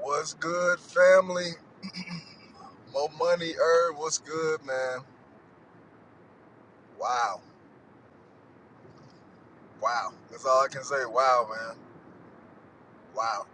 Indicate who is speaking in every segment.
Speaker 1: What's good, family? Mo money, Herb. What's good, man? Wow, wow. That's all I can say. Wow, man. Wow.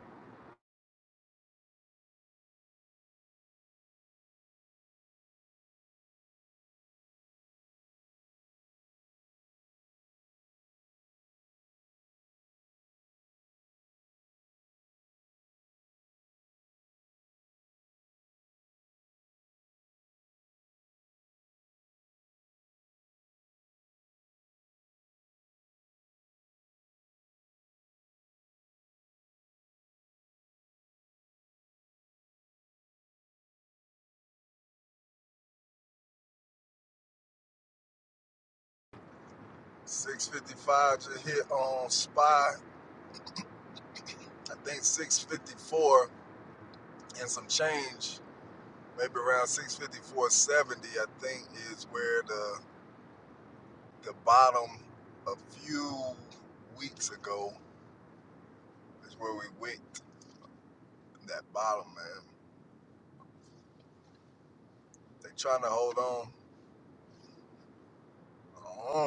Speaker 1: 655 just hit on spy. I think 654 and some change, maybe around 654.70. I think is where the the bottom a few weeks ago is where we wicked that bottom, man. They trying to hold on. Uh-huh.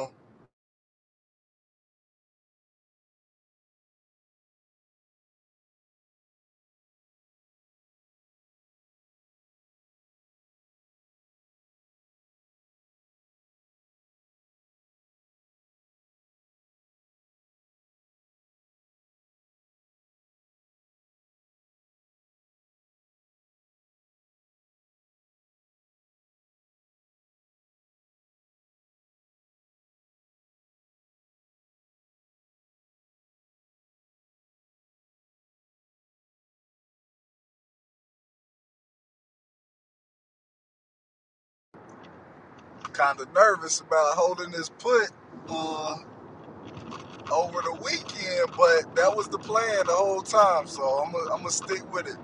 Speaker 1: kind of nervous about holding this put uh, over the weekend, but that was the plan the whole time. So I'm gonna stick with it.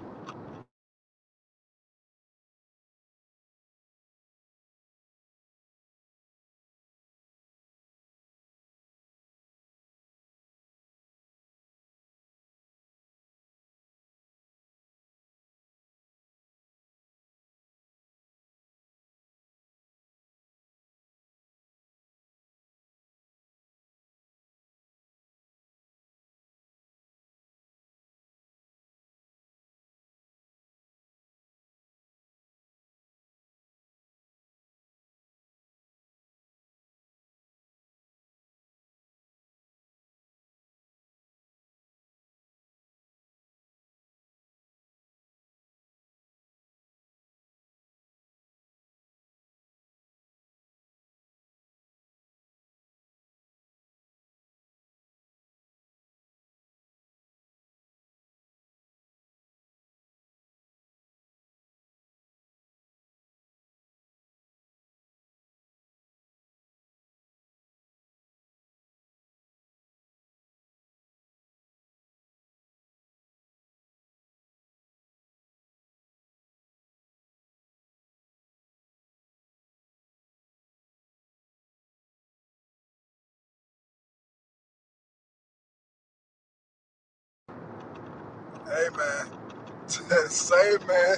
Speaker 1: Hey man, same man,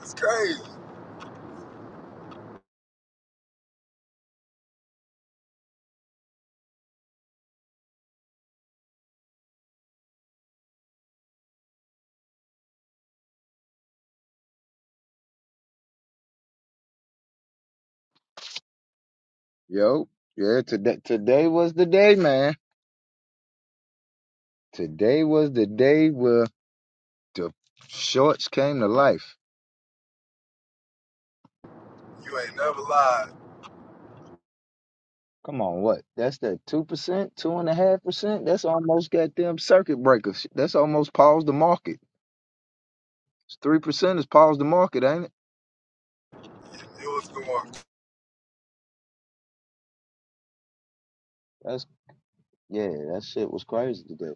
Speaker 1: it's crazy.
Speaker 2: Yo, yeah, today today was the day, man. Today was the day where the shorts came to life.
Speaker 1: You ain't never lied.
Speaker 2: Come on, what? That's that two percent, two and a half percent. That's almost got them circuit breakers. That's almost paused the market. Three percent is paused the market, ain't it?
Speaker 1: It it was going
Speaker 2: That's yeah, that shit was crazy today.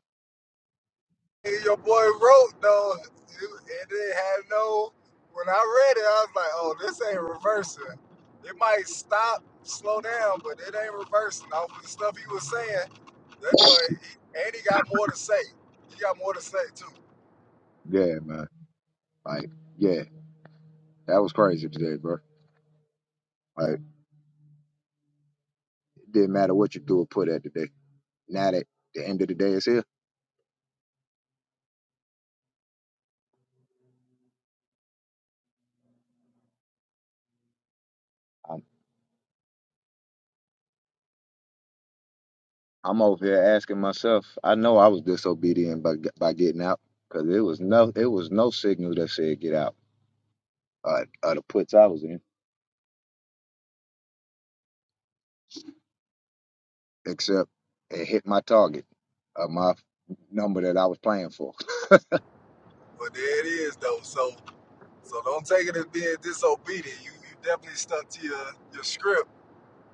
Speaker 1: your boy wrote though, it didn't have no. When I read it, I was like, "Oh, this ain't reversing. It might stop, slow down, but it ain't reversing." Off the stuff he was saying, that joint, he, and he got more to say. He got more to say too.
Speaker 2: Yeah, man. Like, yeah, that was crazy today, bro. Like, it didn't matter what you do or put at today. Now that the end of the day is here. I'm over here asking myself. I know I was disobedient by by getting out because it was no it was no signal that said get out uh, uh the puts I was in except it hit my target of my number that I was playing for.
Speaker 1: But there it is though. So, so don't take it as being disobedient. You, you definitely stuck to your your script.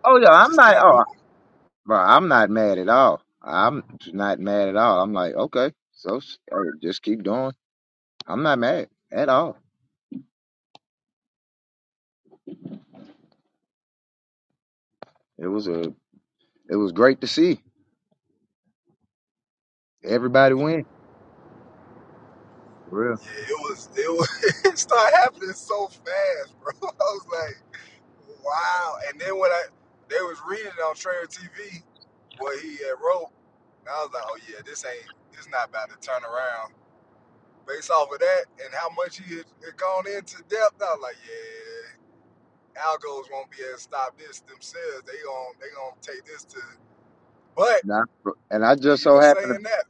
Speaker 2: Oh yeah,
Speaker 1: It
Speaker 2: I'm
Speaker 1: just
Speaker 2: not.
Speaker 1: kept
Speaker 2: Oh,
Speaker 1: moving.
Speaker 2: bro, I'm not mad at all. I'm not mad at all. I'm like okay, so s- uh, just keep doing. I'm not mad at all. It was a it was great to see everybody win. For real.
Speaker 1: Yeah, it was. It was. it started happening so fast, bro. I was like. Wow. And then when I they was reading it on Trail TV what he had wrote, and I was like, oh yeah, this ain't this not about to turn around. Based off of that and how much he had, had gone into depth, I was like, yeah, algos won't be able to stop this themselves. They gon' they gonna take this to. But
Speaker 2: Nah, bro. And I just so
Speaker 1: even
Speaker 2: happened. to.
Speaker 1: saying that,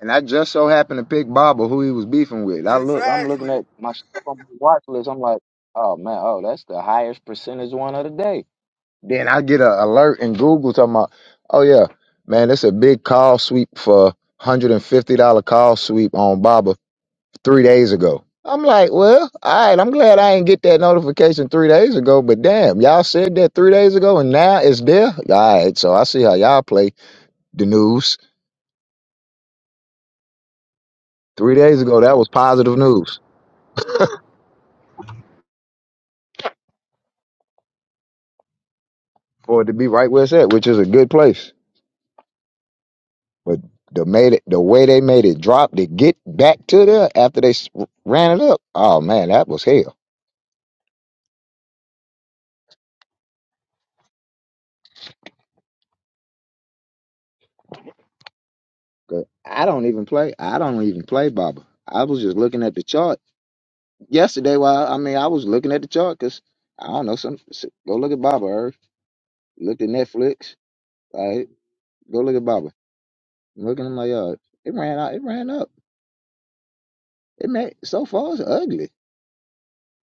Speaker 2: And I just so happened to pick Bob or who he was beefing with. I look, I'm looking
Speaker 1: exactly
Speaker 2: at my stuff on the watch list. I'm like, oh man, oh that's the highest percentage one of the day. Then I get an alert in Google talking about, oh yeah, man, it's a big call sweep for hundred and fifty dollar call sweep on Baba three days ago. I'm like, well, all right, I'm glad I didn't get that notification three days ago, but damn, y'all said that three days ago and now it's there. All right, so I see how y'all play the news. Three days ago, that was positive news. for it to be right where it's at, which is a good place. But the made it the way they made it drop to get back to there after they s- ran it up. Oh man, that was hell. 'Cause I don't even play. I don't even play Baba. I was just looking at the chart yesterday. While I mean, I was looking at the chart because I don't know. Some s- go look at Baba. Irv. Look at Netflix. Like Go look at Baba. I'm looking at my yard. It ran out. It ran up. It made so far it's ugly.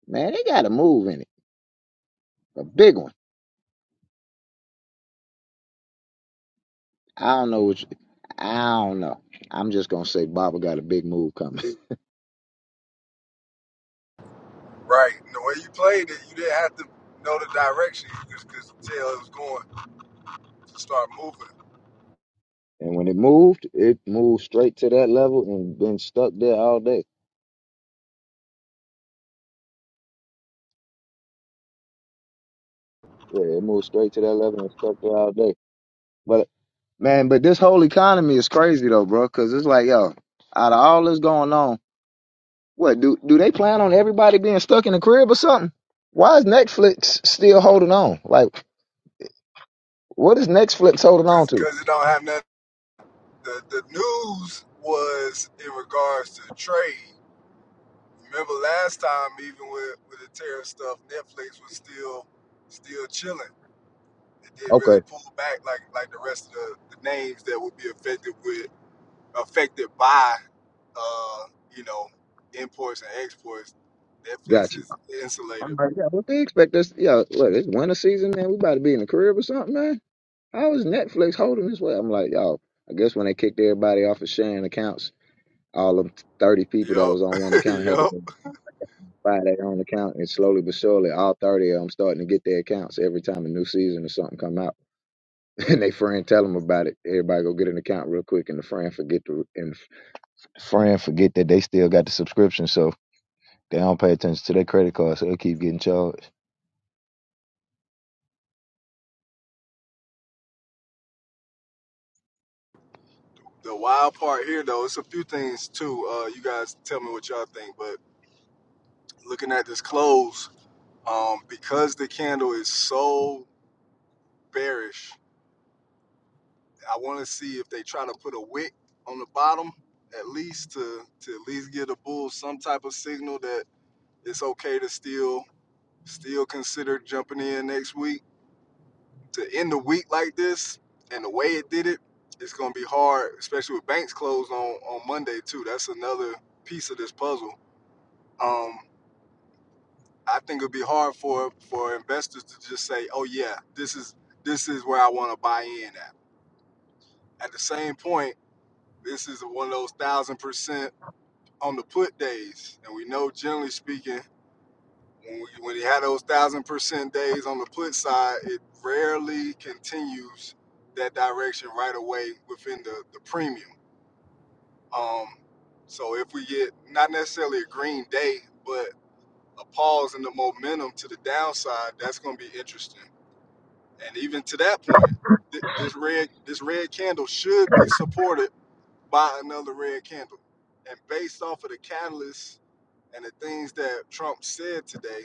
Speaker 2: Man, they got a move in it. A big one. I don't know which. I don't know. I'm just gonna say Baba got a big move coming,
Speaker 1: right. And the way you played it, you didn't have to know the direction. You just could tell it was going to start moving
Speaker 2: and when it moved, it moved straight to that level and been stuck there all day. Yeah, it moved straight to that level and stuck there all day. But man, but this whole economy is crazy though, bro. Cause it's like, yo, out of all this going on, what do do they plan on everybody being stuck in the crib or something? Why is Netflix still holding on? Like, what is Netflix holding on to?
Speaker 1: because it don't have nothing the the news was in regards to trade. Remember last time, even with with the tariff stuff, Netflix was still still chilling. It didn't really
Speaker 2: Okay,
Speaker 1: pull back like like the rest of the, the names that would be affected with affected by uh, you know imports and exports. Netflix
Speaker 2: got you.
Speaker 1: is insulated.
Speaker 2: I'm like, yeah, what they expect us? Yeah, look, it's winter season, man. We about to be in the crib or something, man. How is Netflix holding this way? I'm like, y'all. I guess when they kicked everybody off of sharing accounts, all them 30 people that was on
Speaker 1: Yep,
Speaker 2: one account had to
Speaker 1: yep.
Speaker 2: go buy their own account, and slowly but surely, all 30 of them starting to get their accounts every time a new season or something come out. And they friend tell them about it. Everybody go get an account real quick, and the friend forget to and the friend forget that they still got the subscription, so they don't pay attention to their credit card, so they keep getting charged.
Speaker 1: The wild part here, though, it's a few things too. Uh, you guys tell me what y'all think, but looking at this close, Um, because the candle is so bearish, I want to see if they try to put a wick on the bottom at least to to at least give the bulls some type of signal that it's okay to still still consider jumping in next week. To end the week like this and the way it did it, it's gonna be hard, especially with banks closed on on Monday too. That's another piece of this puzzle. Um, I think it'd be hard for for investors to just say, "Oh yeah, this is this is where I want to buy in at." At the same point, this is one of those thousand percent on the put days, and we know generally speaking, when we, when he had those thousand percent days on the put side, it rarely continues that direction right away within the the premium. Um, so if we get not necessarily a green day, but a pause in the momentum to the downside, that's going to be interesting. And even to that point, th- this red this red candle should be supported buy another red candle. And based off of the catalyst and the things that Trump said today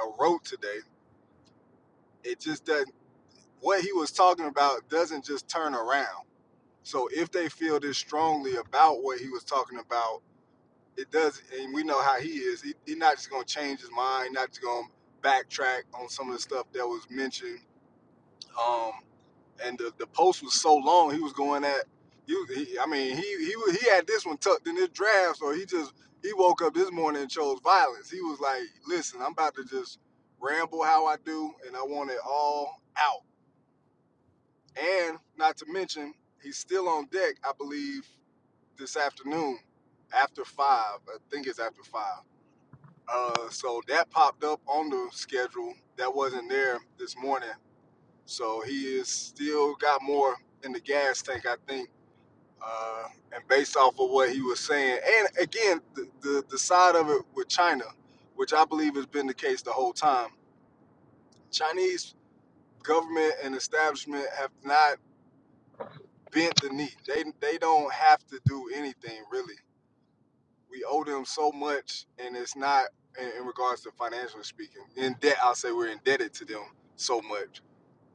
Speaker 1: and wrote today, it just doesn't, what he was talking about doesn't just turn around. So if they feel this strongly about what he was talking about, it does, and we know how he is. He's he he not just gonna change his mind, not just gonna backtrack on some of the stuff that was mentioned. Um, and the, the post was so long. He was going at you. He, I mean, he he wa- he had this one tucked in his draft, so he just he woke up this morning and chose violence. He was like, "Listen, I'm about to just ramble how I do, and I want it all out." And not to mention, he's still on deck, I believe, this afternoon after five. I think it's after five. Uh, so that popped up on the schedule that wasn't there this morning. So he is still got more in the gas tank, I think uh, and based off of what he was saying, and again, the, the the side of it with China, which I believe has been the case the whole time. Chinese government and establishment have not bent the knee. They they don't have to do anything really. We owe them so much, and it's not in, in regards to financially speaking. In debt, I'll say we're indebted to them so much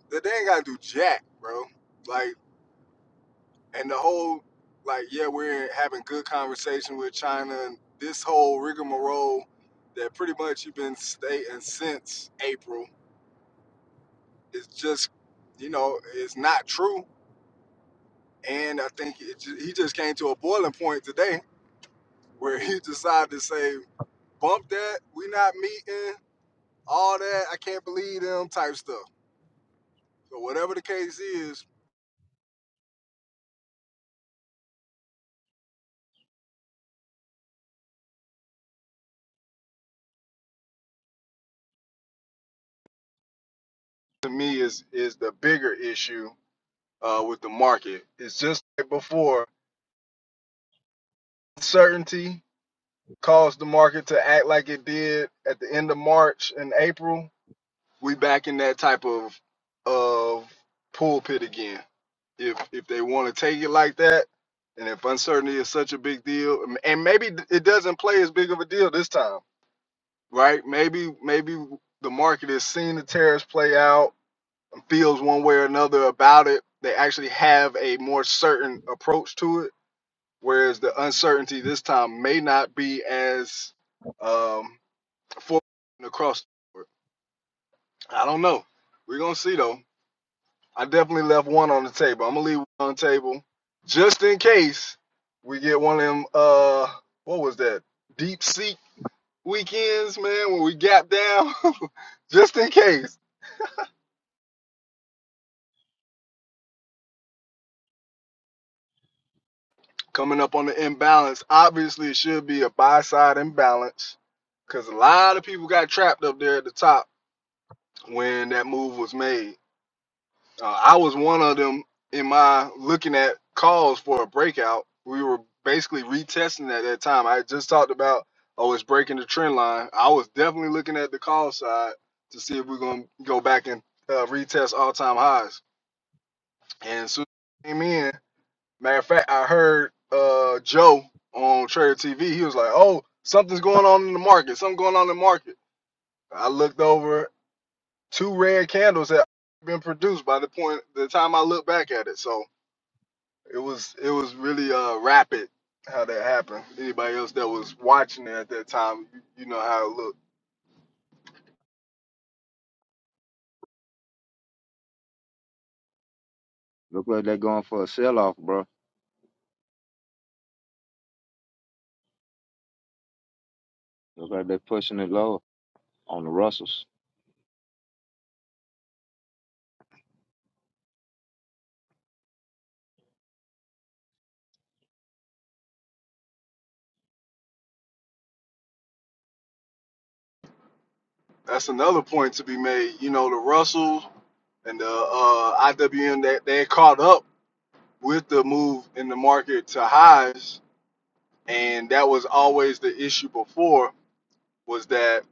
Speaker 1: that they ain't gotta do jack, bro. Like and the whole like yeah we're having good conversation with china and this whole rigmarole that pretty much you've been stating since april is just you know it's not true and i think it, ju- he just came to a boiling point today where he decided to say bump that we not meeting all that i can't believe them type stuff so whatever the case is to me is is the bigger issue uh, with the market it's just like before uncertainty caused the market to act like it did at the end of March and April, we back in that type of of pulpit again. If if they want to take it like that, and if uncertainty is such a big deal, and maybe it doesn't play as big of a deal this time, right? Maybe maybe the market has seen the tariffs play out, feels one way or another about it. They actually have a more certain approach to it, whereas the uncertainty this time may not be as um, four across the board. I don't know. We're gonna see though. I definitely left one on the table. I'm gonna leave one on the table just in case we get one of them. Uh, what was that? Deep seat weekends, man. When we gap down, just in case. Coming up on the imbalance. Obviously, it should be a buy side imbalance because a lot of people got trapped up there at the top when that move was made. Uh, I was one of them in my looking at calls for a breakout. We were basically retesting at that time. I just talked about oh, it's breaking the trend line. I was definitely looking at the call side to see if we're gonna go back and uh, retest all time highs. And as soon as I came in. Matter of fact, I heard uh, Joe on Trader TV. He was like, "Oh, something's going on in the market. Something going on in the market." I looked over two red candles that been produced by the point the time I looked back at it. So It was it was really uh rapid how that happened. Anybody else that was watching it at that time, you, you know how it looked.
Speaker 2: Look like they're going for a sell off, bro. Looks like they're pushing it low on the Russells.
Speaker 1: That's another point to be made. You know the Russell and the uh, IWM that they, they caught up with the move in the market to highs, and that was always the issue before. Was that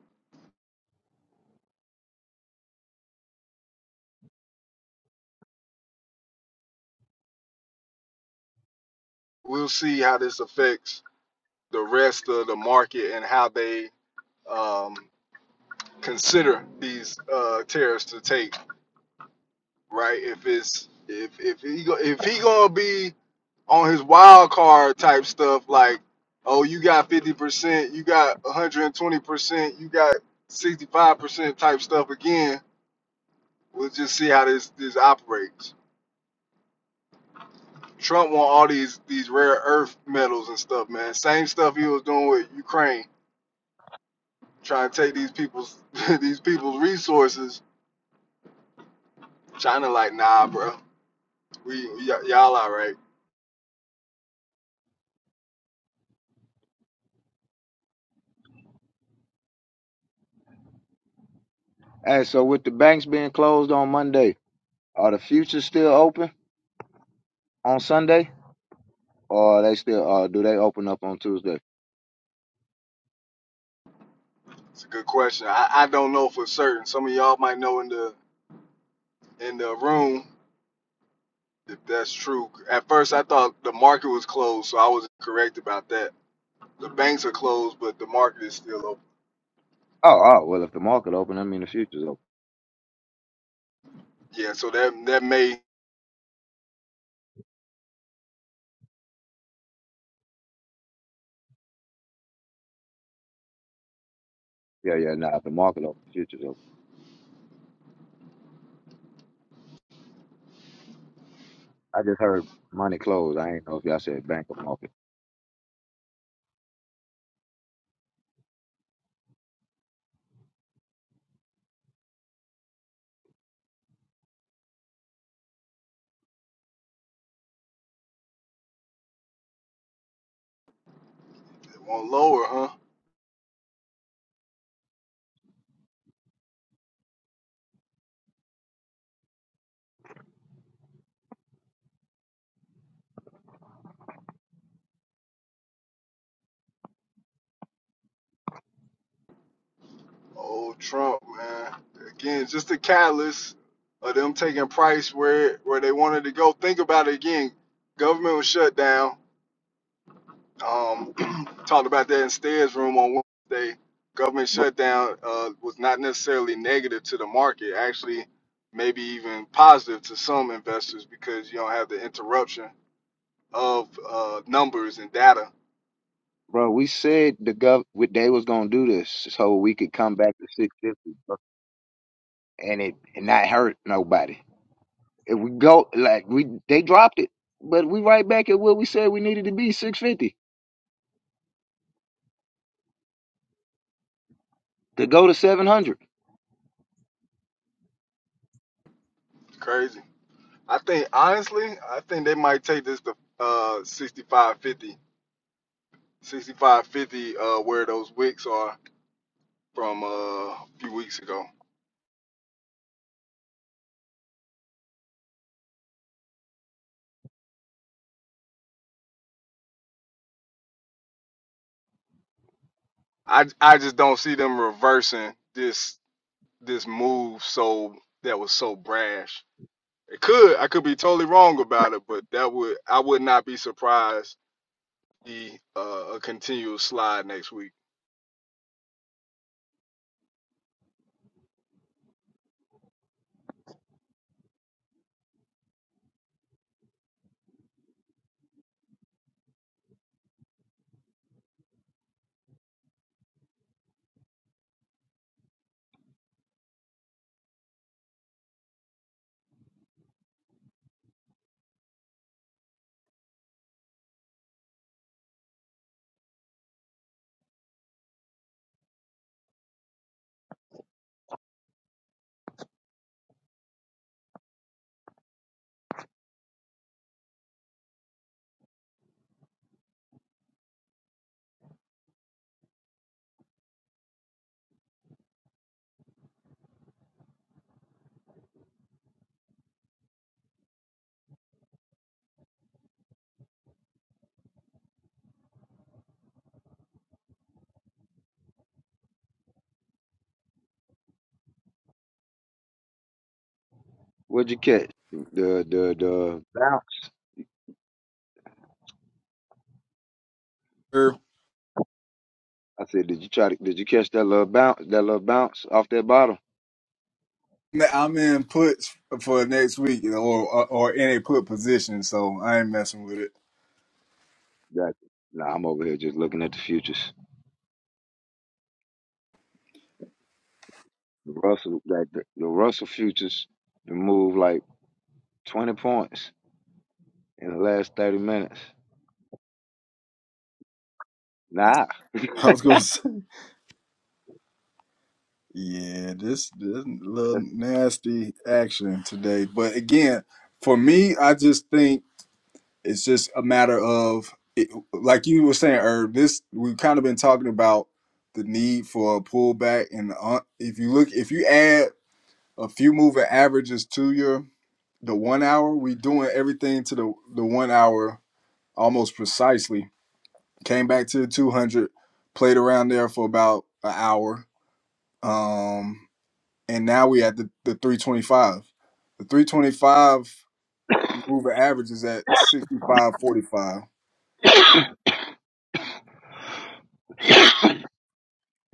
Speaker 1: we'll see how this affects the rest of the market and how they um, consider these uh, tariffs to take. right? If it's if if he go, if he gonna be on his wild card type stuff, like oh you got fifty percent, you got one hundred and twenty percent, you got sixty five percent type stuff again. We'll just see how this this operates. Trump want all these these rare earth metals and stuff, man. Same stuff he was doing with Ukraine, trying to take these people's these people's resources. China like nah, bro. We y- y'all all right.
Speaker 2: Hey, so with the banks being closed on Monday, are the futures still open on Sunday, or are they still uh do they open up on Tuesday?
Speaker 1: It's a good question. I, I don't know for certain. Some of y'all might know in the in the room if that's true. At first, I thought the market was closed, so I was correct about that. The banks are closed, but the market is still open.
Speaker 2: Oh, oh, well, if the market open, I mean the futures open.
Speaker 1: Yeah, so that that may
Speaker 2: Yeah, yeah, nah, if the market open, the futures open. I just heard money closed. I ain't know if y'all said bank or market.
Speaker 1: want lower, huh? Oh, Trump, man. Again, just the catalyst of them taking price where where they wanted to go. Think about it again. Government was shut down. Um, talked about that in Stead's room on Wednesday. Government
Speaker 2: Bro,
Speaker 1: shutdown uh, was not necessarily negative to the market, actually, maybe even positive to some investors because you don't have the interruption of uh, numbers and data.
Speaker 2: bro we said the gov we- they was gonna do this so we could come back to six fifty bro, and it and not hurt nobody. If we go like we they dropped it, but we right back at where we said we needed to be, six fifty to go to seven hundred.
Speaker 1: It's Crazy. I think, honestly, I think they might take this to uh, 6550, 6550, uh, where those wicks are from uh, a few weeks ago. I, I just don't see them reversing this this move so that was so brash. It could I could be totally wrong about it, but that would I would not be surprised to see uh, a continual slide next week.
Speaker 2: What'd you catch? The the the bounce.
Speaker 1: Er,
Speaker 2: I said, did you try to? Did you catch that little bounce? That little bounce off that bottle?
Speaker 1: I'm in puts for next week, you know, or or in a put position, so I ain't messing with it.
Speaker 2: Got you. Nah, I'm over here just looking at the futures. The Russell, like the, the Russell futures, the move like twenty points in the last thirty minutes. Nah,
Speaker 1: I was gonna say, yeah, this this little
Speaker 2: that's,
Speaker 1: nasty action today, but again, for me, I just think. It's just a matter of, it, like you were saying, Herb, this, we've kind of been talking about the need for a pullback. And uh, if you look, if you add a few moving averages to your, the one hour, we doing everything to the, the one hour almost precisely. Came back to the 200, played around there for about an hour. Um, and now we at the, the 325. The 325 moving average is at 65.45.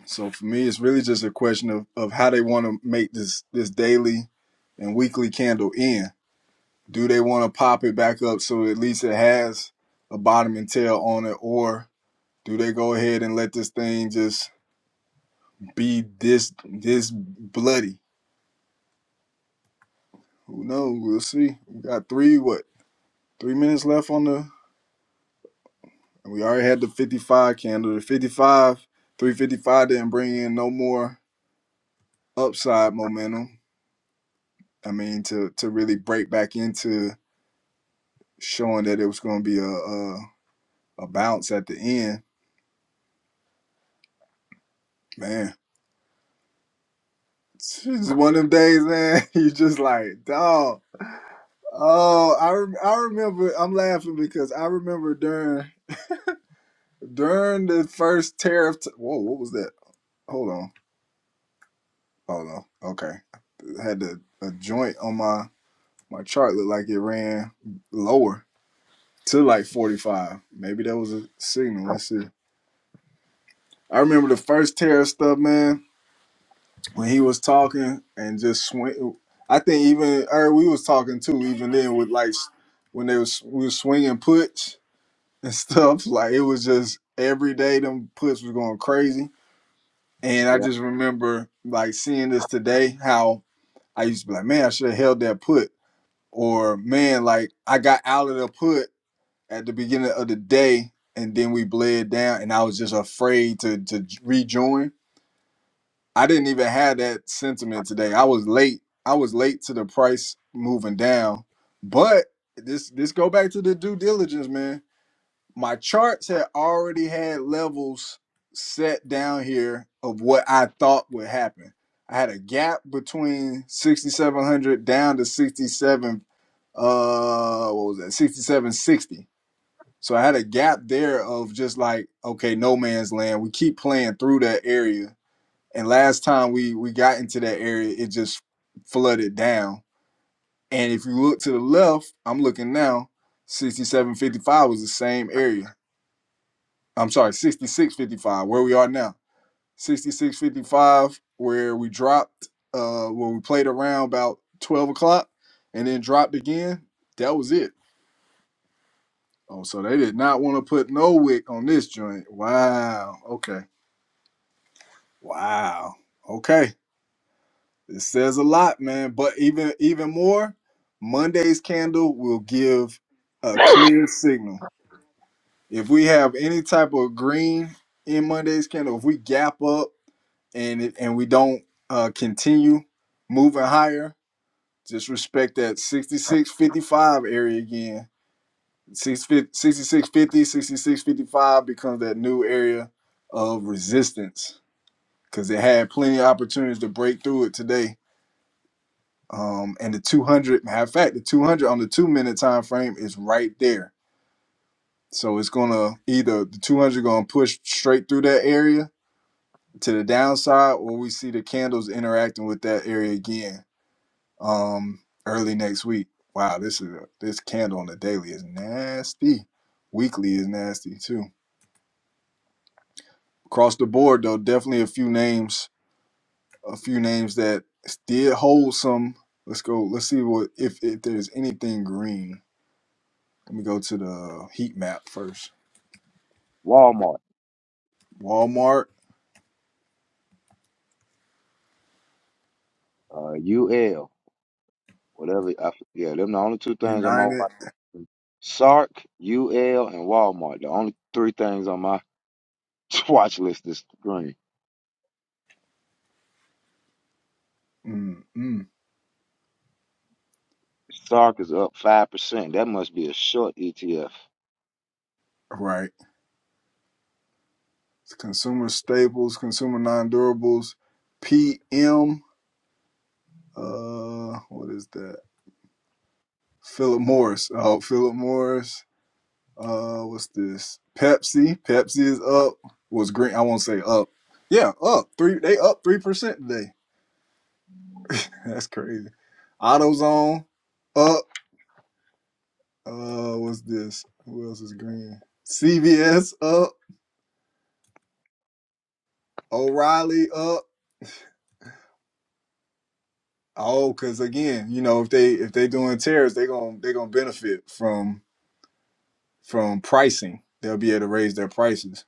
Speaker 1: So for me, it's really just a question of, of how they want to make this this daily and weekly candle end. Do they want to pop it back up so at least it has a bottom and tail on it, or do they go ahead and let this thing just be this this bloody? Who knows? We'll see. We got three what three minutes left on the, and we already had the fifty five candle. The fifty five, three fifty five didn't bring in no more upside momentum. I mean to to really break back into showing that it was going to be a, a a bounce at the end. Man, it's just one of them days, man. You just like, dog. Oh, I rem- I remember. I'm laughing because I remember during during the first tariff. T- Whoa, what was that? Hold on, hold on. Okay, I had the, a joint on my my chart looked like it ran lower to like 45. Maybe that was a signal. Let's see. I remember the first tariff stuff, man when he was talking and just swing. I think even or we was talking too. Even then, with like s- when they was we was swinging puts and stuff. Like it was just every day them puts was going crazy. And I
Speaker 2: yeah.
Speaker 1: just remember like seeing this today. How I used to be like, man, I should have held that put, or man, like I got out of the put at the beginning of the day, and then we bled down, and I was just afraid to to rejoin I didn't even have that sentiment today. I was late. I was late to the price moving down. But this this go back to the due diligence, man. My charts had already had levels set down here of what I thought would happen. I had a gap between 6700 down to 67 uh what was that? 6760. So I had a gap there of just like okay, no man's land. We keep playing through that area and last time we we got into that area, it just flooded down. And if you look to the left, I'm looking now, 6755 was the same area. I'm sorry, 6655, where we are now. 6655, where we dropped, uh, where we played around about 12 o'clock and then dropped again. That was it. Oh, so they did not want to put no wick on this joint. Wow. Okay. Wow. Okay. It says a lot, man. But even even more, Monday's candle will give a clear signal. If we have any type of green in Monday's candle, if we gap up and it, and we don't uh, continue moving higher, just respect that 6655 area again. 6650, becomes that new area of resistance because it had plenty of opportunities to break through it today Um, and the 200, matter of fact, the 200 on the two minute time frame is right there. So it's gonna either the 200 gonna push straight through that area to the downside, or we see the candles interacting with that area again um, early next week. Wow, this is a, this candle on the daily is nasty. Weekly is nasty too. Across the board though, definitely a few names, a few names that did hold some. Let's go. Let's see what if if there's anything green. Let me go to the heat map first.
Speaker 2: Walmart,
Speaker 1: Walmart,
Speaker 2: uh, UL, whatever. I, yeah, them the only two things on my watch.
Speaker 1: United,
Speaker 2: Sark, UL, and Walmart. The only three things on my watch list is green.
Speaker 1: mm-mm,
Speaker 2: Sark is up five percent. That must be a short ETF.
Speaker 1: right. Consumer staples, consumer non-durables, PM. Uh, what is that? Philip Morris. Oh, Philip Morris. Uh, what's this? Pepsi. Pepsi is up. Was green. I won't say up. Yeah, up three. They up three percent today. That's crazy. AutoZone up. Uh, what's this? Who else is green? CVS up. O'Reilly up. Oh, because again, you know, if they if they doing tariffs, they gonna they gonna benefit from from pricing. They'll be able to raise their prices.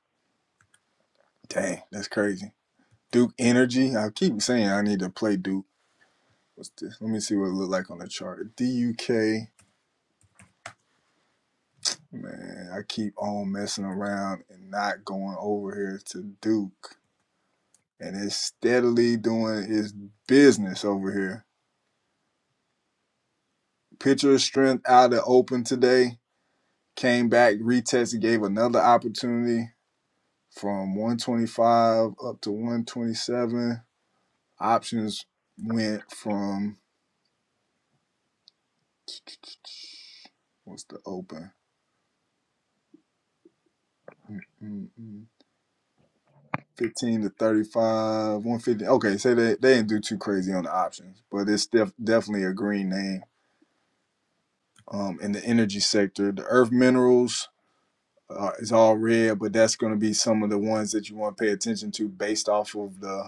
Speaker 1: Dang, that's crazy. Duke Energy. I keep saying I need to play Duke. What's this? Let me see what it look like on the chart. DUK. Man, I keep on messing around and not going over here to Duke. And it's steadily doing its business over here. Picture of strength out of open today. Came back, retested, gave another opportunity from 125 up to 127. Options went from what's the open? Mm-mm-mm. 15 to 35, 150. Okay, so they, they didn't do too crazy on the options, but it's def- definitely a green name um, in the energy sector. The earth minerals uh, is all red, but that's going to be some of the ones that you want to pay attention to based off of the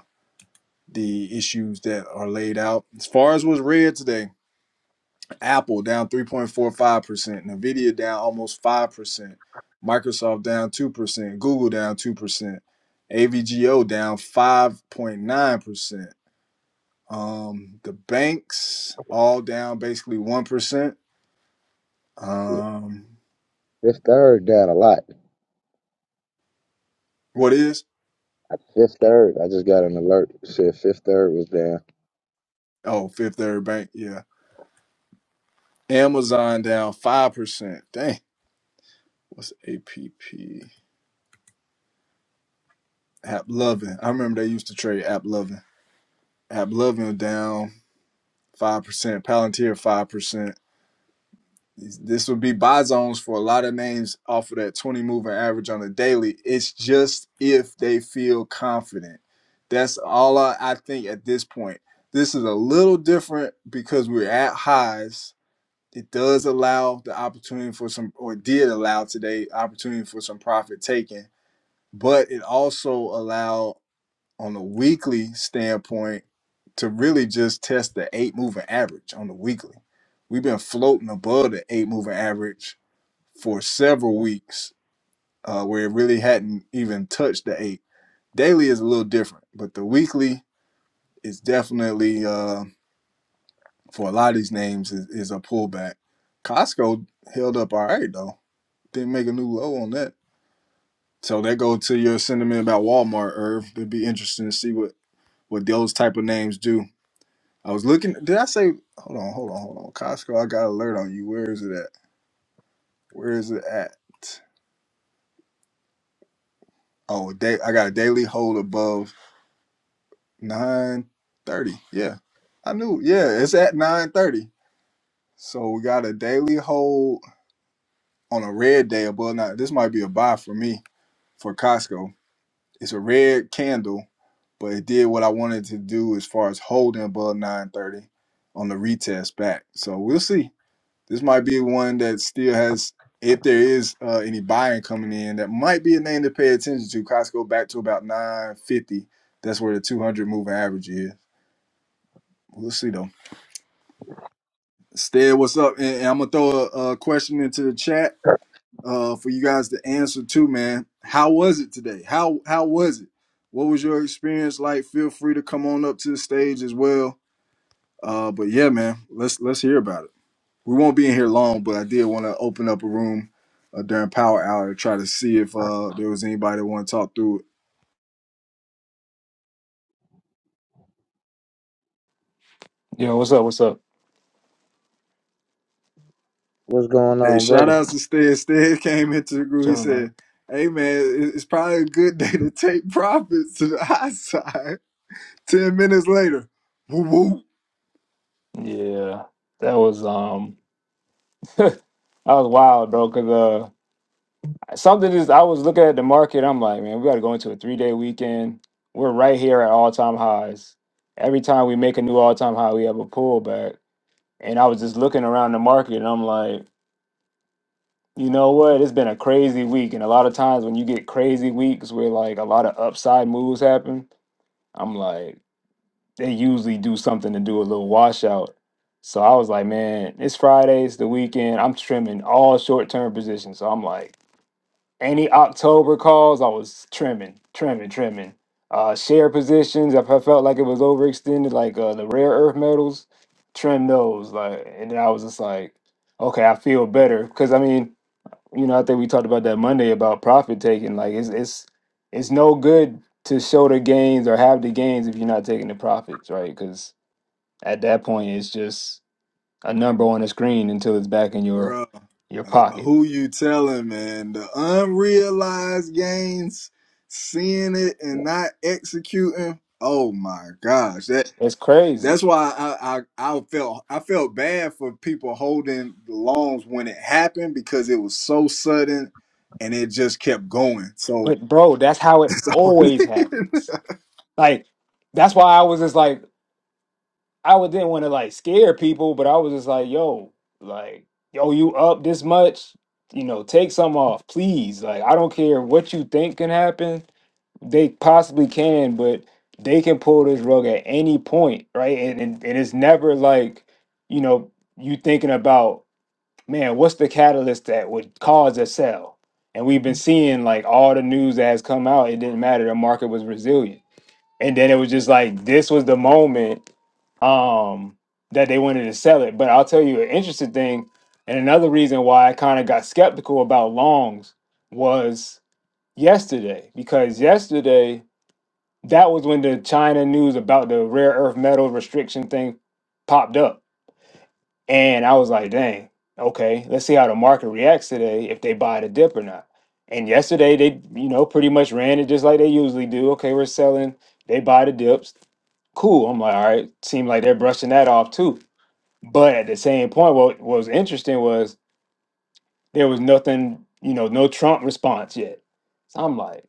Speaker 1: the issues that are laid out. As far as was read today, Apple down 3.45%, Nvidia down almost 5%, Microsoft down 2%, Google down 2%, AVGO down 5.9%. Um, the banks all down basically 1%.
Speaker 2: Shit.
Speaker 1: Um,
Speaker 2: Fifth third down a lot.
Speaker 1: what is?
Speaker 2: Fifth third. I just got an alert. Said fifth third was down.
Speaker 1: Oh, Fifth Third Bank, yeah. Amazon down 5%. Dang, what's APP? App Loving. I remember they used to trade App Loving. Ablovio down 5%, Palantir 5%. This would be buy zones for a lot of names off of that 20 moving average on the daily. It's just if they feel confident. That's all I, I think at this point. This is a little different because we're at highs. It does allow the opportunity for some, or did allow today, opportunity for some profit taking, but it also allowed on a weekly standpoint to really just test the eight moving average on the weekly. We've been floating above the eight moving average for several weeks, uh, where it really hadn't even touched the eight. Daily is a little different, but the weekly is definitely uh, for a lot of these names is, is a pullback. Costco held up all right though. Didn't make a new low on that. So that goes to your sentiment about Walmart, Irv. It'd be interesting to see what what those type of names do I was looking. Did I say? Hold on, hold on, hold on. Costco, I got alert on you. Where is it at? Where is it at? Oh, day. I got a daily hold above nine thirty. Yeah, I knew. Yeah, it's at nine thirty. So we got a daily hold on a red day above nine. This might be a buy for me for Costco. It's a red candle, but it did what I wanted to do as far as holding above nine thirty on the retest back. So we'll see. This might be one that still has, if there is uh, any buying coming in, that might be a name to pay attention to. Costco back to about 950. That's where the 200 moving average is. We'll see though. Stead, what's up? And, and I'm gonna throw a, a question into the chat uh, for you guys to answer too, man. How was it today? How how was it? What was your experience like? Feel free to come on up to the stage as well. Uh, but yeah, man, let's let's hear about it. we won't be in here long, but I did want to open up a room uh, during Power Hour to try to see if uh, there was anybody that want to talk through. it.
Speaker 3: Yo, what's up? What's up?
Speaker 2: What's going
Speaker 1: Hey,
Speaker 2: on,
Speaker 1: shout
Speaker 2: brother?
Speaker 1: outs to Stead. Stead came into the group. He
Speaker 3: Sure, man.
Speaker 1: said, "Hey man, it- it's probably a good day to take profits to the high side." Ten minutes later, woo woo,
Speaker 3: Yeah, that was um, that was wild, bro. Cause uh, something is I was looking at the market. I'm like, man, we got to go into a three day weekend. We're right here at all time highs. Every time we make a new all time high, we have a pullback. And I was just looking around the market, and I'm like, you know what? It's been a crazy week, and a lot of times when you get crazy weeks where like a lot of upside moves happen, I'm like. they usually do something to do a little washout. So I was like, man, it's Friday, it's the weekend. I'm trimming all short term positions. So I'm like, any October calls, I was trimming, trimming, trimming. Uh, share positions, if I felt like it was overextended, like uh, the rare earth metals, trim those. Like, and then I was just like, okay, I feel better because I mean, you know, I think we talked about that Monday about profit taking. Like, it's it's it's no good to show the gains or have the gains if you're not taking the profits, right? Because at that point, it's just a number on a screen until it's back in your
Speaker 1: bruh.
Speaker 3: your
Speaker 1: Uh,
Speaker 3: pocket.
Speaker 1: who you telling, man? The unrealized gains, seeing it and not executing. Oh my gosh, that.
Speaker 3: It's crazy.
Speaker 1: That's why I, I I felt I felt bad for people holding the loans when it happened because it was so sudden and it just kept going. So
Speaker 3: But bro, that's how it
Speaker 1: it's
Speaker 3: always happens. Like that's why I was just like I would didn't want to like scare people, but I was just like, yo, like yo, you up this much? You know, take some off, please. Like I don't care what you think can happen they possibly can, but they can pull this rug at any point, right? And and, and it's never like, you know, you thinking about man, what's the catalyst that would cause a sell? And we've been seeing like all the news that has come out, it didn't matter. The market was resilient. And then it was just like this was the moment um that they wanted to sell it. But I'll tell you an interesting thing, and another reason why I kind of got skeptical about longs was yesterday, because yesterday that was when the China news about the rare earth metal restriction thing popped up and I was like, dang, okay, let's see how the market reacts today if they buy the dip or not. And yesterday they, you know, pretty much ran it just like they usually do. Okay, we're selling, they buy the dips. Cool. I'm like, all right, seemed like they're brushing that off too. But at the same point, what what was interesting was there was nothing, you know, no Trump response yet. So I'm like,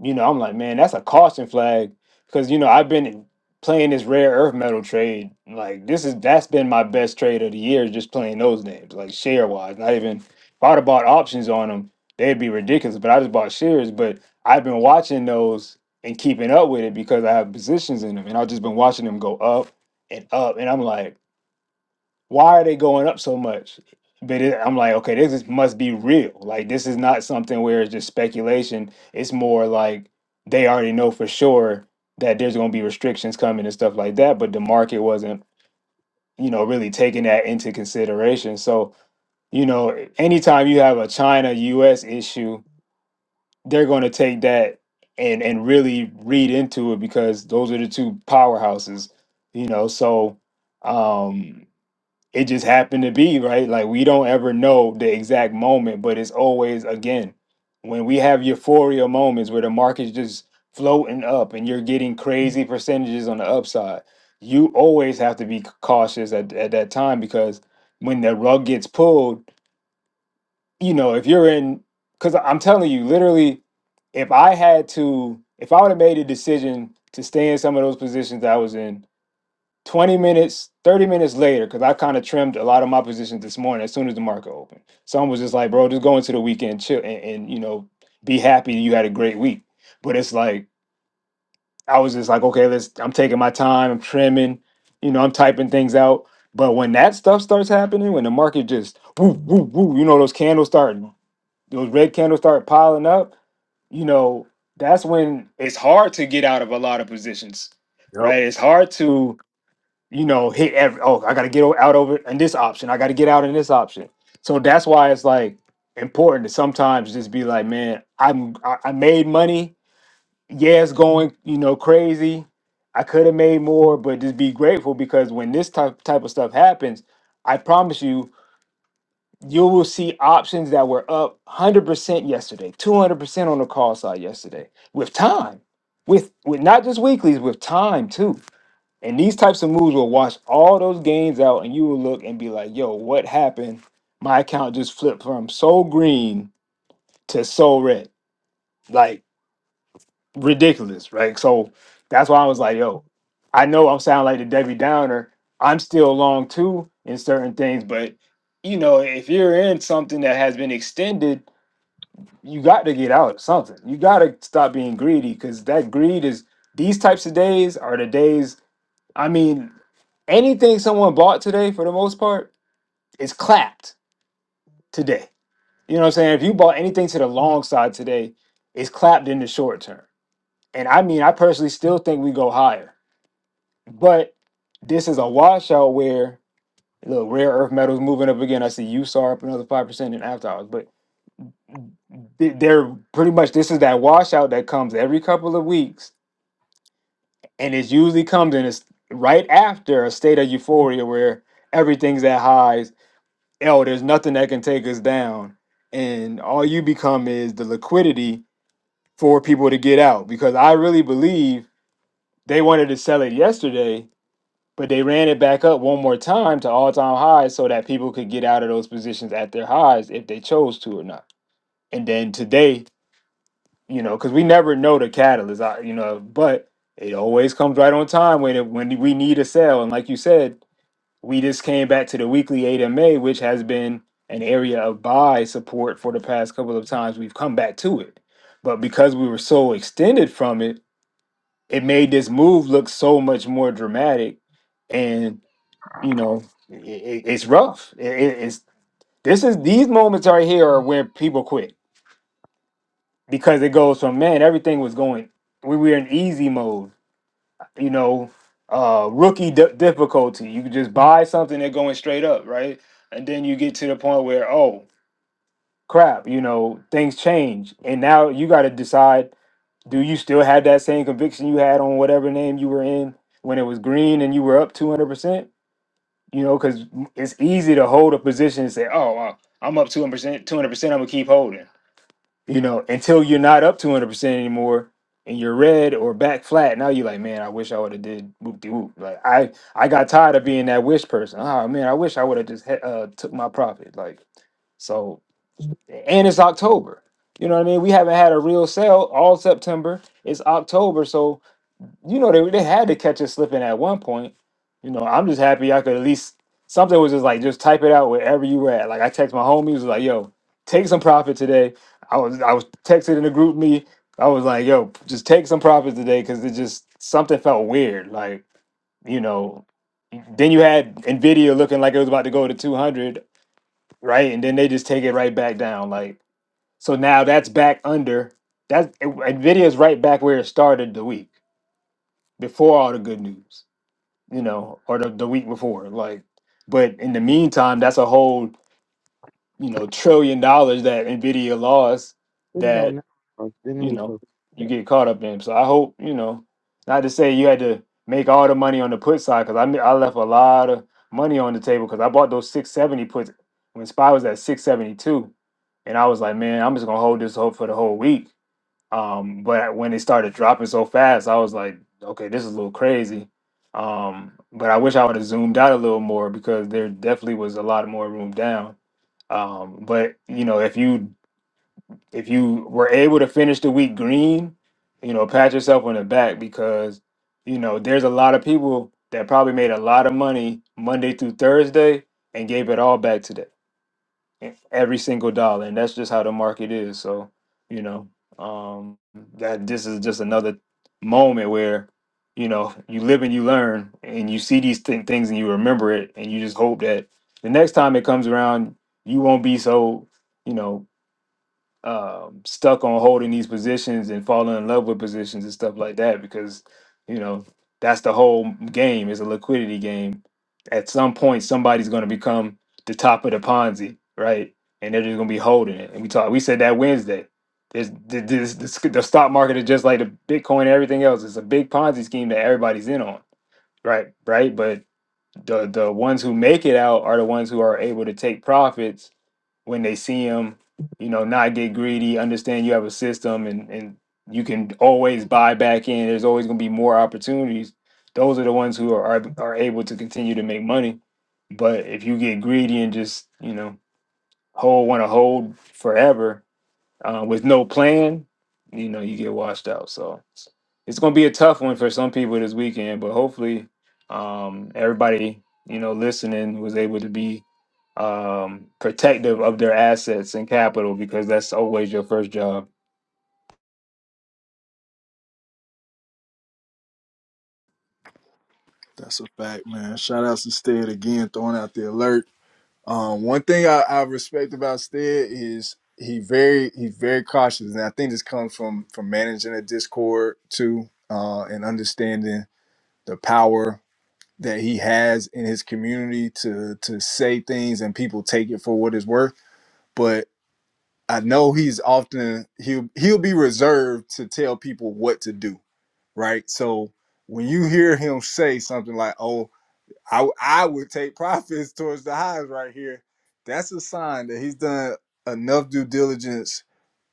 Speaker 3: you know, I'm like, man, that's a caution flag because you know I've been playing this rare earth metal trade. Like this is that's been my best trade of the year, just playing those names, like share wise. Not even if I'd have bought options on them, they'd be ridiculous. But I just bought shares. But I've been watching those and keeping up with it because I have positions in them, and I've just been watching them go up and up. And I'm like why are they going up so much? But it, I'm like, okay, this is, must be real. Like, this is not something where it's just speculation. It's more like they already know for sure that there's going to be restrictions coming and stuff like that. But the market wasn't, you know, really taking that into consideration. So, you know, anytime you have a China US issue, they're going to take that and and really read into it because those are the two powerhouses, you know. So, um it just happened to be right like we don't ever know the exact moment but it's always again when we have euphoria moments where the market's just floating up and you're getting crazy percentages on the upside you always have to be c- cautious at, at that time because when the rug gets pulled you know if you're in because i'm telling you literally if i had to if i would have made a decision to stay in some of those positions that i was in 20 minutes, 30 minutes later, because I kind of trimmed a lot of my positions this morning as soon as the market opened. Some was just like, bro, just go into the weekend, chill, and, and you know, be happy you had a great week. But it's like, I was just like, okay, let's, I'm taking my time, I'm trimming, you know, I'm typing things out. But when that stuff starts happening, when the market just woo, woo, woo, you know, those candles start, those red candles start piling up, you know, that's when it's hard to get out of a lot of positions,
Speaker 1: Yep.
Speaker 3: right? It's hard to you know, hit every, oh, I got to get o- out over in this option. I got to get out in this option. So that's why it's like important to sometimes just be like, man, I'm, I, I made money. Yeah, it's going, you know, crazy. I could have made more, but just be grateful because when this type, type of stuff happens, I promise you, you will see options that were up 100% yesterday, 200% on the call side yesterday with time, with, with not just weeklies, with time too and these types of moves will wash all those gains out, and you will look and be like, yo, what happened? My account just flipped from so green to so red. Like, ridiculous, right? So that's why I was like, yo, I know I'm sounding like the Debbie Downer. I'm still long too in certain things, but you know, if you're in something that has been extended, you got to get out of something. You got to stop being greedy because that greed is these types of days are the days. I mean, anything someone bought today for the most part is clapped today. You know what I'm saying? If you bought anything to the long side today, it's clapped in the short term. And I mean, I personally still think we go higher. But this is a washout where look, rare earth metals moving up again. I see USAR up another five percent in after hours, but th- they're pretty much this is that washout that comes every couple of weeks, and it usually comes in it's right after a state of euphoria where everything's at highs oh, there's nothing that can take us down. And all you become is the liquidity for people to get out. Because I really believe they wanted to sell it yesterday, but they ran it back up one more time to all time highs so that people could get out of those positions at their highs if they chose to or not. And then today, you know, because we never know the catalyst, I- you know, but it always comes right on time when it, when we need a sell. And like you said, We just came back to the weekly AMA, which has been an area of buy support for the past couple of times we've come back to it. But because we were so extended from it, it made this move look so much more dramatic. And, you know, i i it's rough. I- i- it's this is these moments right here are where people quit because it goes from man, everything was going, we were in easy mode you know, uh, rookie di- difficulty. You could just buy something they're going straight up, right? And then you get to the point where, oh, crap, you know, things change. And now you got to decide do you still have that same conviction you had on whatever name you were in when it was green and you were up 200%? You know, because it's easy to hold a position and say, oh, uh, I'm up 200%, 200%, I'm going to keep holding you know, until you're not up 200% anymore and you're red or back flat, now you're like, man, I wish I would have did whoop de whoop. Like I I got tired of being that wish person. Oh man, I wish I would have just he- uh took my profit. Like so and it's October. You know what I mean? We haven't had a real sale all September. It's October, so you know they they had to catch us slipping at one point. You know, I'm just happy I could at least something was just like just type it out wherever you were at. Like I text my homies was like, yo, take some profit today. I was I was texted in the group me. I was like, yo, just take some profit today because it just something felt weird. Like you know, then you had Nvidia looking like it was about to go to 200, right? And then they just take it right back down. Like so now that's back under. That's Nvidia is right back where it started the week before all the good news you know, or the, the week before. Like, but in the meantime, that's a whole, you know, trillion dollars that Nvidia lost
Speaker 2: Put it on
Speaker 3: that,
Speaker 2: now. Oh, then it
Speaker 3: you
Speaker 2: was
Speaker 3: know,
Speaker 2: supposed to
Speaker 3: you
Speaker 2: be
Speaker 3: get caught up in. So I hope, you know, not to say you had to make all the money on the put side because I, ma- I left a lot of money on the table because I bought those 670 puts when SPY was at 672. And I was like, man, I'm just going to hold this hope for the whole week um, but when it started dropping so fast, I was like, okay, this is a little crazy. Um, but I wish I would have zoomed out a little more because there definitely was a lot more room down. Um, but you know, if you if you were able to finish the week green, you know, pat yourself on the back because you know there's a lot of people that probably made a lot of money Monday through Thursday and gave it all back today e- every single dollar and that's just how the market is so you know um that this is just another moment where you know you live and you learn and you see these th- things and you remember it and you just hope that the next time it comes around you won't be so you know um, stuck on holding these positions and falling in love with positions and stuff like that because you know that's the whole game It's a liquidity game at some point somebody's going to become the top of the ponzi right and they're just going to be holding it and we talked we said that wednesday There's th- this, this, the stock market is just like the bitcoin and everything else it's a big ponzi scheme that everybody's in on right right but the the ones who make it out are the ones who are able to take profits when they see them you know not get greedy understand you have a system and and you can always buy back in there's always going to be more opportunities those are the ones who are, are are able to continue to make money but if you get greedy and just you know hold want to hold forever uh, with no plan, you know, you get washed out. So it's going to be a tough one for some people this weekend, but hopefully um, everybody, you know, listening was able to be um, protective of their assets and capital because that's always your first job.
Speaker 1: That's a fact, man. Shout out to Stead again, throwing out the alert. Um, one thing I, I respect about Stead is he very he's very cautious. And I think this comes from from managing a Discord too, uh, and understanding the power. that he has in his community to to say things and people take it for what it's worth but i know he's often he'll he'll be reserved to tell people what to do right so when you hear him say something like oh I I would take profits towards the highs right here that's a sign that he's done enough due diligence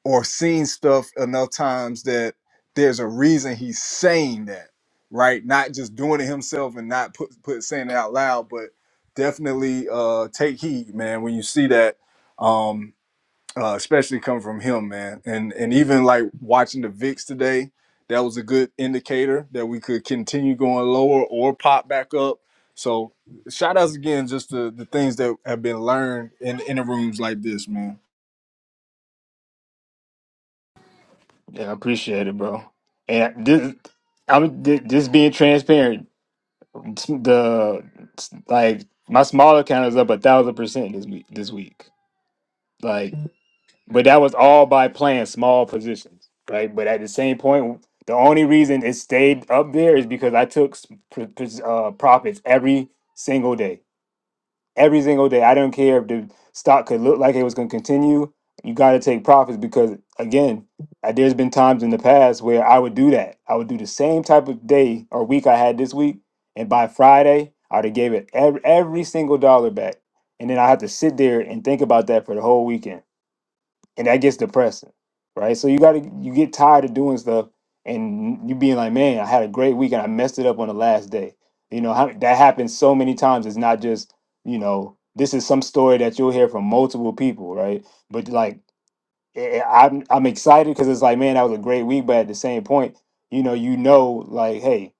Speaker 1: or seen stuff enough times that there's a reason he's saying that, right? Not just doing it himself and not put put saying it out loud, but definitely uh, take heed, man, when you see that, um, uh, especially coming from him, man, and and even like watching the VIX today, that was a good indicator that we could continue going lower or pop back up. So shout outs again, just the the things that have been learned in in the rooms like this, man.
Speaker 3: Yeah, I appreciate it, bro. And this, I'm thi- just being transparent. The like my small account is up a thousand percent this week. This week, like. But that was all by playing small positions, right? But at the same point, the only reason it stayed up there is because I took s- pr- pr- uh, profits every single day. Every single day. I don't care if the stock could look like it was going to continue. You got to take profits because, again, uh, there's been times in the past where I would do that. I would do the same type of day or week I had this week. And by Friday, I would have gave it every, every single dollar back. And then I had to sit there and think about that for the whole weekend and that gets depressing, right? So you gotta you get tired of doing stuff and you being like, man, I had a great week and I messed it up on the last day. You know how that happens so many times. It's not just you know this is some story that you'll hear from multiple people, right? But like eh, eh, I'm I'm excited because it's like, man, that was a great week. But at the same point, you know, you know, like, hey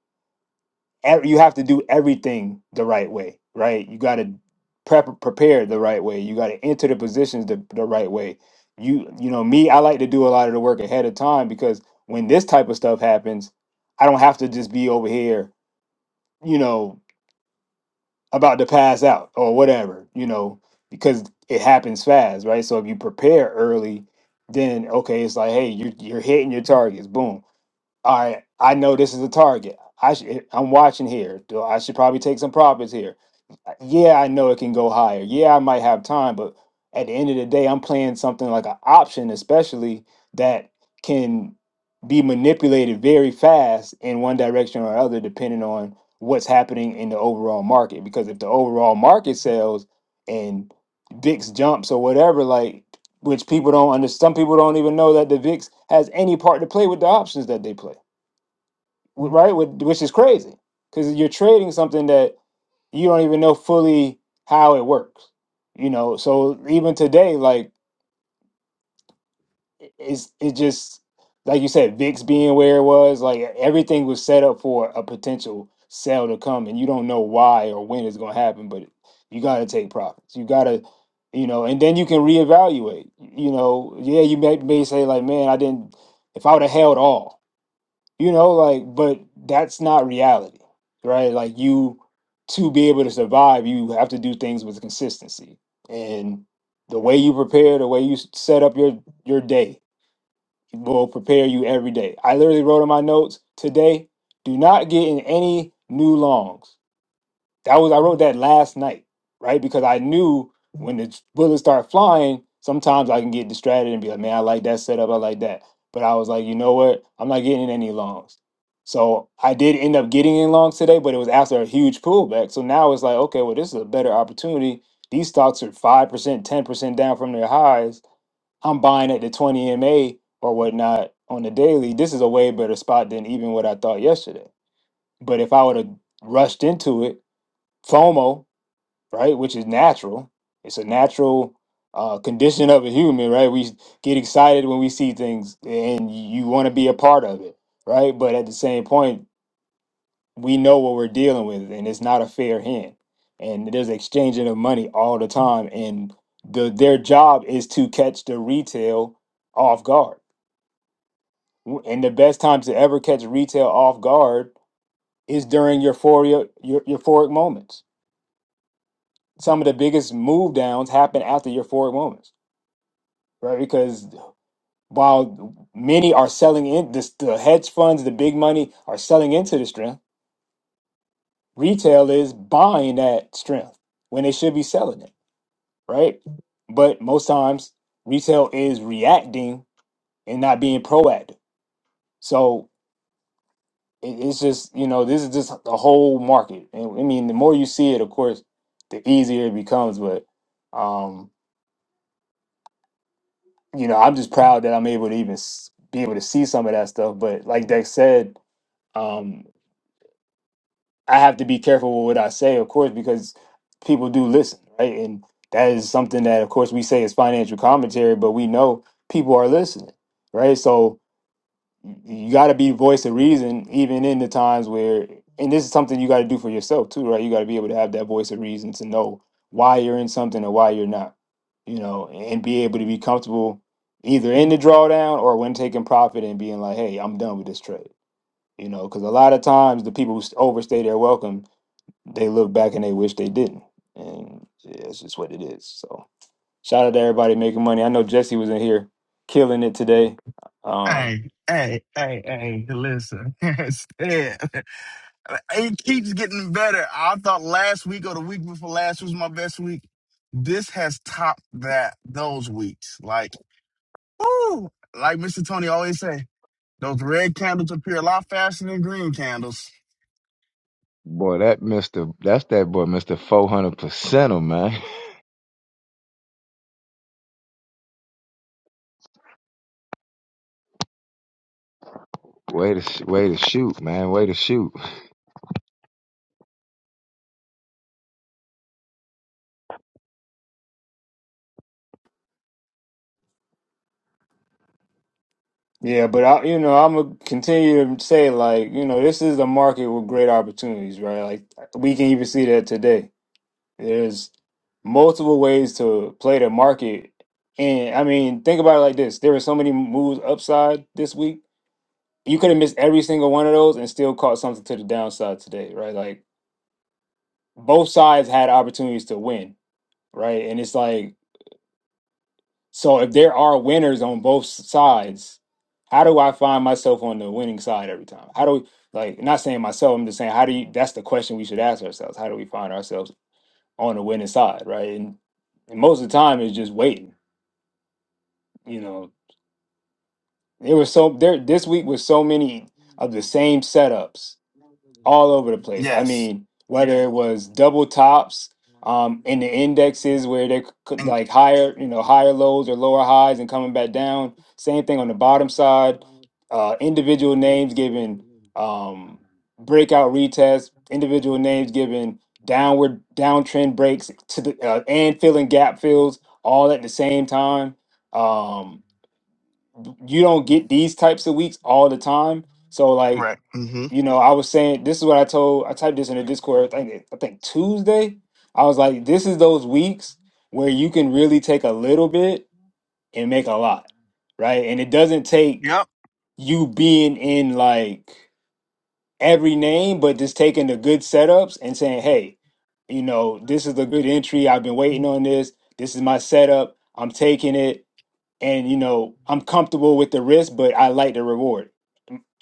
Speaker 3: ev- you have to do everything the right way, right? You got to prep prepare the right way. You got to enter the positions the, the right way. You you know me, I like to do a lot of the work ahead of time because when this type of stuff happens, I don't have to just be over here, you know, about to pass out or whatever, you know, because it happens fast, right? So if you prepare early, then okay, it's like, hey, you you're hitting your targets, boom. All right, I know this is a target. I should, I'm watching here. Do I should probably take some profits here. Uh, Yeah, I know it can go higher. Yeah, I might have time, but at the end of the day, I'm playing something like an option, especially that can be manipulated very fast in one direction or other, depending on what's happening in the overall market. Because if the overall market sells and VIX jumps or whatever, like which people don't understand, some people don't even know that the VIX has any part to play with the options that they play right? Wh- Which is crazy because you're trading something that you don't even know fully how it works. You know, so even today, like i- it's it just like you said, VIX being where it was, like e, everything was set up for a potential sale to come, and you don't know why or when it's going to happen, but you got to take profits. You got to you know, and then you can reevaluate. You know, yeah, you may, may say like, man, I didn't. If I would have held all, you know like but that's not reality right like you to be able to survive you have to do things with consistency and the way you prepare the way you s- set up your your day will prepare you every day i literally wrote in my notes today do not get in any new longs that was I wrote that last night, right? Because I knew when the bullets start flying, sometimes I can get distracted and be like, man, I like that setup, I like that. But I was like, you know what? I'm not getting in any longs. So I did end up getting in longs today, but it was after a huge pullback. So now it's like, okay, well, this is a better opportunity. These stocks are five percent, ten percent down from their highs. I'm buying at the 20 MA or whatnot on the daily. This is a way better spot than even what I thought yesterday. But if I would have rushed into it, FOMO right? Which is natural. It's a natural uh, condition of a human, right? We get excited when we see things and you want to be a part of it, right? But at the same point, we know what we're dealing with and it's not a fair hand. And there's exchanging of money all the time. And the, their job is to catch the retail off guard. W- And the best time to ever catch retail off guard is during euphoria, eu- euphoric moments. Some of the biggest move downs happen after euphoric moments right? Because while many are selling in, this, the hedge funds, the big money are selling into the strength. Retail is buying that strength when they should be selling it, right? But most times, retail is reacting and not being proactive. So it, it's just you know this is just the whole market, and I mean the more you see it, of course, the easier it becomes. But um, you know, I'm just proud that I'm able to even s- be able to see some of that stuff. But like Dex said, um, I have to be careful with what I say, of course, because people do listen, right? And that is something that, of course, we say is financial commentary, but we know people are listening, right? So you got to be voice of reason, even in the times where, and this is something you got to do for yourself too, right? You got to be able to have that voice of reason to know why you're in something or why you're not, you know, and be able to be comfortable either in the drawdown or when taking profit and being like, hey, I'm done with this trade, you know, because a lot of times the people who overstay their welcome they look back and they wish they didn't. And yeah, it's just what it is. So shout out to everybody making money. I know Jesse was in here killing it today. Um,
Speaker 4: Hey, hey, hey, hey, listen. Stan, it keeps getting better. I thought last week or the week before last was my best week. This has topped that those weeks. Like, woo, like Mr. Tony always say, those red candles appear a lot faster than green candles.
Speaker 2: Boy, that Mister, that's that boy, Mister Four Hundred Percenter, man. Way to, sh- way to shoot, man. Way to shoot.
Speaker 3: yeah, but I, you know, I'm gonna continue to say like, you know, this is a market with great opportunities, right? Like we can even see that today. There's multiple ways to play the market, and I mean, think about it like this: there were so many moves upside this week. You could have missed every single one of those and still caught something to the downside today, right? Like both sides had opportunities to win, right? And it's like, so if there are winners on both sides, how do I find myself on the winning side every time? How do like not saying myself, I'm just saying how do you that's the question we should ask ourselves. How do we find ourselves on the winning side, right? And, and most of the time it's just waiting. You know, there was so there this week was so many of the same setups all over the place. I
Speaker 4: Yes.
Speaker 3: mean, whether it was double tops um, in the indexes where they could
Speaker 4: And
Speaker 3: like higher, you know, higher lows or lower highs and coming back down. Same thing on the bottom side. Uh, individual names giving um, breakout retests. Individual names giving downward downtrend breaks to the uh, and filling gap fills all at the same time. Um, you don't get these types of weeks all the time. So like
Speaker 4: correct. Mm-hmm.
Speaker 3: you know, I was saying this is what I told. I typed this in the Discord. I think I think Tuesday. I was like, this is those weeks where you can really take a little bit and make a lot, right? And it doesn't take
Speaker 4: Yep.
Speaker 3: you being in like every name, but just taking the good setups and saying, hey, you know, this is a good entry. I've been waiting on this. This is my setup. I'm taking it, and you know, I'm comfortable with the risk, but I like the reward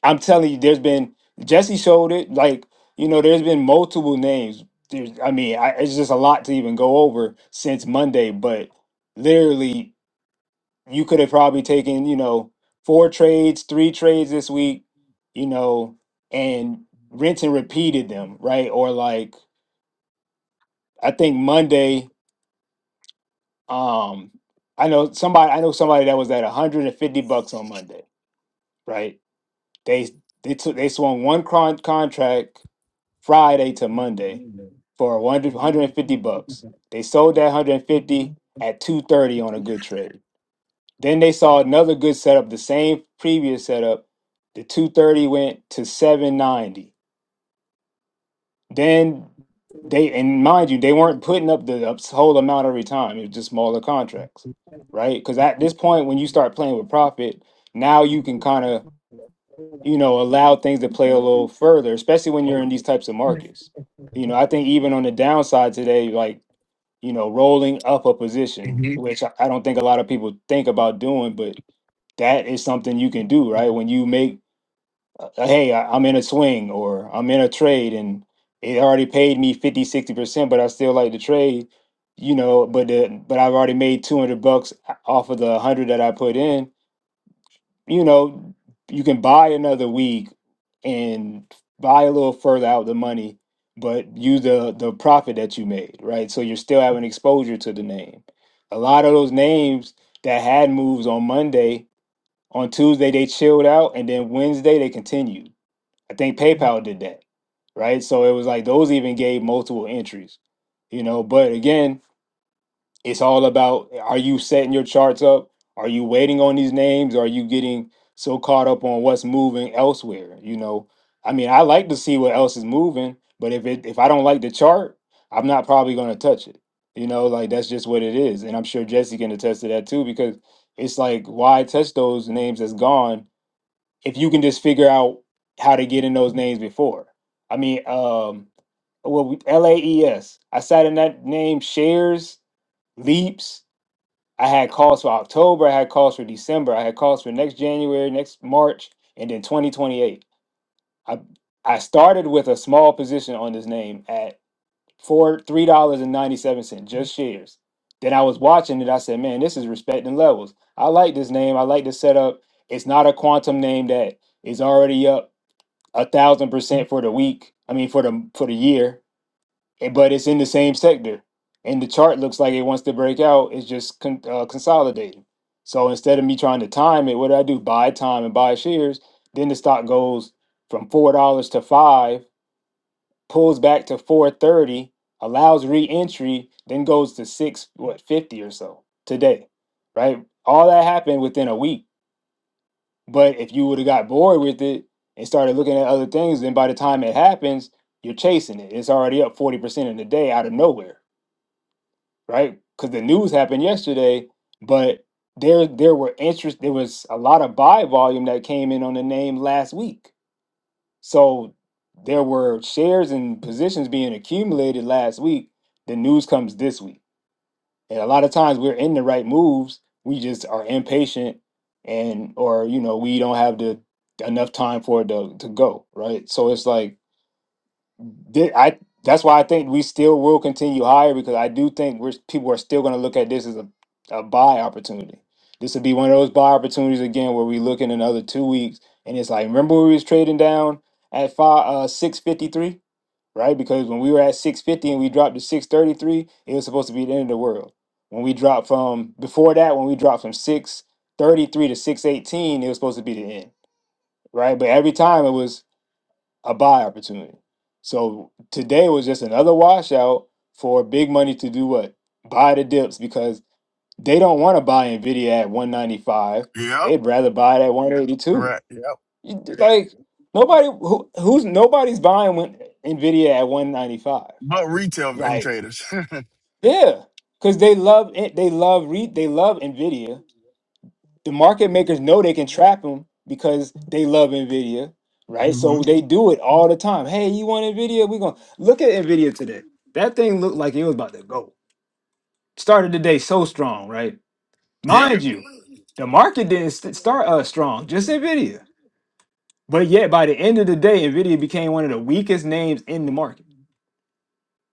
Speaker 3: I'm telling you, there's been Jesse showed it. Like you know, there's been multiple names. There's, I mean, I, it's just a lot to even go over since Monday. But literally, you could have probably taken you know four trades, three trades this week, you know, and rinse and repeated them, right? Or like I think Monday, um, I know somebody, I know somebody that was at 150 bucks on Monday, right? They they took they swung one con- contract Friday to Monday for 100 150 bucks. They sold that 150 at 230 on a good trade. Then they saw another good setup, the same previous setup. The 230 went to 790. Then they and mind you, they weren't putting up the ups- whole amount every time. It was just smaller contracts, right? Because at this point, when you start playing with profit, now you can kind of you know, allow things to play a little further, especially when you're in these types of markets. You know, I think even on the downside today, like, you know, rolling up a position,
Speaker 4: Mm-hmm.
Speaker 3: which I I don't think a lot of people think about doing, but that is something you can do, right? When you make, uh, uh, hey, I- I'm in a swing or I'm in a trade and it already paid me fifty, sixty percent but I still like the trade, you know, but the, but I've already made 200 bucks off of the 100 that I put in you know, you can buy another week and buy a little further out the money, but use the the profit that you made, right? So you're still having exposure to the name. A lot of those names that had moves on Monday, on Tuesday they chilled out, and then Wednesday they continued. I think PayPal did that, right? So it was like those even gave multiple entries, you know. But again, it's all about are you setting your charts up? Are you waiting on these names? Or are you getting so caught up on what's moving elsewhere? You know, I mean, I like to see what else is moving, but if it if I don't like the chart, I'm not probably going to touch it. You know, like that's just what it is, and I'm sure Jesse can attest to that too because it's like why touch those names that's gone if you can just figure out how to get in those names before. I mean, um, well, we- LAES. sat in that name shares leaps I had calls for October, I had calls for December, I had calls for next January, next March, and then 2028. I I started with a small position on this name at four three dollars and ninety seven cents, just shares. Then I was watching it. I said, "Man, this is respecting levels. I like this name. I like the setup. It's not a quantum name that is already up a thousand percent for the week. I mean, for the for the year. And- but it's in the same sector. And the chart looks like it wants to break out. It's just con- uh, consolidating. So instead of me trying to time it, what do I do? Buy time and buy shares. Then the stock goes from four dollars to five, pulls back to four thirty, allows re-entry, then goes to six what fifty or so today, right? All that happened within a week. But if you would have got bored with it and started looking at other things, then by the time it happens, you're chasing it. It's already up forty percent in the day out of nowhere right? Because the news happened yesterday, but there there were interest. There was a lot of buy volume that came in on the name last week, so there were shares and positions being accumulated last week. The news comes this week, and a lot of times we're in the right moves. We just are impatient, and or you know we don't have the enough time for it to, to go right. So it's like Thi- I that's why I think we still will continue higher because I do think we're people are still going to look at this as a, a buy opportunity. This would be one of those buy opportunities again where we look in another two weeks and it's like remember when we was trading down at five uh six fifty three right because when we were at six fifty and we dropped to six thirty three it was supposed to be the end of the world when we dropped from before that when we dropped from six thirty three to six eighteen it was supposed to be the end right but every time it was a buy opportunity. So today was just another washout for big money to do what? Buy the dips because they don't want to buy Nvidia at 195.
Speaker 4: Yep.
Speaker 3: They'd rather buy it at 182.
Speaker 4: Correct. Yep.
Speaker 3: You- Like nobody who, who's nobody's buying when Nvidia at 195.
Speaker 4: But retail and
Speaker 3: Like
Speaker 4: traders.
Speaker 3: yeah, cuz they love it. They love re, they love Nvidia the market makers know they can trap them because they love Nvidia, right?
Speaker 4: hmm
Speaker 3: So they do it all the time. Hey, you want Nvidia? We're gonna look at Nvidia today. That thing looked like it was about to go. Started the day so strong, right?
Speaker 4: Yep.
Speaker 3: Mind you, the market didn't st- start uh, strong, just Nvidia. But yet, by the end of the day, Nvidia became one of the weakest names in the market.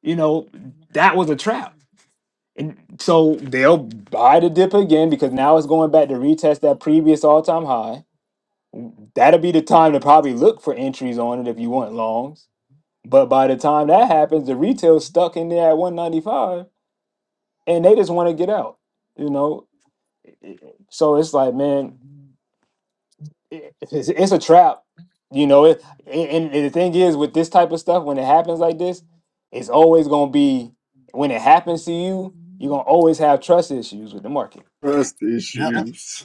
Speaker 3: You know, that was a trap. And so they'll buy the dip again because now it's going back to retest that previous all time high that'll be the time to probably look for entries on it if you want longs. But by the time that happens, the retail's stuck in there at 195 and they just want to get out, you know? So it's like, man, it- it's, it's a trap, you know? It, and and the thing is, with this type of stuff, when it happens like this, it's always going to be, when it happens to you, you're going to always have trust issues with the market.
Speaker 1: Trust
Speaker 4: Yep.
Speaker 1: issues.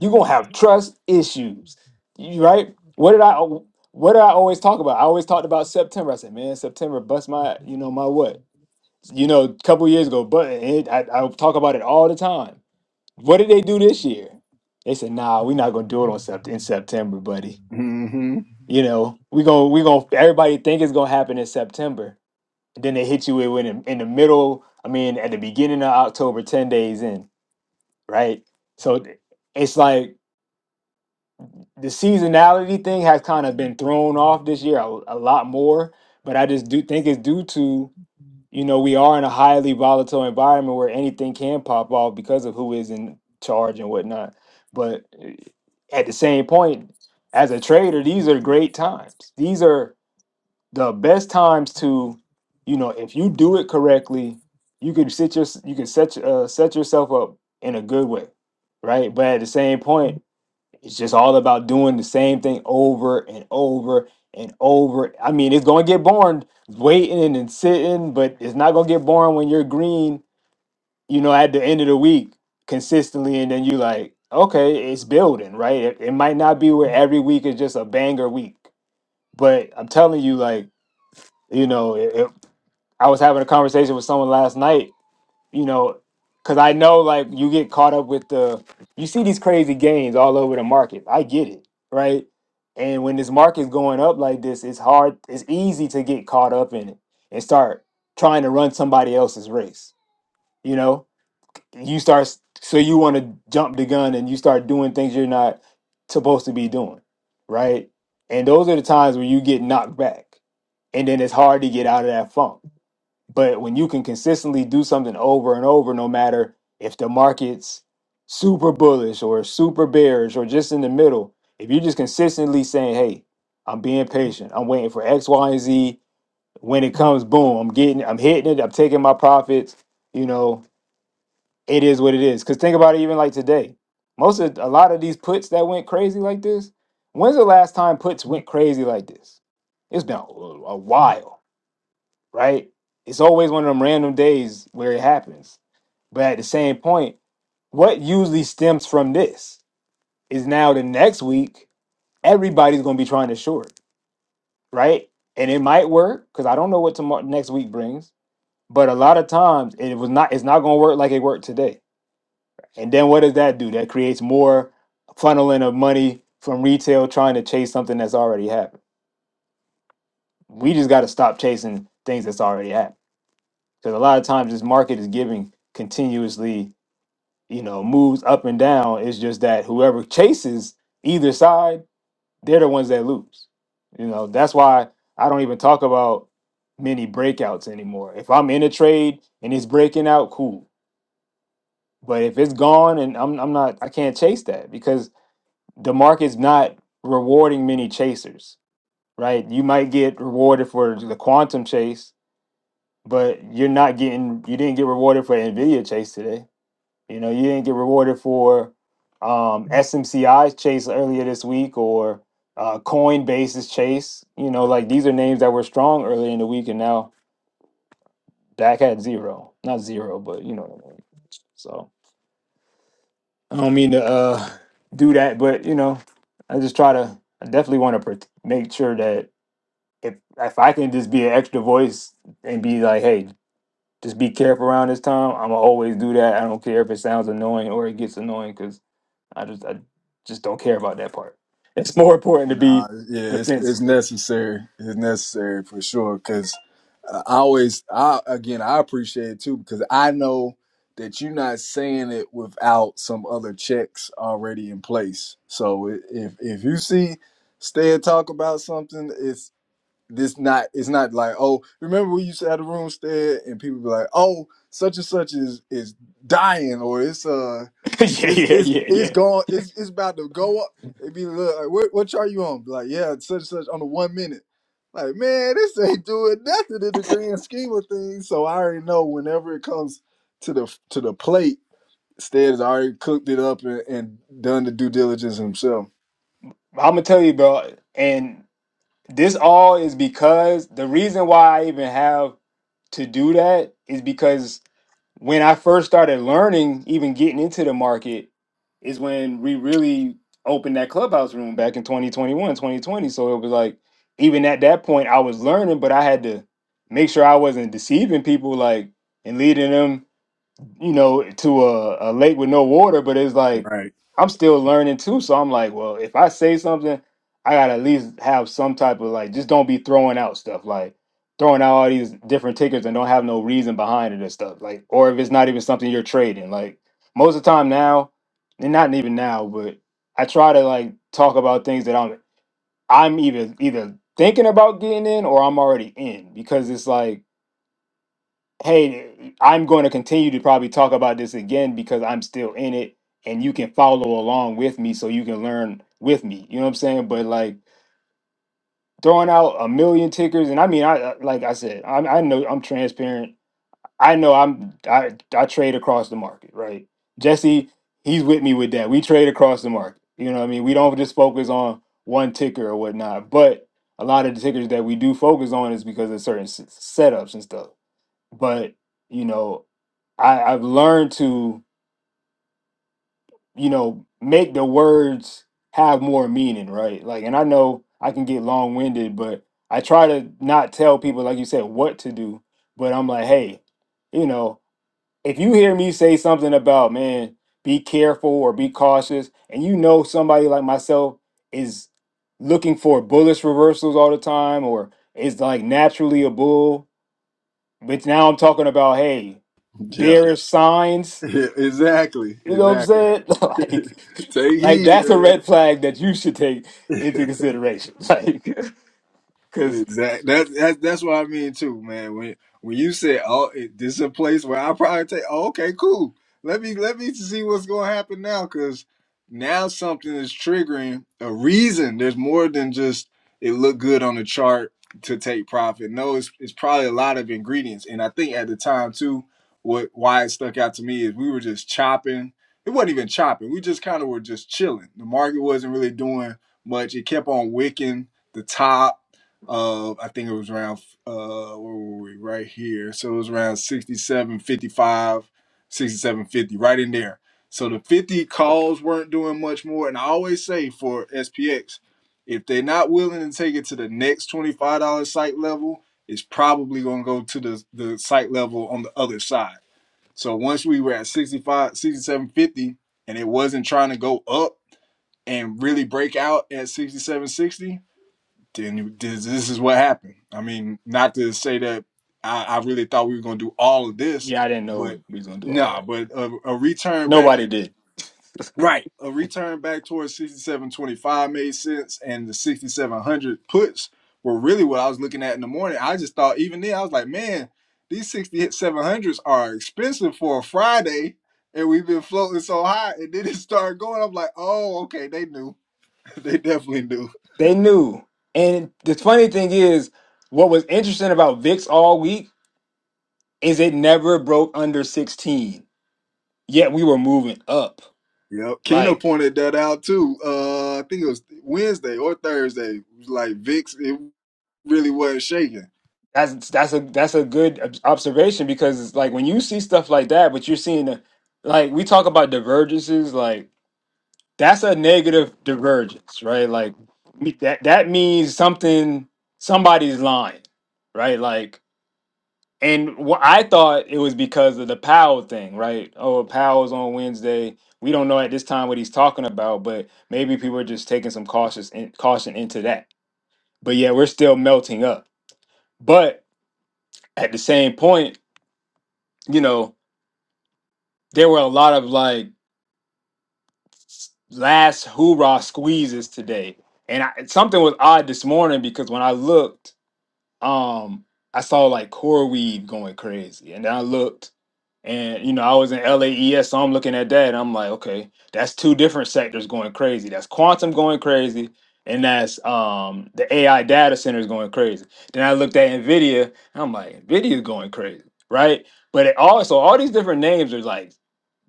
Speaker 3: You're gonna have trust issues. You right? What did I what did I always talk about? I always talked about September. I said, man, September bust my, you know, my what? You know, a couple years ago, but it, I, I talk about it all the time. What did they do this year? They said, nah, we're not gonna do it on sept- in September, buddy.
Speaker 1: hmm
Speaker 3: You know, we gonna we gonna everybody think it's gonna happen in September. And then they hit you with in, in the middle, I mean at the beginning of October, 10 days in, right? So it's like the seasonality thing has kind of been thrown off this year a, a lot more, but I just do think it's due to you know we are in a highly volatile environment where anything can pop off because of who is in charge and whatnot. But eh, at the same point, as a trader, these are great times. These are the best times to, you know, if you do it correctly, you could sit your you can set uh, set yourself up in a good way, right? But at the same point it's just all about doing the same thing over and over and over. I mean, it's gonna get boring waiting and sitting, but it's not gonna get boring when you're green, you know, at the end of the week consistently, and then you like, okay, it's building, right? It, it might not be where every week is just a banger week, but I'm telling you, like, you know, it, it- I was having a conversation with someone last night you know, because I know like you get caught up with the you see these crazy gains all over the market. I get it, right? And when this market's going up like this, it's hard, it's easy to get caught up in it and start trying to run somebody else's race. You know, you start s- so you want to jump the gun and you start doing things you're not supposed to be doing, right? And those are the times where you get knocked back, and then it's hard to get out of that funk but when you can consistently do something over and over, no matter if the market's super bullish or super bearish or just in the middle, if you're just consistently saying, "Hey, I'm being patient. I'm waiting for X, Y, and Z. When it comes, boom, I'm getting, I'm hitting it. I'm taking my profits. You know, it is what it is. Because think about it, even like today, most of a lot of these puts that went crazy like this. When's the last time puts went crazy like this? It's been a a while right? It's always one of them random days where it happens. But at the same point, what usually stems from this is now the next week, everybody's going to be trying to short, right? And it might work because I don't know what tomorrow next week brings. But a lot of times, it was not. It's not going to work like it worked today. And then what does that do? That creates more funneling of money from retail trying to chase something that's already happened. We just got to stop chasing things that's already happened because a lot of times this market is giving continuously you know, moves up and down. It's just that whoever chases either side, they're the ones that lose. You know, that's why I don't even talk about many breakouts anymore. If I'm in a trade and it's breaking out, cool. But if it's gone and I'm I'm not I can't chase that because the market's not rewarding many chasers, right? You might get rewarded for the quantum chase, but you're not getting you didn't get rewarded for Nvidia chase today You know, you didn't get rewarded for um, SMCI's chase earlier this week or uh, Coinbase's chase. You know, like these are names that were strong earlier in the week, and now Dak had zero, not zero, but you know what I mean. So I don't mean to uh, do that, but you know, I just try to. I definitely want to pr- make sure that if if I can just be an extra voice and be like, hey. Just be careful around this time. I'm gonna always do that. I don't care if it sounds annoying or it gets annoying because. I just I just don't care about that part. It's more important to
Speaker 1: Nah,
Speaker 3: be
Speaker 1: yeah, it's it's
Speaker 3: defensive.
Speaker 1: necessary. It's necessary for sure. Cause I always, I again, I appreciate it too because I know that you're not saying it without some other checks already in place. So i- if if you see Stead talk about something, it's this not it's not like oh remember we used to have the room Stead and people be like oh such and such is is dying or it's uh
Speaker 3: yeah,
Speaker 1: It's
Speaker 3: yeah,
Speaker 1: it's
Speaker 3: yeah,
Speaker 1: it's
Speaker 3: yeah.
Speaker 1: going. It's it's about to go up. It be look like what what chart you on? Be Like yeah, such and such on the one minute. Like man, this ain't doing nothing in the grand scheme of things. So I already know whenever it comes to the to the plate, Stead has already cooked it up and, and done the due diligence himself.
Speaker 3: I'm gonna tell you, bro. And this all is because the reason why I even have to do that is because when I first started learning, even getting into the market, is when we really opened that clubhouse room back in 2021, 2020. So it was like, even at that point, I was learning, but I had to make sure I wasn't deceiving people, like, and leading them. you know, to a, a lake with no water, but it's like
Speaker 1: Right.
Speaker 3: I'm still learning too. So I'm like, well, if I say something, I gotta at least have some type of like, just don't be throwing out stuff like throwing out all these different tickets and don't have no reason behind it and stuff. Like, or if it's not even something you're trading, like most of the time now, and not even now, but I try to like talk about things that I'm I'm even either thinking about getting in or I'm already in because it's like hey, I'm going to continue to probably talk about this again because I'm still in it and you can follow along with me so you can learn with me. You know what I'm saying? But like throwing out a million tickers and I mean I I- like I said, I I know I'm transparent. I know I'm I I trade across the market, right? Jesse, he's with me with that. We trade across the market. You know what I mean? We don't just focus on one ticker or whatnot, but a lot of the tickers that we do focus on is because of certain s- setups and stuff but you know I, I've learned to you know make the words have more meaning, right? Like, and I know I can get long winded, but I try to not tell people, like you said, what to do. But I'm like, hey, you know, if you hear me say something about man, be careful or be cautious, and you know somebody like myself is looking for bullish reversals all the time, or is like naturally a bull but now I'm talking about, hey,
Speaker 1: Yeah,
Speaker 3: bearish signs.
Speaker 1: exactly,
Speaker 3: You know what I'm
Speaker 1: exactly.
Speaker 3: saying? like,
Speaker 1: Take
Speaker 3: like
Speaker 1: heed.
Speaker 3: that's a
Speaker 1: man.
Speaker 3: red flag that you should take into consideration. Like, because
Speaker 1: Exactly. That, that that's what I mean too, man. When when you said, "Oh, it, this is a place where I probably take," oh, okay, cool. Let me let me see what's going to happen now, because now something is triggering a reason. There's more than just it looked good on the chart to take profit. No, it's it's probably a lot of ingredients, and I think at the time too, what why it stuck out to me is we were just chopping. It wasn't even chopping. We just kind of were just chilling. The market wasn't really doing much. It kept on wicking the top uh, I think it was around uh, where were we? Right here. So it was around 67 55, 67 50, right in there. So the 50 calls weren't doing much more. And I always say for SPX, if they're not willing to take it to the next $25 site level, it's probably gonna go to the, the site level on the other side. So once we were at 65, 67 50, and it wasn't trying to go up and really break out at 67 60 then this, this is what happened. I mean, not to say that I, I really thought we were going to do all of this,
Speaker 3: yeah, I didn't know
Speaker 1: but
Speaker 3: we was gonna do all
Speaker 1: nah,
Speaker 3: that.
Speaker 1: but a, a return back,
Speaker 3: Nobody did.
Speaker 1: right? A return back towards 6725 made sense, and the 6700 puts were really what I was looking at in the morning. I just thought, even then, I was like, man, these 6700s are expensive for a Friday. And we've been floating so high, and then it started going. I'm like, oh, okay, they knew. they definitely knew.
Speaker 3: They knew. And the funny thing is, what was interesting about VIX all week is it never broke under 16. Yet we were moving up.
Speaker 1: Yep. Keno
Speaker 3: Like.
Speaker 1: pointed that out too. Uh, I think it was Wednesday or Thursday. It was like Vic's, it really wasn't shaking.
Speaker 3: That's that's a that's a good ob- observation because it's like when you see stuff like that, but you're seeing a, like we talk about divergences, like that's a negative divergence, right? Like me- that that means something somebody's lying, right? Like and what I thought it was because of the Powell thing, right? Oh, Powell's on Wednesday. We don't know at this time what he's talking about, but maybe people are just taking some cautious in, caution into that. But yeah, we're still melting up. But at the same point, you know there were a lot of like last hoorah squeezes today, and I, something was odd this morning because when I looked, um, I saw like Core going crazy, and then I looked, and you know I was in LAES, so I'm looking at that, and I'm like, okay, that's two different sectors going crazy. That's quantum going crazy. And that's um, the AI data centers going crazy. Then I looked at Nvidia, and I'm like, Nvidia going crazy, right? But it also all these different names are like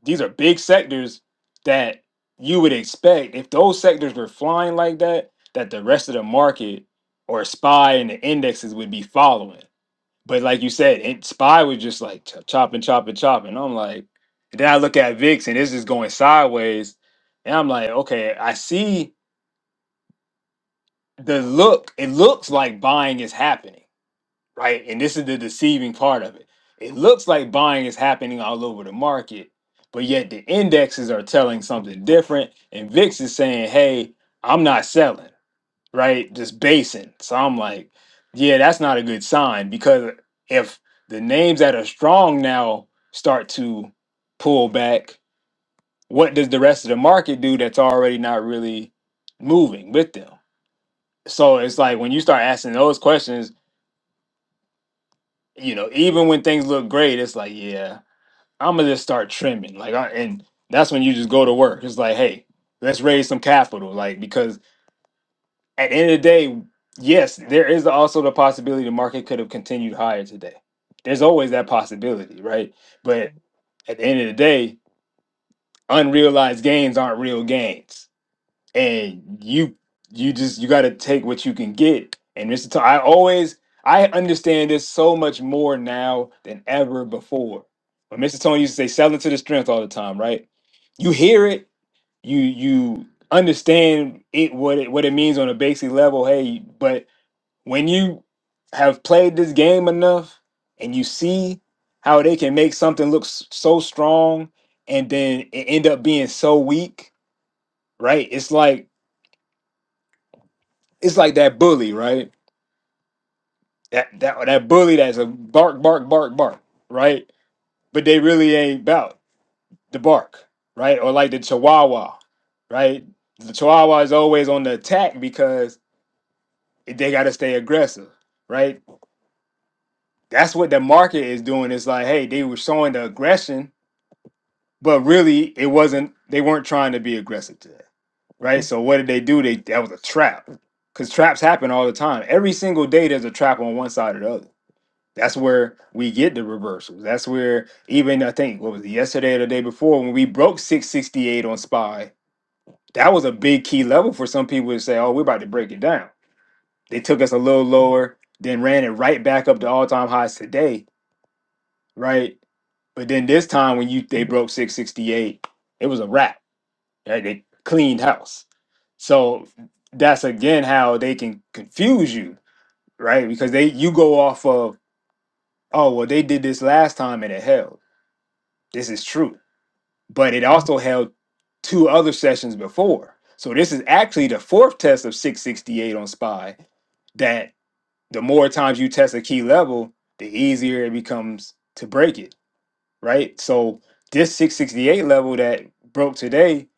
Speaker 3: these are big sectors that you would expect if those sectors were flying like that, that the rest of the market or SPY and the indexes would be following. But like you said, it, SPY was just like ch- chopping, chopping, chopping. I'm like, and then I look at VIX and it's just going sideways. And I'm like, okay, I see the look. It looks like buying is happening right? And this is the deceiving part of it. It looks like buying is happening all over the market, but yet the indexes are telling something different. And VIX is saying, hey, I'm not selling, right? Just basing. So I'm like, yeah, that's not a good sign because if the names that are strong now start to pull back, what does the rest of the market do that's already not really moving with them? So it's like when you start asking those questions, you know, even when things look great, it's like, yeah, I'm gonna just start trimming. Like, I, and that's when you just go to work. It's like, hey, let's raise some capital. Like, because at the end of the day, yes, there is also the possibility the market could have continued higher today. There's always that possibility, right? But at the end of the day, unrealized gains aren't real gains and you you just you got to take what you can get and this is t- i always i understand this so much more now than ever before when mr tony used to say selling to the strength all the time right you hear it you you understand it what it what it means on a basic level hey but when you have played this game enough and you see how they can make something look s- so strong and then it end up being so weak right it's like it's like that bully, right? That that that bully that's a bark, bark, bark, bark, right? But they really ain't about the bark, right? Or like the Chihuahua, right? The Chihuahua is always on the attack because they got to stay aggressive, right? That's what the market is doing. It's like, hey, they were showing the aggression, but really it wasn't. They weren't trying to be aggressive today, right? So what did they do? They that was a trap because traps happen all the time. Every single day there's a trap on one side or the other That's where we get the reversals. That's where even I think what was it, yesterday or the day before when we broke 668 on SPY, that was a big key level for some people to say, "Oh, we're about to break it down." They took us a little lower, then ran it right back up to all-time highs today, right? But then this time when you they broke 668, it was a wrap. Right? They cleaned house. So that's again how they can confuse you, right? Because they you go off of, oh well, they did this last time and it held This is true. But it also held two other sessions before. So this is actually the fourth test of 668 on SPY that the more times you test a key level, the easier it becomes to break it, right? So this 668 level that broke today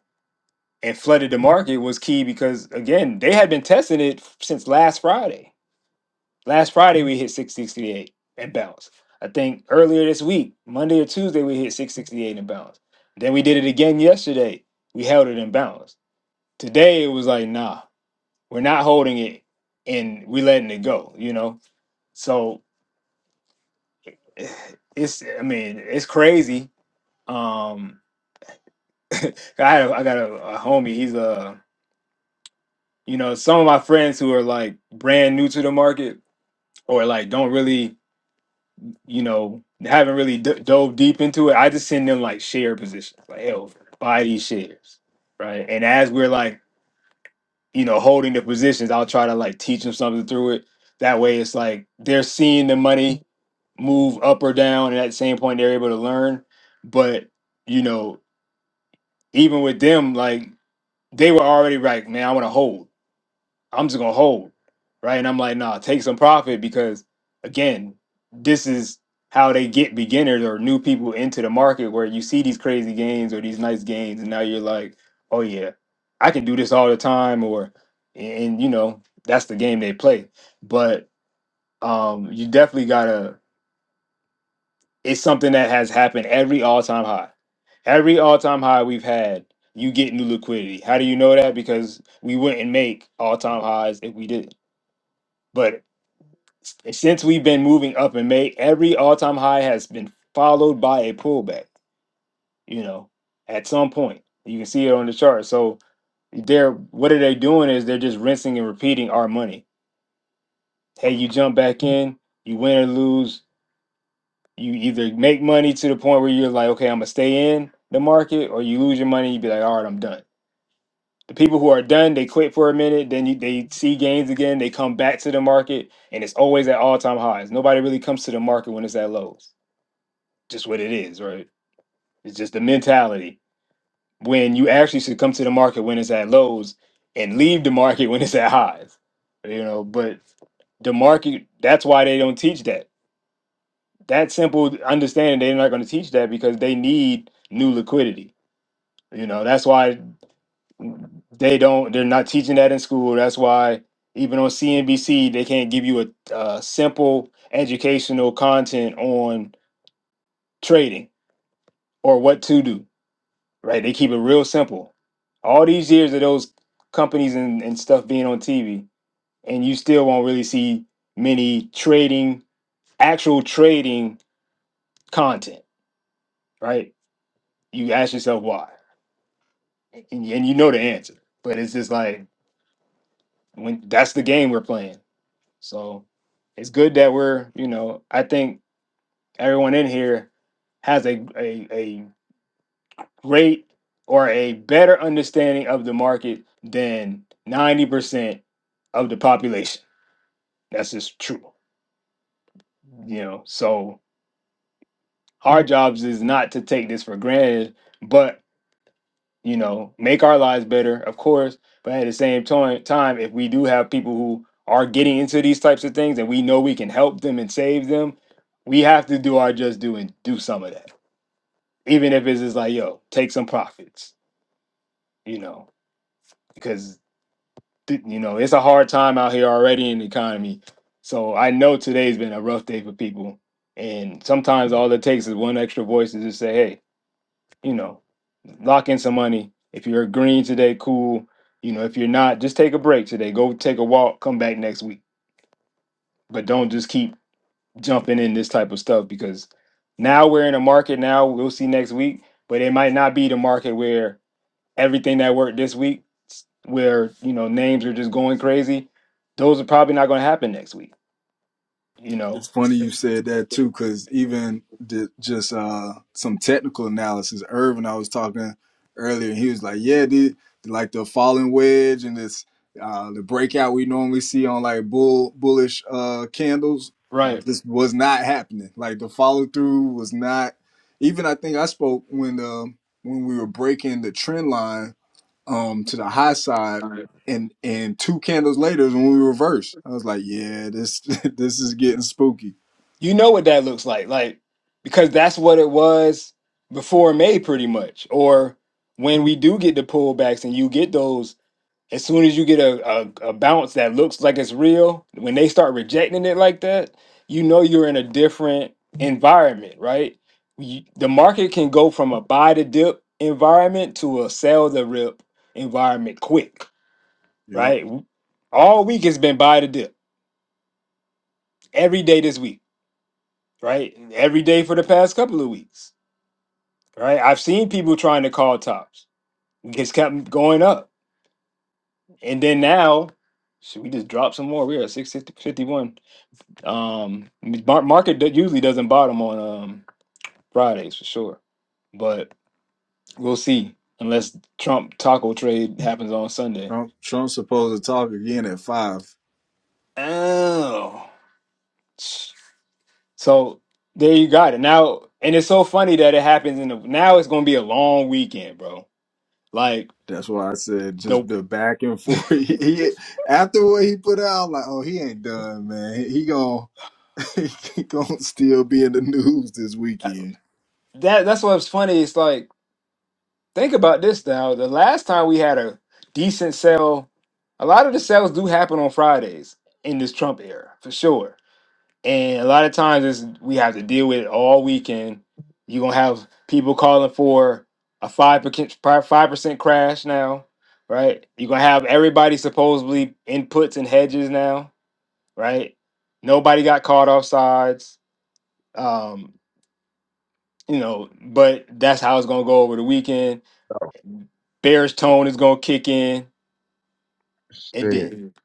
Speaker 3: and flooded the market was key because again, they had been testing it since last Friday Last Friday we hit 668 and bounced. I think earlier this week, Monday or Tuesday, we hit 668 and bounced. Then we did it again yesterday. We held it and bounced. Today it was like, nah, we're not holding it and we letting it go, you know? So it's I mean, it's crazy. Um I had a, I got a, a homie, he's a you know, some of my friends who are like brand new to the market or like don't really you know, haven't really d- dove deep into it. I just send them like share positions, like hell, buy these shares, right? And as we're like, you know, holding the positions, I'll try to like teach them something through it. That way, it's like they're seeing the money move up or down, and at the same point, they're able to learn. But you know, even with them, like they were already like, man, I want to hold. I'm just gonna hold, right? And I'm like, nah, take some profit because again, this is how they get beginners or new people into the market where you see these crazy gains or these nice gains, and now you're like, oh yeah, I can do this all the time, or and you know that's the game they play. But um, you definitely gotta. It's something that has happened every all time high, every all time high we've had. You get new liquidity. How do you know that? Because we wouldn't make all time highs if we did. not but since we've been moving up in May, every all-time high has been followed by a pullback, you know, at some point. You can see it on the chart. So they're what are they doing is they're just rinsing and repeating our money. Hey, you jump back in, you win or lose, you either make money to the point where you're like, okay, I'm gonna stay in the market, or you lose your money, you be like, all right, I'm done. The people who are done, they quit for a minute, then you, they see gains again, they come back to the market, and it's always at all-time highs. Nobody really comes to the market when it's at lows. just what it is, right? It's just the mentality. When you actually should come to the market when it's at lows and leave the market when it's at highs, you know. But the market, that's why they don't teach that. That simple understanding, they're not going to teach that because they need new liquidity. You know, that's why they don't, they're not teaching that in school. That's why even on CNBC, they can't give you a, a simple educational content on trading or what to do right? They keep it real simple. All these years of those companies and, and stuff being on TV, and you still won't really see many trading, actual trading content, right? You ask yourself why, and, and you know the answer, but it's just like when that's the game we're playing. So it's good that we're, you know, I think everyone in here has a a, a great or a better understanding of the market than 90% of the population. That's just true. You know, so our jobs is not to take this for granted, but you know, make our lives better, of course. But at the same time, time, if we do have people who are getting into these types of things and we know we can help them and save them, we have to do our just do and do some of that. Even if it's just like, yo, take some profits, you know, because th- you know, it's a hard time out here already in the economy. So I know today's been a rough day for people. And sometimes all it takes is one extra voice to just say, hey, you know, lock in some money. If you're agreeing today, cool. You know, if you're not, just take a break today. Go take a walk, come back next week. But don't just keep jumping in this type of stuff because now we're in a market now, we'll see next week, but it might not be the market where everything that worked this week, where you know names are just going crazy, those are probably not going to happen next week. You know,
Speaker 1: It's funny you said that too, because even the, just uh, some technical analysis, Irvin, I was talking earlier, he was like, "Yeah, dude, like the falling wedge and this uh, the breakout we normally see on like bull bullish uh, candles,
Speaker 3: right?
Speaker 1: this was not happening. Like the follow through was not. Even I think I spoke when um when we were breaking the trend line um to the high side and and two candles later is when we reversed, I was like, yeah, this this is getting spooky.
Speaker 3: You know what that looks like, like because that's what it was before May, pretty much. Or when we do get the pullbacks and you get those As soon as you get a, a, a bounce that looks like it's real, when they start rejecting it like that, you know you're in a different environment, right? You, the market can go from a buy to dip environment to a sell the rip environment quick,
Speaker 1: Yep.
Speaker 3: right? W- All week has been buy to dip. Every day this week, right? Every day for the past couple of weeks, right? I've seen people trying to call tops. It's kept going up. And then now, should we just drop some more? We are at 651. Um, mar- market do- usually doesn't bottom on um Fridays for sure, but we'll see unless Trump taco trade happens on Sunday.
Speaker 1: Trump Trump's supposed to talk again at five.
Speaker 3: Oh, so there you got it now, and it's so funny that it happens in the now. It's gonna be a long weekend, bro. Like
Speaker 1: That's why I said just
Speaker 3: the
Speaker 1: the back and forth. He, he- after what he put out, I'm like, oh, he ain't done, man. He gon' he gonna still be in the news this
Speaker 3: that
Speaker 1: weekend.
Speaker 3: that's what's funny. It's like think about this now. The last time we had a decent sale, a lot of the sales do happen on Fridays in this Trump era for sure And a lot of times it's, we have to deal with it all weekend. You're going to have people calling for a 5%, 5% crash now, right? You're going to have everybody supposedly in puts and hedges now, right? Nobody got caught off sides, um, you know, but that's how it's going to go over the weekend. Bears tone is going to kick in. It
Speaker 2: Stead.
Speaker 3: did. Mhm.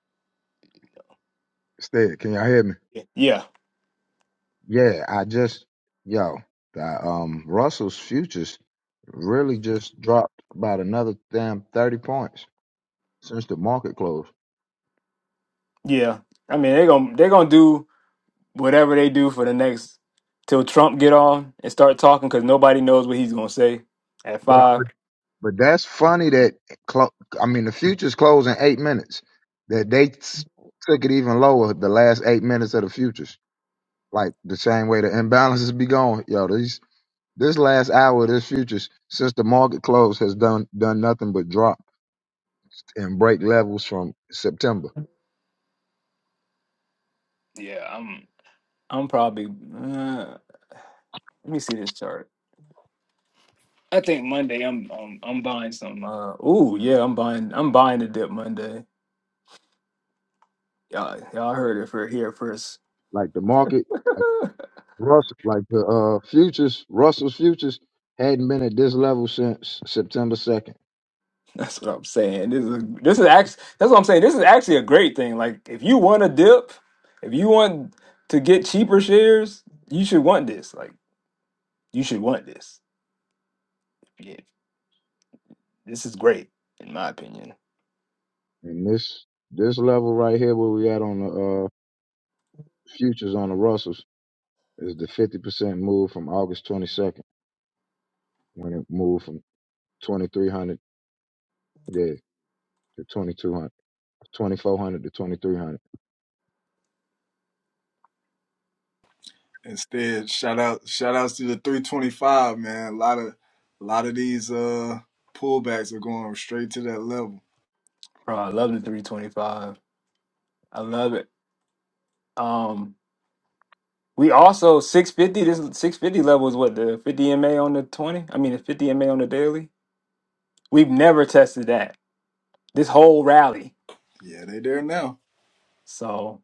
Speaker 2: Stead. Can y'all hear me?
Speaker 3: Yeah.
Speaker 2: Yeah, I just yo, the, um, Russell's futures really just dropped about another damn thirty points since the market closed.
Speaker 3: Yeah. I mean, they're going to they're gonna do. whatever they do for the next till Trump get on and start talking because nobody knows what he's gonna say at
Speaker 2: But uh,
Speaker 3: five.
Speaker 2: but, but that's funny that clo- I mean the futures close in eight minutes. That they s- took it even lower the last eight minutes of the futures, like the same way the imbalances be going. Yo, these this last hour of this futures since the market closed has done done nothing but drop and break levels from September.
Speaker 3: Yeah, I'm. I'm probably uh, let me see this chart. I think Monday I'm I'm, I'm buying something. Uh, ooh, yeah, I'm buying. I'm buying the dip Monday. Y'all, y'all heard it for here first.
Speaker 2: Like the market. Russell, like the uh, futures, Russell's futures hadn't been at this level since September second,
Speaker 3: That's what I'm saying. This is this is actually that's what I'm saying. This is actually a great thing. Like if you want a dip, if you want to get cheaper shares, you should want this. Like you should want this. This is great, in my opinion.
Speaker 2: and this this level right here, where we at on the uh, futures on the Russells, is the fifty percent move from August twenty second when it moved from twenty three hundred, yeah, to 2200, 2400 to twenty three hundred.
Speaker 1: Instead, shout out shout outs to the 325, man. A lot of a lot of these uh pullbacks are going straight to that level.
Speaker 3: Bro, I love the 325. I love it. Um, we also 650. This 650 level is what the 50 MA on the 20. I mean, the 50 MA on the daily. We've never tested that this whole rally.
Speaker 1: Yeah, they there now.
Speaker 3: So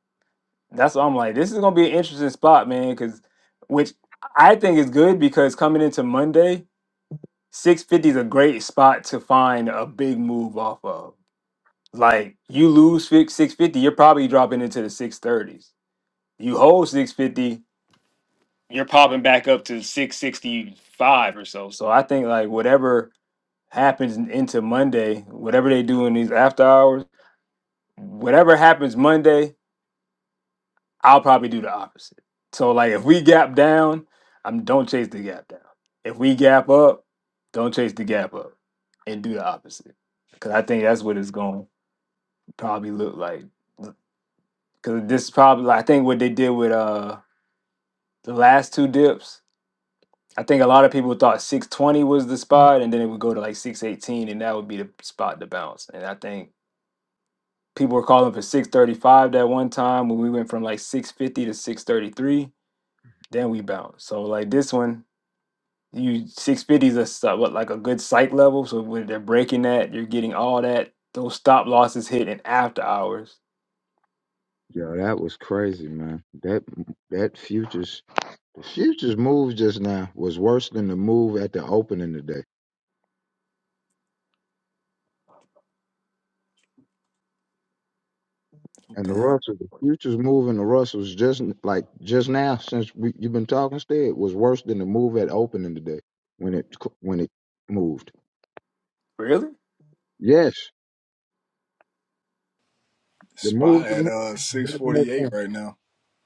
Speaker 3: that's why I'm like, this is gonna be an interesting spot, man. Because which I think is good because coming into Monday, 650 is a great spot to find a big move off of. Like you lose 650, you're probably dropping into the 630s you hold 650, you're popping back up to 665 or so. So I think like whatever happens in- into Monday, whatever they do in these after hours, whatever happens Monday, I'll probably do the opposite. So like if we gap down, I'm don't chase the gap down. If we gap up, don't chase the gap up and do the opposite. Cause I think that's what it's going to probably look like. Cause this probably I think what they did with uh the last two dips I think a lot of people thought 620 was the spot, and then it would go to like 618, and that would be the spot to bounce. And I think people were calling for 635 that one time when we went from like 650 to 633. Then we bounced. So like this one, you 650 is a s- uh, what like a good psych level. So when they're breaking that, you're getting all that those stop losses hit in after hours.
Speaker 2: Yo, that was crazy, man. That that futures, the futures move just now was worse than the move at the opening today. And the
Speaker 3: Damn,
Speaker 2: Russell, the futures move in the Russells just like just now since we, you've been talking, Stead was worse than the move at opening today when it c- when it moved.
Speaker 3: really?
Speaker 2: Yes, the move
Speaker 1: Spot at
Speaker 2: that
Speaker 1: uh six forty eight
Speaker 2: happened
Speaker 1: right now.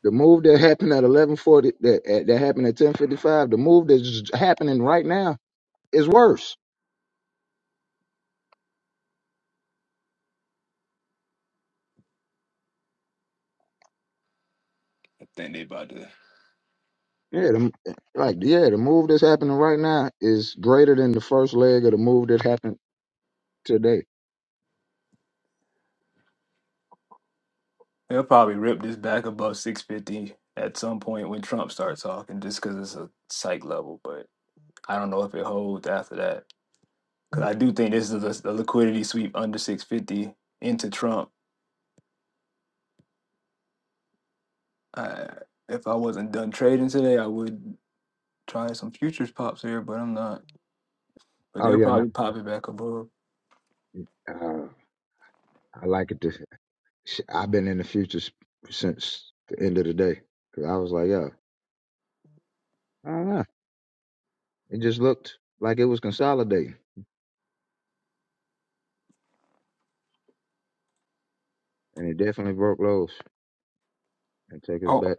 Speaker 2: the move that happened at eleven forty that at- that happened at ten fifty five. The move that's happening right now is worse.
Speaker 3: I think they about to.
Speaker 2: Yeah, the, like yeah, the move that's happening right now is greater than the first leg of the move that happened today.
Speaker 3: They'll probably rip this back above 650 at some point when Trump starts talking, just because it's a psych level. but. I don't know if it holds after that because I do think this is a a liquidity sweep under 650 into Trump. I, if I wasn't done trading today, I would try some futures pops here, but I'm not. But
Speaker 2: Oh
Speaker 3: they'll
Speaker 2: yeah, no,
Speaker 3: probably pop it back above.
Speaker 2: uh, I like it. Sh- I've been in the future s- since the end of the day. 'Cause I was like, yeah, I don't know. It just looked like it was consolidating, and it definitely broke lows and take us
Speaker 3: Oh,
Speaker 2: back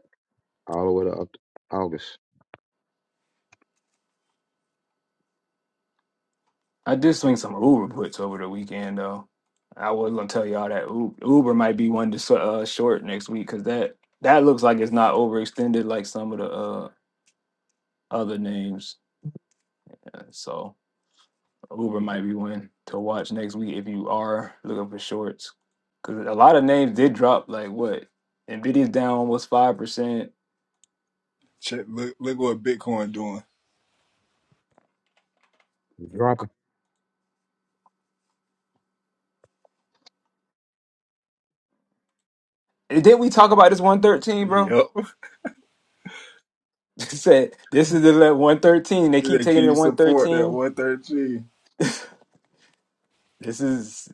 Speaker 2: all the way to up to August.
Speaker 3: I did
Speaker 2: It
Speaker 3: swing some Uber puts over the weekend though. I was gonna tell y'all that Uber, Uber might be one to s- uh, short next week because that that looks like it's not overextended like some of the uh, other names. So. Uber might be one to watch next week if you are looking for shorts. Because a lot of names did drop, like what? Nvidia's down almost 5%.
Speaker 1: Check look look what Bitcoin doing.
Speaker 2: was dropping.
Speaker 3: didn't we talk about this 113, bro?
Speaker 1: Yep.
Speaker 3: said this is the le- 113. They keep
Speaker 1: They
Speaker 3: taking it to
Speaker 1: keep support that
Speaker 3: 113.
Speaker 1: one thirteen.
Speaker 3: This is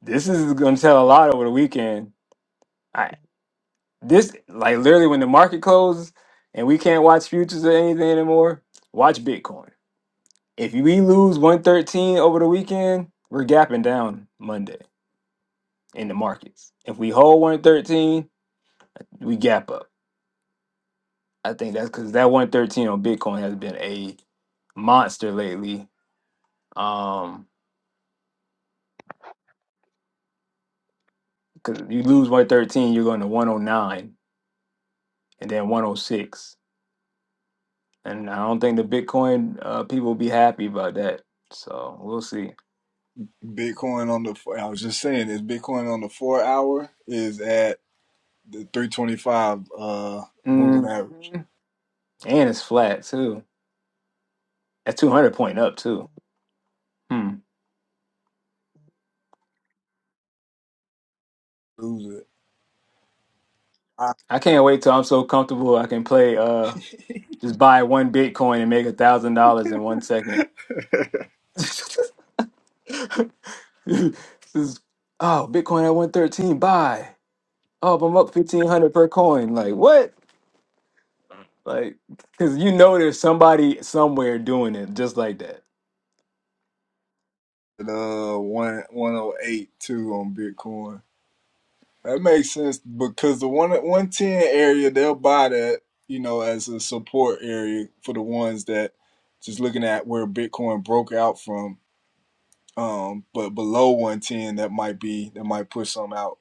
Speaker 3: this is gonna tell a lot over the weekend. I this like literally when the market closes and we can't watch futures or anything anymore, watch Bitcoin. If we lose 113 over the weekend, we're gapping down Monday. in the markets. If we hold 113, we gap up. I think that's because that 113 on Bitcoin has been a monster lately. Um, because you lose 113, you're going to 109 and then 106. And I don't think the Bitcoin uh, people will be happy about that. So we'll see.
Speaker 1: Bitcoin on the four- I was just saying this Bitcoin on the four hour is at the three twenty five uh moving
Speaker 3: hmm
Speaker 1: average.
Speaker 3: And it's flat too. At 200 point up too. Hmm.
Speaker 1: Lose it. I
Speaker 3: I can't wait till I'm so comfortable I can play, uh, just buy one Bitcoin and make a thousand dollars in one second. this is oh Bitcoin at one thirteen. Buy. Oh, but I'm up fifteen hundred per coin. Like what? Like because you know there's somebody somewhere doing it just like that.
Speaker 1: at, uh one one oh eight two on Bitcoin. That makes sense because the one one ten area they'll buy that you know as a support area for the ones that just looking at where Bitcoin broke out from. Um, but below one ten, that might be that might push some out.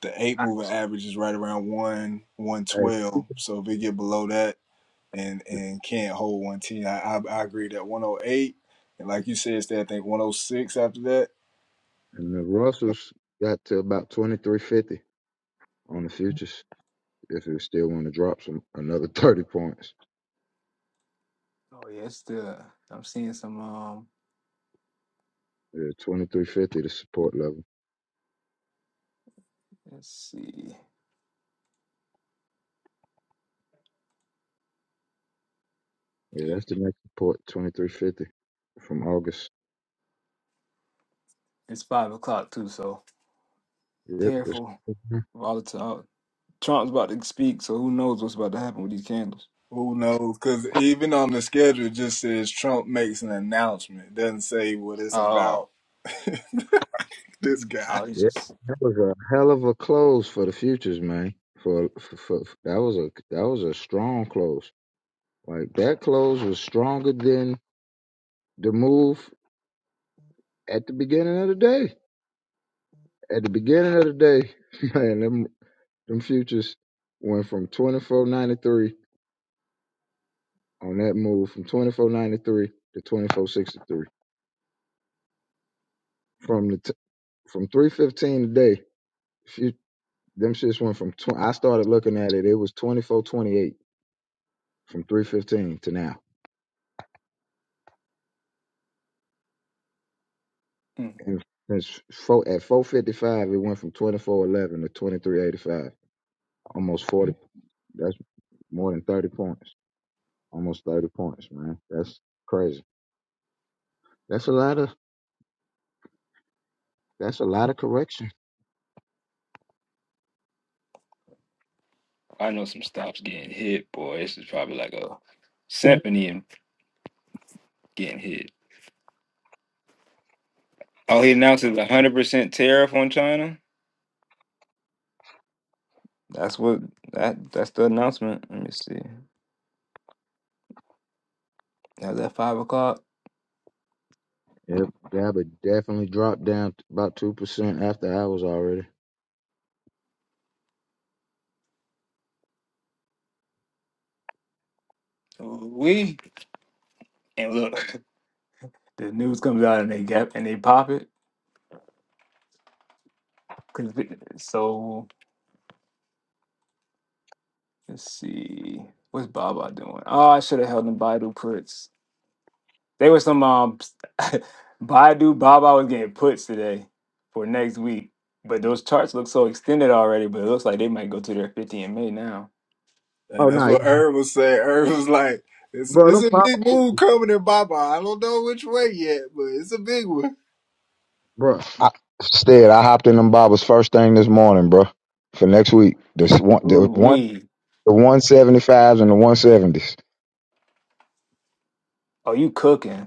Speaker 1: The eight
Speaker 3: I,
Speaker 1: moving average is right around one one
Speaker 2: Hey,
Speaker 1: twelve. So if they get below that and and can't hold one ten, I, I I agree that one oh eight and like you said, Stan, I think one oh six after that
Speaker 2: And the Russells got to about twenty three fifty on the futures. If it still want to drop some another thirty points,
Speaker 3: oh yeah, it's the I'm seeing some. Um,
Speaker 2: twenty three fifty the support level.
Speaker 3: let's see.
Speaker 2: Yeah, that's the next support, twenty three fifty from August.
Speaker 3: It's five o'clock too, so
Speaker 2: Yep,
Speaker 3: careful.
Speaker 2: it's
Speaker 3: with All the time. Trump's about to speak, so who knows what's about to happen with these candles?
Speaker 1: Who knows? Because even on the schedule, it just says Trump makes an announcement. It doesn't say what it's
Speaker 3: Oh,
Speaker 1: about. this guy.
Speaker 3: oh, he's
Speaker 2: Yeah,
Speaker 3: just.
Speaker 2: that was a hell of a close for the futures, man. For, for, for that was a that was a strong close. Like that close was stronger than the move at the beginning of the day. At the beginning of the day, man, them them futures went from twenty four ninety three on that move from twenty four ninety three to twenty four sixty three. From the t- from three fifteen today, few, them shits went from tw- I started looking at it. It was twenty four twenty eight from three fifteen to now.
Speaker 3: mm.
Speaker 2: And it's four, at 455, it went from 2411 to 2385. Almost 40. That's more than 30 points. Almost 30 points, man. That's crazy. That's a lot of. That's a lot of correction.
Speaker 3: I know some stops getting hit, boy. This is probably like a symphony and getting hit. Oh, he announces a hundred percent tariff on China. That's what that that's the announcement. Let me see. That was at five o'clock.
Speaker 2: Yep, Gabba definitely dropped down t- about two percent after hours already.
Speaker 3: We and look, The news comes out and they gap and they pop it. 'Cause it- so let's see, what's Baba doing? Oh, I should have held them Baidu puts. They were some um Baidu Baba was getting puts today for next week. But those charts look so extended already. But it looks like they might go to their fifty in May now.
Speaker 2: Oh
Speaker 1: And that's
Speaker 2: no,
Speaker 1: what Irv was saying. Irv was like, it's,
Speaker 2: bro,
Speaker 1: it's
Speaker 2: them
Speaker 1: a
Speaker 2: Bob,
Speaker 1: big move coming in Baba. I don't know which way yet, but it's a big one.
Speaker 2: bro. I, Stead, I hopped in them Bobbers first thing this morning, bro. For next week, this one,
Speaker 3: Ooh
Speaker 2: the one,
Speaker 3: wee.
Speaker 2: the one seventy fives and the one seventies.
Speaker 3: Oh, you cooking?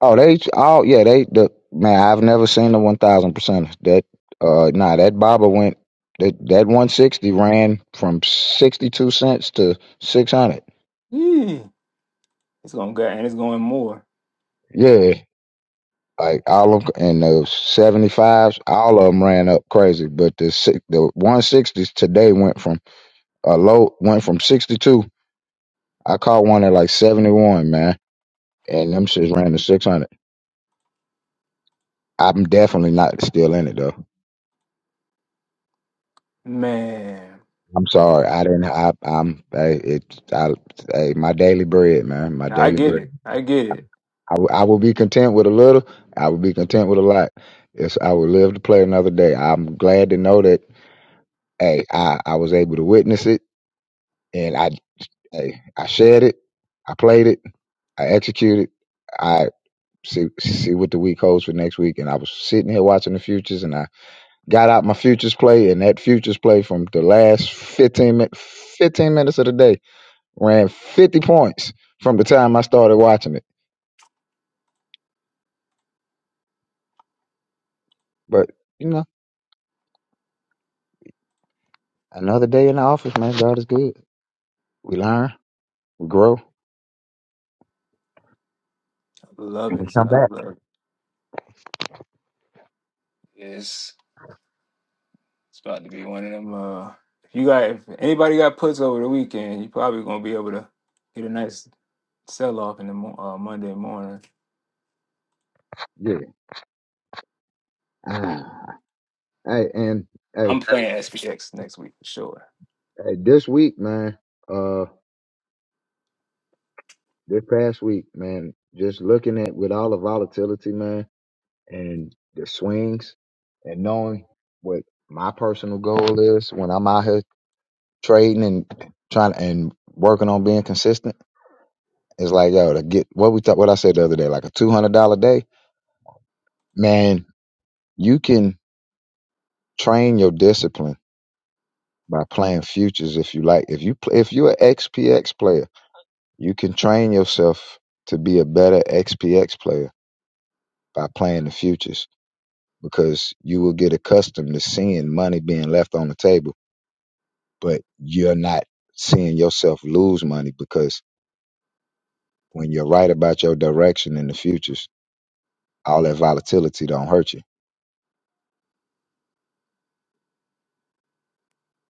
Speaker 2: Oh, they oh yeah, they the man. I've never seen the one thousand percent. That uh, nah, that Baba went that that one sixty ran from sixty two cents to six hundred.
Speaker 3: Yeah, it's gonna go and it's going more.
Speaker 2: Yeah, like all of and the seventy fives, all of them ran up crazy. But the si- the one sixties today went from a low went from sixty two. I caught one at like seventy one, man, and them shits ran to six hundred. I'm definitely not still in it though.
Speaker 3: Man,
Speaker 2: I'm sorry. I didn't. I, I'm. I, it. I, hey, my daily bread, man. My
Speaker 3: I
Speaker 2: daily
Speaker 3: get
Speaker 2: bread.
Speaker 3: it. I get it.
Speaker 2: I, w- I will be content with a little. I will be content with a lot. It's. I will live to play another day. I'm glad to know that. Hey, I, I was able to witness it, and I. Hey, I shared it. I played it. I executed. I see see what the week holds for next week. And I was sitting here watching the futures, and I got out my futures play, and that futures play from the last 15, min- 15 minutes of the day Ran 50 points from the time I started watching it. But, you know, another day in the office, man. God is good. We learn, we grow,
Speaker 3: I love
Speaker 2: and we
Speaker 3: it.
Speaker 2: come
Speaker 3: I
Speaker 2: back.
Speaker 3: love it. It's it's about to be one of them. Uh, if you got if anybody got puts over the weekend, you probably gonna be able to get a nice sell off in the mo- uh, Monday morning.
Speaker 2: Yeah. Ah. Hey, and hey,
Speaker 3: I'm playing SPX next week for sure.
Speaker 2: hey, this week, man, uh, this past week, man, just looking at with all the volatility, man, and the swings and knowing what my personal goal is when I'm out here trading and trying and working on being consistent It's like, yo, to get what we thought, what I said the other day, like a two hundred dollar day, man. You can train your discipline by playing futures if you like. If you play, if you're an XPX player, you can train yourself to be a better XPX player by playing the futures because you will get accustomed to seeing money being left on the table, but you're not seeing yourself lose money because when you're right about your direction in the futures, all that volatility don't hurt you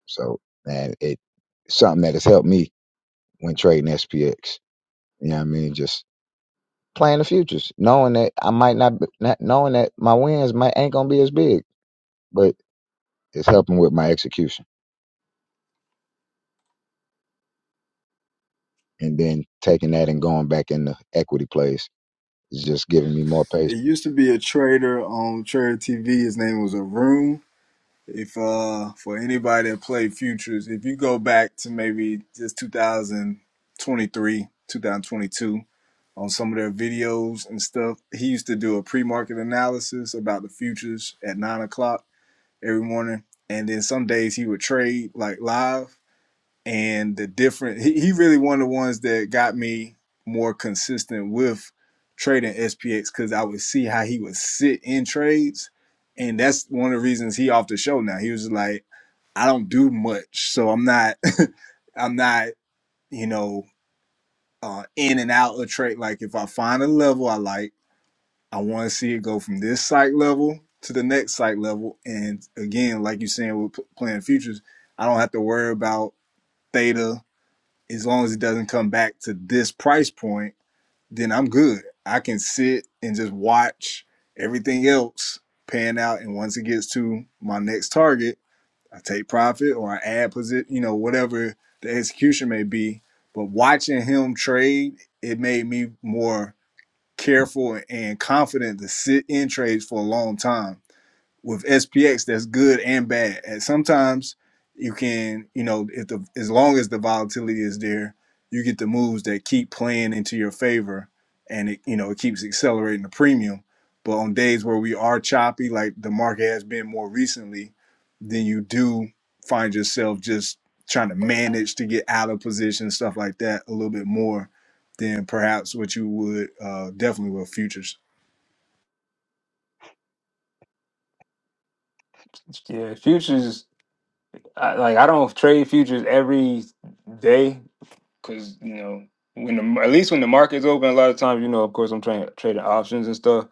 Speaker 2: So man, it something that has helped me when trading SPX. You know what I mean? Just playing the futures, knowing that I might not, be- not knowing that my wins might ain't gonna be as big, but it's helping with my execution. And then taking that and going back in the equity plays is just giving me more patience.
Speaker 1: It used to be a trader on Trader TV. His name was Arun. If uh for anybody that played futures, if you go back to maybe just 2023, 2022 on some of their videos and stuff, he used to do a pre-market analysis about the futures at nine o'clock every morning, and then some days he would trade like live and the different he, he really one of the ones that got me more consistent with trading SPX because I would see how he would sit in trades. And that's one of the reasons he off the show now. He was like, I don't do much. So I'm not I'm not, you know, uh in and out of trade. Like if I find a level I like, I want to see it go from this site level to the next site level. And again, like you saying with p- playing futures, I don't have to worry about theta as long as it doesn't come back to this price point, then I'm good. I can sit and just watch everything else pan out. And once it gets to my next target, I take profit or I add position, you know, whatever the execution may be. But watching him trade, it made me more careful and confident to sit in trades for a long time with SPX that's good and bad. And sometimes you can, you know, if the as long as the volatility is there, you get the moves that keep playing into your favor and it, you know, it keeps accelerating the premium. But on days where we are choppy, like the market has been more recently, then you do find yourself just trying to manage to get out of position, stuff like that, a little bit more than perhaps what you would uh, definitely with futures.
Speaker 3: Yeah, futures. I, like I don't trade futures every day, because you know when the at least when the market's open, a lot of times you know, of course, I'm trying trading options and stuff,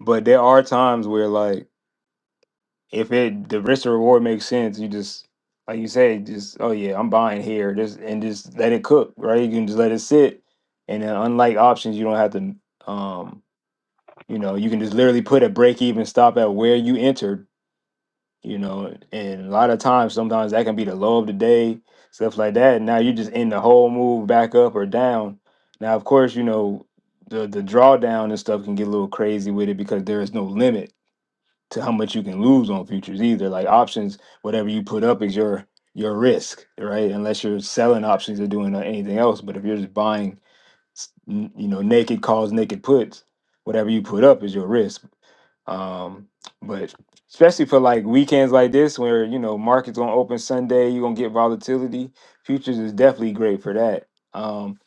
Speaker 3: but there are times where like if it the risk or reward makes sense, you just like you say, just oh yeah, I'm buying here, just and just let it cook, right? You can just let it sit, and then unlike options, you don't have to, um, you know, you can just literally put a break even stop at where you entered you know and a lot of times sometimes that can be the low of the day stuff like that And now you just end the whole move back up or down now of course you know the the drawdown and stuff can get a little crazy with it because there is no limit to how much you can lose on futures either like options whatever you put up is your your risk right unless you're selling options or doing uh, anything else but if you're just buying s- n- you know naked calls naked puts whatever you put up is your risk um, but especially for like weekends like this, where you know markets gonna open Sunday, you're gonna get volatility. Futures is definitely great for that. Um,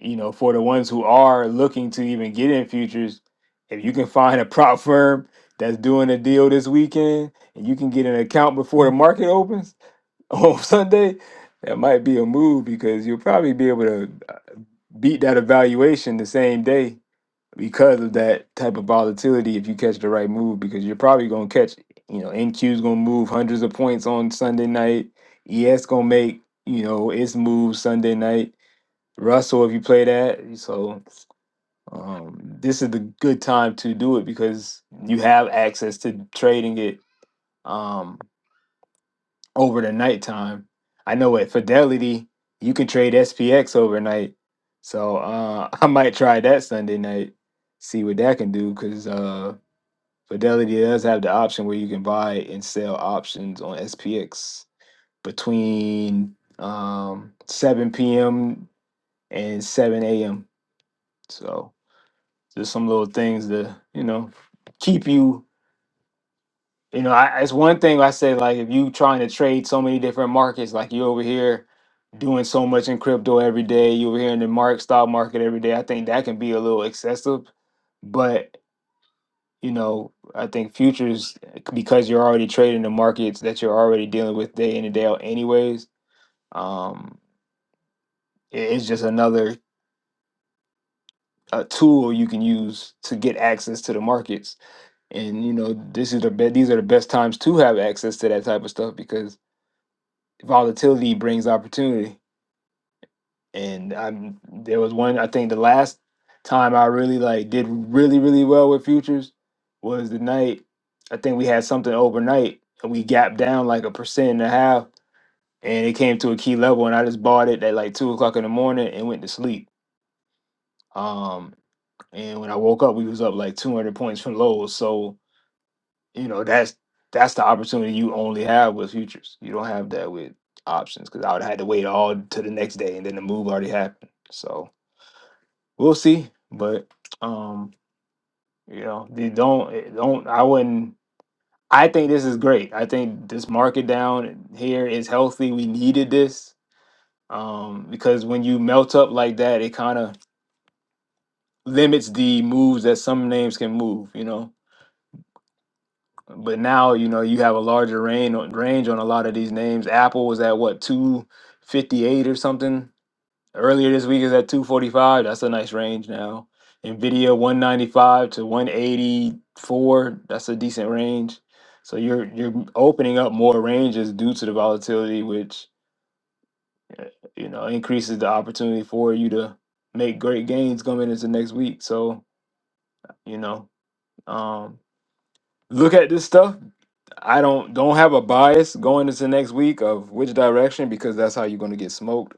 Speaker 3: you know, for the ones who are looking to even get in futures, if you can find a prop firm that's doing a deal this weekend and you can get an account before the market opens on Sunday, that might be a move because you'll probably be able to uh, beat that evaluation the same day because of that type of volatility if you catch the right move because you're probably going to catch you know NQ's going to move hundreds of points on Sunday night. ES going to make you know its move Sunday night. Russell if you play that. So um this is the good time to do it because you have access to trading it um over the nighttime. I know at Fidelity you can trade SPX overnight. So uh I might try that Sunday night see what that can do because uh, Fidelity does have the option where you can buy and sell options on SPX between um, 7 p.m. and 7 a.m. So just some little things to, you know, keep you, you know, I, it's one thing I say, like, if you trying to trade so many different markets, like you over here doing so much in crypto every day, you over here in the mark stock market every day, I think that can be a little excessive. But you know, I think futures because you're already trading the markets that you're already dealing with day in and day out, anyways. Um, i- it's just another uh tool you can use to get access to the markets, and you know, this is the be- these are the best times to have access to that type of stuff because volatility brings opportunity. and I'm there was one I think the last time I really like did really really well with futures was the night I think we had something overnight and we gapped down like a percent and a half and it came to a key level and I just bought it at like two o'clock in the morning and went to sleep. Um, and when I woke up, we was up like 200 points from lows. So you know that's that's the opportunity you only have with futures. You don't have that with options because I would have had to wait all to the next day and then the move already happened. So we'll see. But um, you know, they don't eh, don't I wouldn't I think this is great. I think this market down here is healthy. We needed this. Um, because when you melt up like that, it kind of limits the moves that some names can move, you know. But now, you know, you have a larger range on range on a lot of these names. Apple was at what 258 or something Earlier this week is at 245. That's a nice range now. Nvidia 195 to 184. That's a decent range. So you're you're opening up more ranges due to the volatility, which you know increases the opportunity for you to make great gains coming into next week. So you know, um, look at this stuff. I don't don't have a bias going into next week of which direction because that's how you're going to get smoked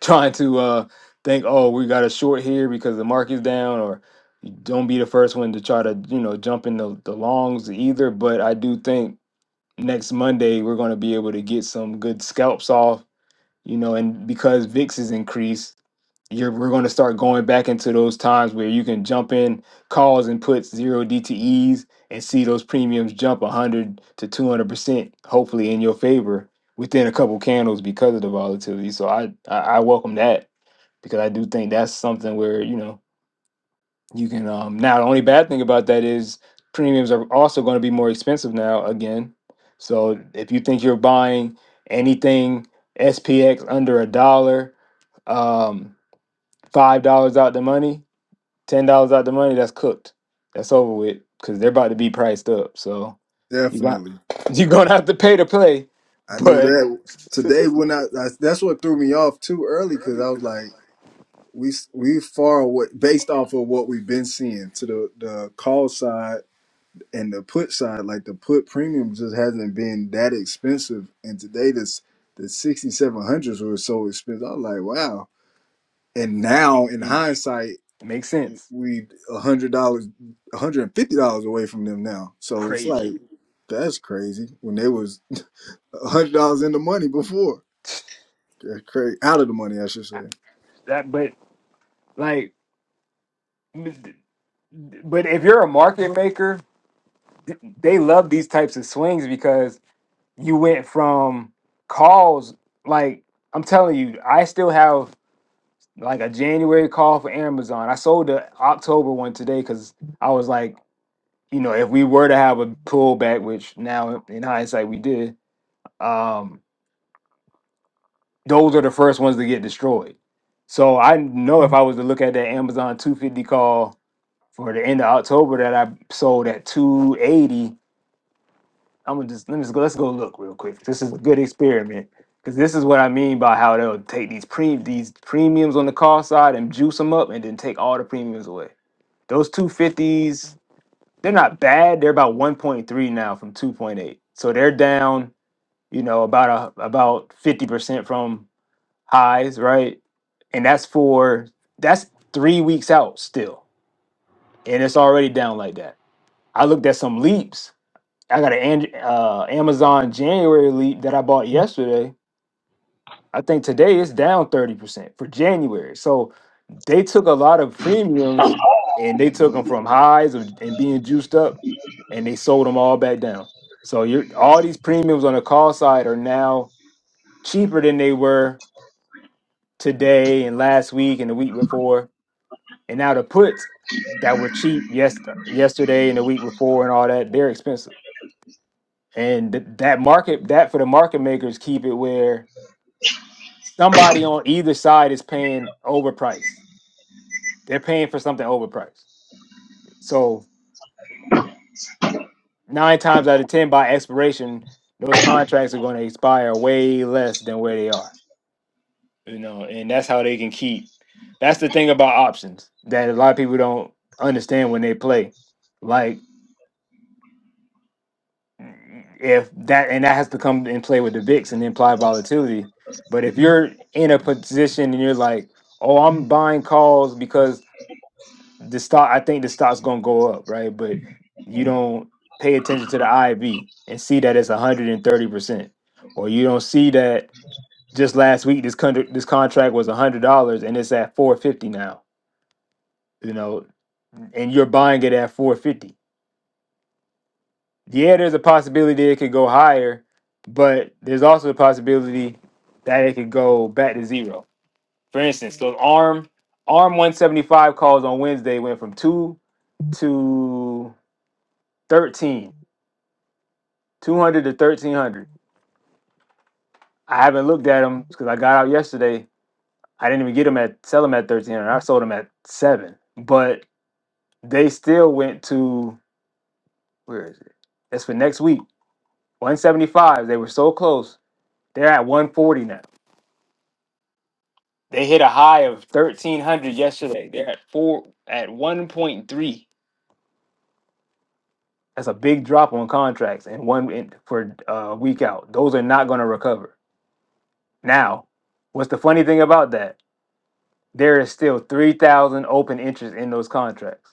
Speaker 3: trying to uh think, oh, we got a short here because the market's down, or don't be the first one to try to, you know, jump in the, the longs either. But I do think next Monday we're going to be able to get some good scalps off, you know, and because VIX is increased, you're we're going to start going back into those times where you can jump in calls and put zero DTEs and see those premiums jump 100 to 200 percent, hopefully in your favor within a couple candles because of the volatility. So I I, I welcome that because I do think that's something where you know you can. Um, now the only bad thing about that is premiums are also going to be more expensive now again. So if you think you're buying anything SPX under a dollar, um, five dollars out the money, ten dollars out the money, that's cooked. That's over with because they're about to be priced up. So you got
Speaker 1: Definitely.
Speaker 3: you're gonna have to pay to play,
Speaker 1: I knew
Speaker 3: but
Speaker 1: that today when I, I that's what threw me off too early because I was like we we far away based off of what we've been seeing to the the call side and the put side like the put premium just hasn't been that expensive and today this the 6700s were so expensive I was like wow and now in
Speaker 3: it
Speaker 1: hindsight
Speaker 3: makes sense.
Speaker 1: we a hundred dollars a hundred and fifty dollars away from them now so it's like
Speaker 3: Crazy
Speaker 1: that's crazy when they was a hundred dollars in the money before That's crazy. Out of the money, I should say.
Speaker 3: that, but like But if you're a market maker, they love these types of swings because you went from calls like I'm telling you, I still have like a January call for Amazon. I sold the October one today because I was like, you know, if we were to have a pullback, which now in hindsight we did, um, those are the first ones to get destroyed. So I know if I was to look at that Amazon 250 call for the end of October that I sold at 280 I'm gonna just let me just go. Let's go look real quick. This is a good experiment because this is what I mean by how they'll take these pre these premiums on the call side and juice them up, and then take all the premiums away. Those two fifties, they're not bad. They're about one point three now from two point eight, so they're down. You know, about a about fifty percent from highs, right? And that's for that's three weeks out still, and it's already down like that. I looked at some leaps I got an uh, Amazon January leap that I bought yesterday. I think today it's down 30% for January. So they took a lot of premiums and they took them from highs and and being juiced up and they sold them all back down. So you're, all these premiums on the call side are now cheaper than they were today and last week and the week before. And now the puts that were cheap yes, yesterday and the week before and all that, they're expensive. and th- that market that for the market makers keep it where somebody on either side is paying overpriced they're paying for something overpriced so nine times out of ten by expiration those contracts are going to expire way less than where they are you know and that's how they can keep that's the thing about options that a lot of people don't understand when they play Like, if that and that has to come and play with the VIX and the implied volatility. But if you're in a position and you're like, oh, I'm buying calls because the stock, I think the stock's gonna go up, right? But you don't pay attention to the IV and see that it's 130 percent, or you don't see that just last week this con- this contract was $100 and it's at 450 now, you know, and you're buying it at 450 yeah, there's a possibility it could go higher, but there's also a possibility that it could go back to zero. For instance, those arm arm 175 calls on Wednesday went from two to 13, 200 to 1300. I haven't looked at them because I got out yesterday. I didn't even get them at sell them at 1300. I sold them at seven, but they still went to where is it? That's for next week. 175. They were so close. They're at 140 now. They hit a high of thirteen hundred yesterday. They're at four at one point three. That's a big drop on contracts and one in, for a week out. Those are not going to recover. Now, what's the funny thing about that? There is still three thousand open interest in those contracts.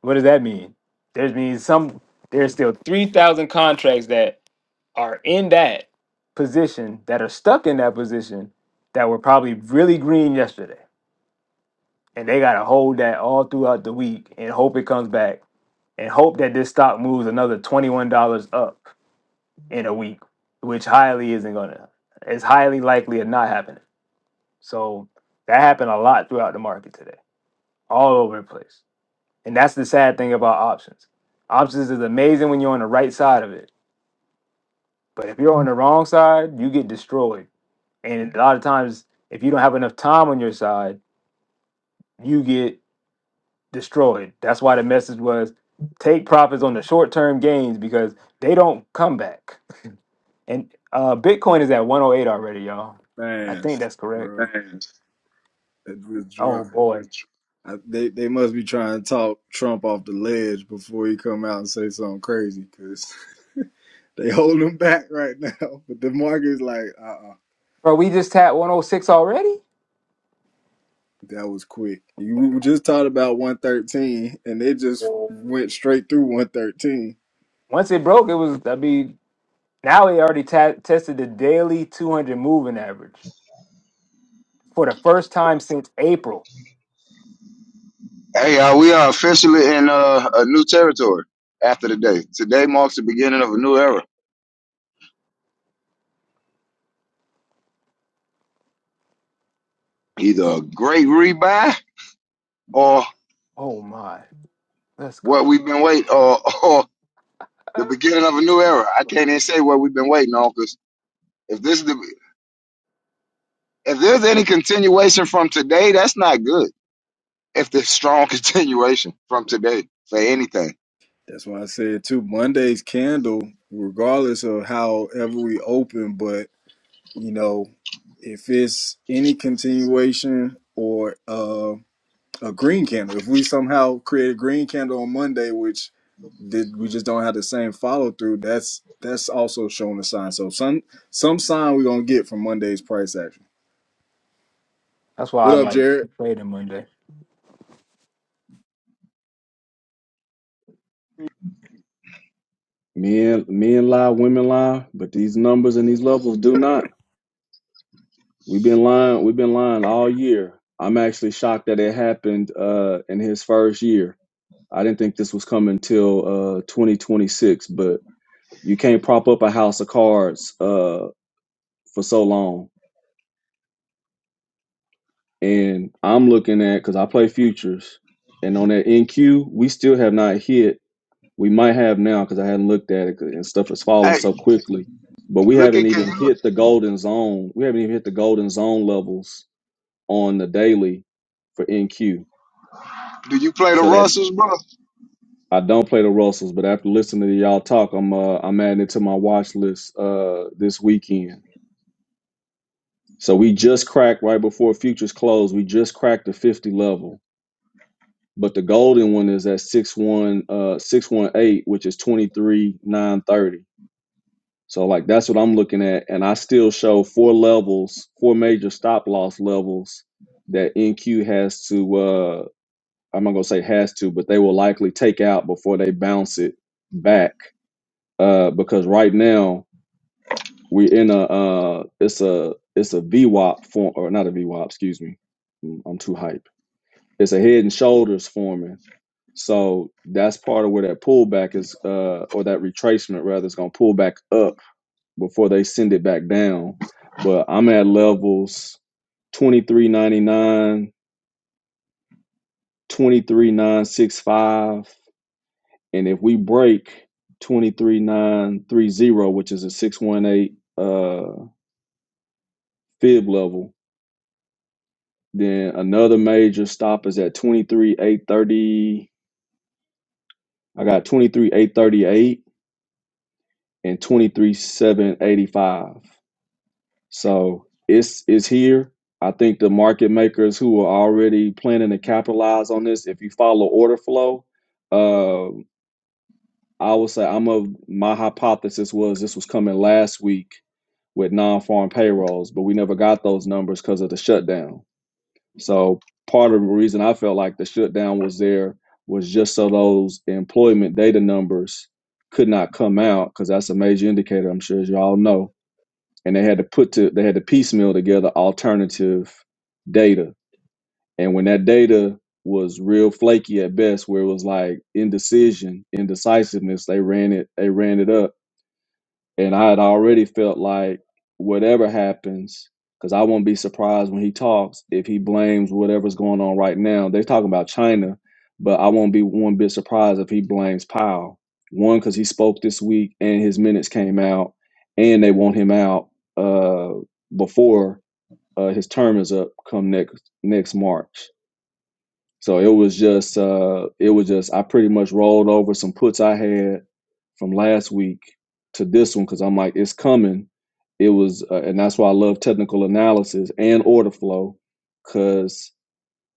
Speaker 3: What does that mean? There's means some. There's still three thousand contracts that are in that position that are stuck in that position that were probably really green yesterday. and they got to hold that all throughout the week and hope it comes back and hope that this stock moves another $21 up in a week which highly isn't gonna it's highly likely of not happening so that happened a lot throughout the market today all over the place and that's the sad thing about options options is amazing when you're on the right side of it but if you're on the wrong side you get destroyed and a lot of times if you don't have enough time on your side you get destroyed. That's why the message was take profits on the short term gains because they don't come back. And uh, Bitcoin is at 108 already, y'all. I think
Speaker 1: Fast,
Speaker 3: that's correct.
Speaker 1: bro. That was
Speaker 3: Oh
Speaker 1: drunk.
Speaker 3: boy,
Speaker 1: I, they they must be trying to talk Trump off the ledge before he come out and say something crazy, cause they hold him back right now. But the market's like, uh, uh
Speaker 3: bro, we just tapped 106 already.
Speaker 1: that was quick. You we just talked about one thirteen, and they just went straight through one thirteen.
Speaker 3: Once it broke, it was. I mean, now it already ta- tested the daily 200 moving average for the first time since April.
Speaker 2: Hey, y'all, we are officially in uh, a new territory after today. Today marks the beginning of a new era. Either a great rebuy or
Speaker 3: Oh my, let's
Speaker 2: what
Speaker 3: go.
Speaker 2: we've been waiting or, the beginning of a new era. I can't even say what we've been waiting on because if this is the, if there's any continuation from today, that's not good. If there's strong continuation from today for anything,
Speaker 1: That's why I said too. Monday's candle, regardless of however we open, but You know, if it's any continuation or uh, a green candle, if we somehow create a green candle on Monday, which did we just don't have the same follow through, that's that's also showing a sign. So some some sign we're gonna get from Monday's price action.
Speaker 3: That's why
Speaker 1: What
Speaker 3: I'm
Speaker 1: up,
Speaker 3: like
Speaker 1: Jared?
Speaker 3: trading Monday.
Speaker 5: Men men lie, women lie, but these numbers and these levels do not. We've been lying, we've been lying all year. I'm actually shocked that it happened uh in his first year. I didn't think this was coming till uh 2026, but you can't prop up a house of cards uh for so long. And I'm looking at cuz I play futures and on that NQ, we still have not hit We might have now because I hadn't looked at it 'cause- and stuff has fallen
Speaker 2: hey,
Speaker 5: so quickly. But we
Speaker 2: look
Speaker 5: haven't
Speaker 2: at can
Speaker 5: even
Speaker 2: you
Speaker 5: hit the golden zone. We haven't even hit the golden zone levels on the daily for NQ.
Speaker 2: do you play the
Speaker 5: So that
Speaker 2: Russells, bro?
Speaker 5: I don't play the Russells, but after listening to y'all talk, I'm uh, I'm adding it to my watch list uh, this weekend. So we just cracked right before futures close. We just cracked the 50 level, but the golden one is at six one uh, six one eight, which is twenty three nine thirty. So like that's what I'm looking at, and I still show four levels, four major stop loss levels that NQ has to. uh I'm not gonna say has to, but they will likely take out before they bounce it back. Uh, because right now we're in a uh, it's a it's a VWAP form or not a VWAP, excuse me. Mm, I'm too hype. It's a head and shoulders forming. So that's part of where that pullback is, uh, or that retracement rather, is gonna pull back up before they send it back down. But I'm at levels 2399, 23965, and if we break 23930, which is a 618 uh fib level, then another major stop is at twenty three eight thirty. I got twenty three eight thirty eight and twenty three seven eighty five. So it's it's here. I think the market makers who are already planning to capitalize on this, if you follow order flow, uh, I would say I'm of my hypothesis was this was coming last week with non-farm payrolls, but we never got those numbers because of the shutdown. So part of the reason I felt like the shutdown was there was just so those employment data numbers could not come out because that's a major indicator. I'm sure as y'all know and they had to put to they had to piecemeal together alternative data and when that data was real flaky at best where it was like indecision indecisiveness they ran it they ran it up and I had already felt like whatever happens, because I won't be surprised when he talks if he blames whatever's going on right now. They're talking about China, but I won't be one bit surprised if he blames Powell. One, because he spoke this week and his minutes came out, and they want him out uh, before uh, his term is up come next next March. So it was just uh it was just I pretty much rolled over some puts I had from last week to this one because I'm like it's coming. It was uh, and that's why I love technical analysis and order flow because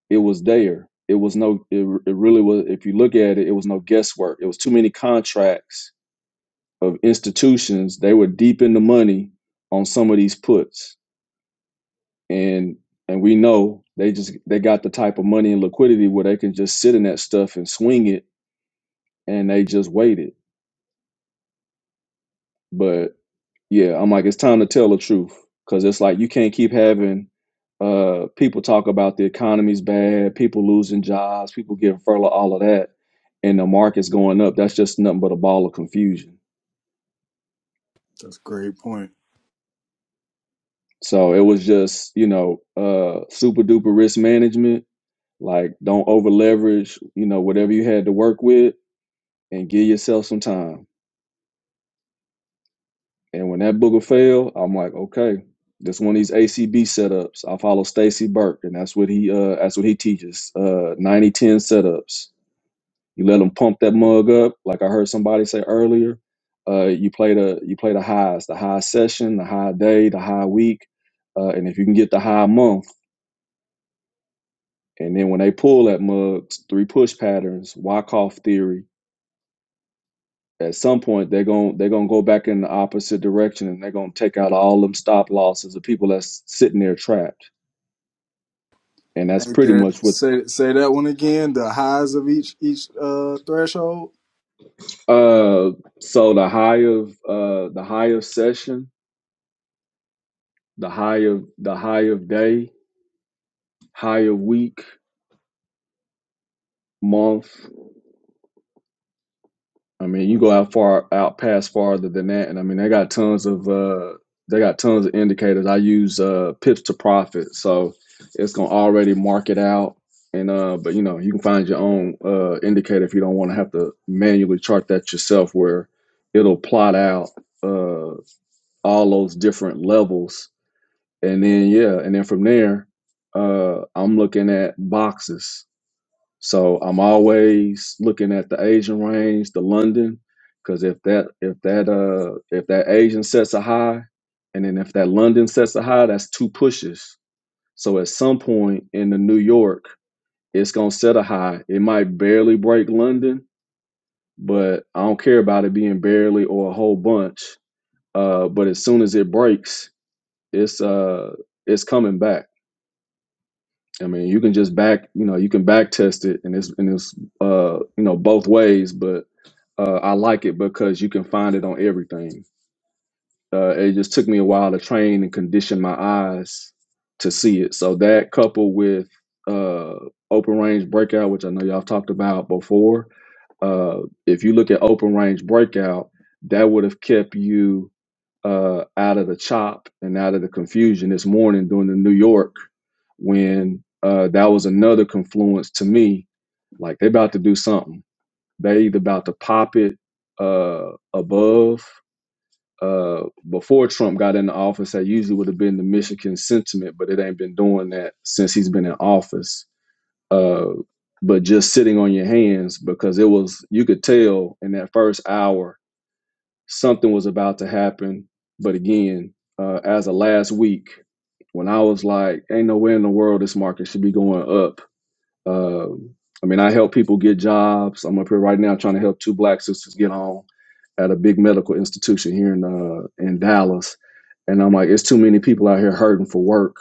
Speaker 5: it was there. It was no it, it really was if you look at it it was no guesswork. It was too many contracts of institutions they were deep in the money on some of these puts and and we know they just they got the type of money and liquidity where they can just sit in that stuff and swing it and they just waited but yeah i'm like it's time to tell the truth because it's like you can't keep having uh people talk about the economy's bad people losing jobs people getting furloughed all of that and the market's going up that's just nothing but a ball of confusion
Speaker 1: That's a great point.
Speaker 5: so it was just you know uh super duper risk management like don't over leverage you know whatever you had to work with and give yourself some time. And when that booger fell, I'm like, okay, this one of these ACB setups. I follow Stacy Burke, and that's what he uh that's what he teaches. Uh 90 ten setups. You let them pump that mug up, like I heard somebody say earlier. Uh you play the you play the highs, the high session, the high day, the high week. Uh, and if you can get the high month, and then when they pull that mug, three push patterns, Wyckoff theory, at some point they're going they're going to go back in the opposite direction and they're going to take out all them stop losses of people that's sitting there trapped and that's
Speaker 1: Hey
Speaker 5: pretty
Speaker 1: Jared,
Speaker 5: much what
Speaker 1: say say that one again. The highs of each each uh threshold.
Speaker 5: uh so the high of uh the high of session the high of the high of day high of week month I mean, you go out far out past farther than that, and I mean, they got tons of uh, they got tons of indicators. I use uh, pips to profit, so it's gonna already mark it out. And uh, but you know, you can find your own uh, indicator if you don't want to have to manually chart that yourself, where it'll plot out uh, all those different levels, and then yeah, and then from there, uh, I'm looking at boxes so I'm always looking at the Asian range, the London, because if that if that uh if that Asian sets a high, and then if that London sets a high, that's two pushes. So at some point in the New York, it's gonna set a high. It might barely break London, but I don't care about it being barely or a whole bunch. Uh, but as soon as it breaks, it's uh it's coming back. I mean, you can just back, you know, you can back test it, and it's and it's uh, you know both ways. But uh, I like it because you can find it on everything. Uh, it just took me a while to train and condition my eyes to see it. So that coupled with uh, open range breakout, which I know y'all talked about before, uh, if you look at open range breakout, that would have kept you uh, out of the chop and out of the confusion this morning during the New York when uh, that was another confluence to me. Like they about to do something. They either about to pop it uh, above. Uh, before Trump got into office, that usually would have been the Michigan sentiment, but it ain't been doing that since he's been in office. Uh, but just sitting on your hands because it was you could tell in that first hour something was about to happen. But again, uh, as of last week, when I was like, ain't no way in the world this market should be going up. Um, I mean, I help people get jobs. I'm up here right now trying to help two black sisters get on at a big medical institution here in uh, in Dallas. And I'm like, it's too many people out here hurting for work.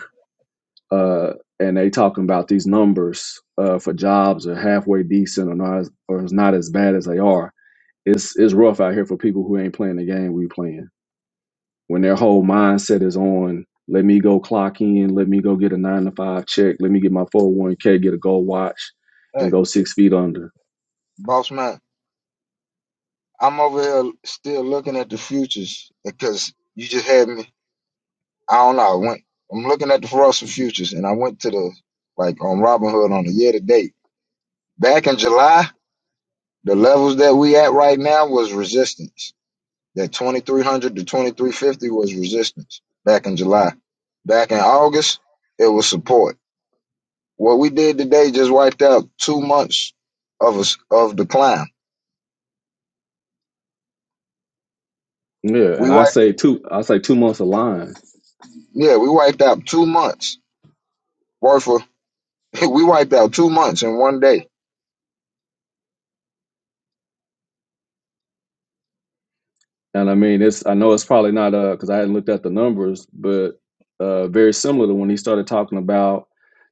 Speaker 5: Uh, and they talking about these numbers uh, for jobs are halfway decent or not, as- or it's not as bad as they are. It's it's rough out here for people who ain't playing the game we playing when their whole mindset is on let me go clock in let me go get a nine to five check let me get my 401k get a gold watch and
Speaker 2: Hey,
Speaker 5: go six feet under
Speaker 2: boss man, I'm over here still looking at the futures because you just had me. I don't know. I went. I'm looking at the Russell futures, and I went to the like on Robinhood on the year to date. Back in July, the levels that we at right now was resistance That 2300 to 2350 was resistance back in July. Back in August, it was support. What we did today just wiped out two months of us of the climb.
Speaker 5: yeah
Speaker 2: We
Speaker 5: and i
Speaker 2: wiped,
Speaker 5: say two i say two months of line
Speaker 2: yeah, we wiped out two months worth of. We wiped out two months in one day.
Speaker 5: and i mean it's i know it's probably not uh because i hadn't looked at the numbers but uh very similar to when he started talking about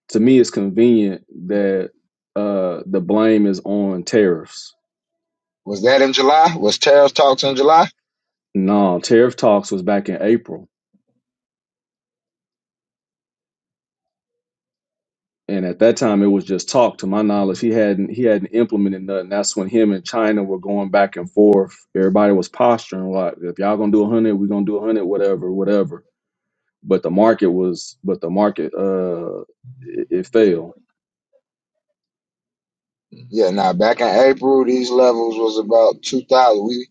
Speaker 5: to me it's convenient that uh the blame is on tariffs
Speaker 2: Was that in July? Was tariff talks in July?
Speaker 5: no tariff talks was back in april and at that time it was just talk to my knowledge he hadn't he hadn't implemented nothing that's when him and china were going back and forth everybody was posturing like if y'all gonna do 100 we gonna do 100 whatever whatever but the market was but the market uh it, it failed
Speaker 2: Yeah, now back in April, these levels was about two thousand. We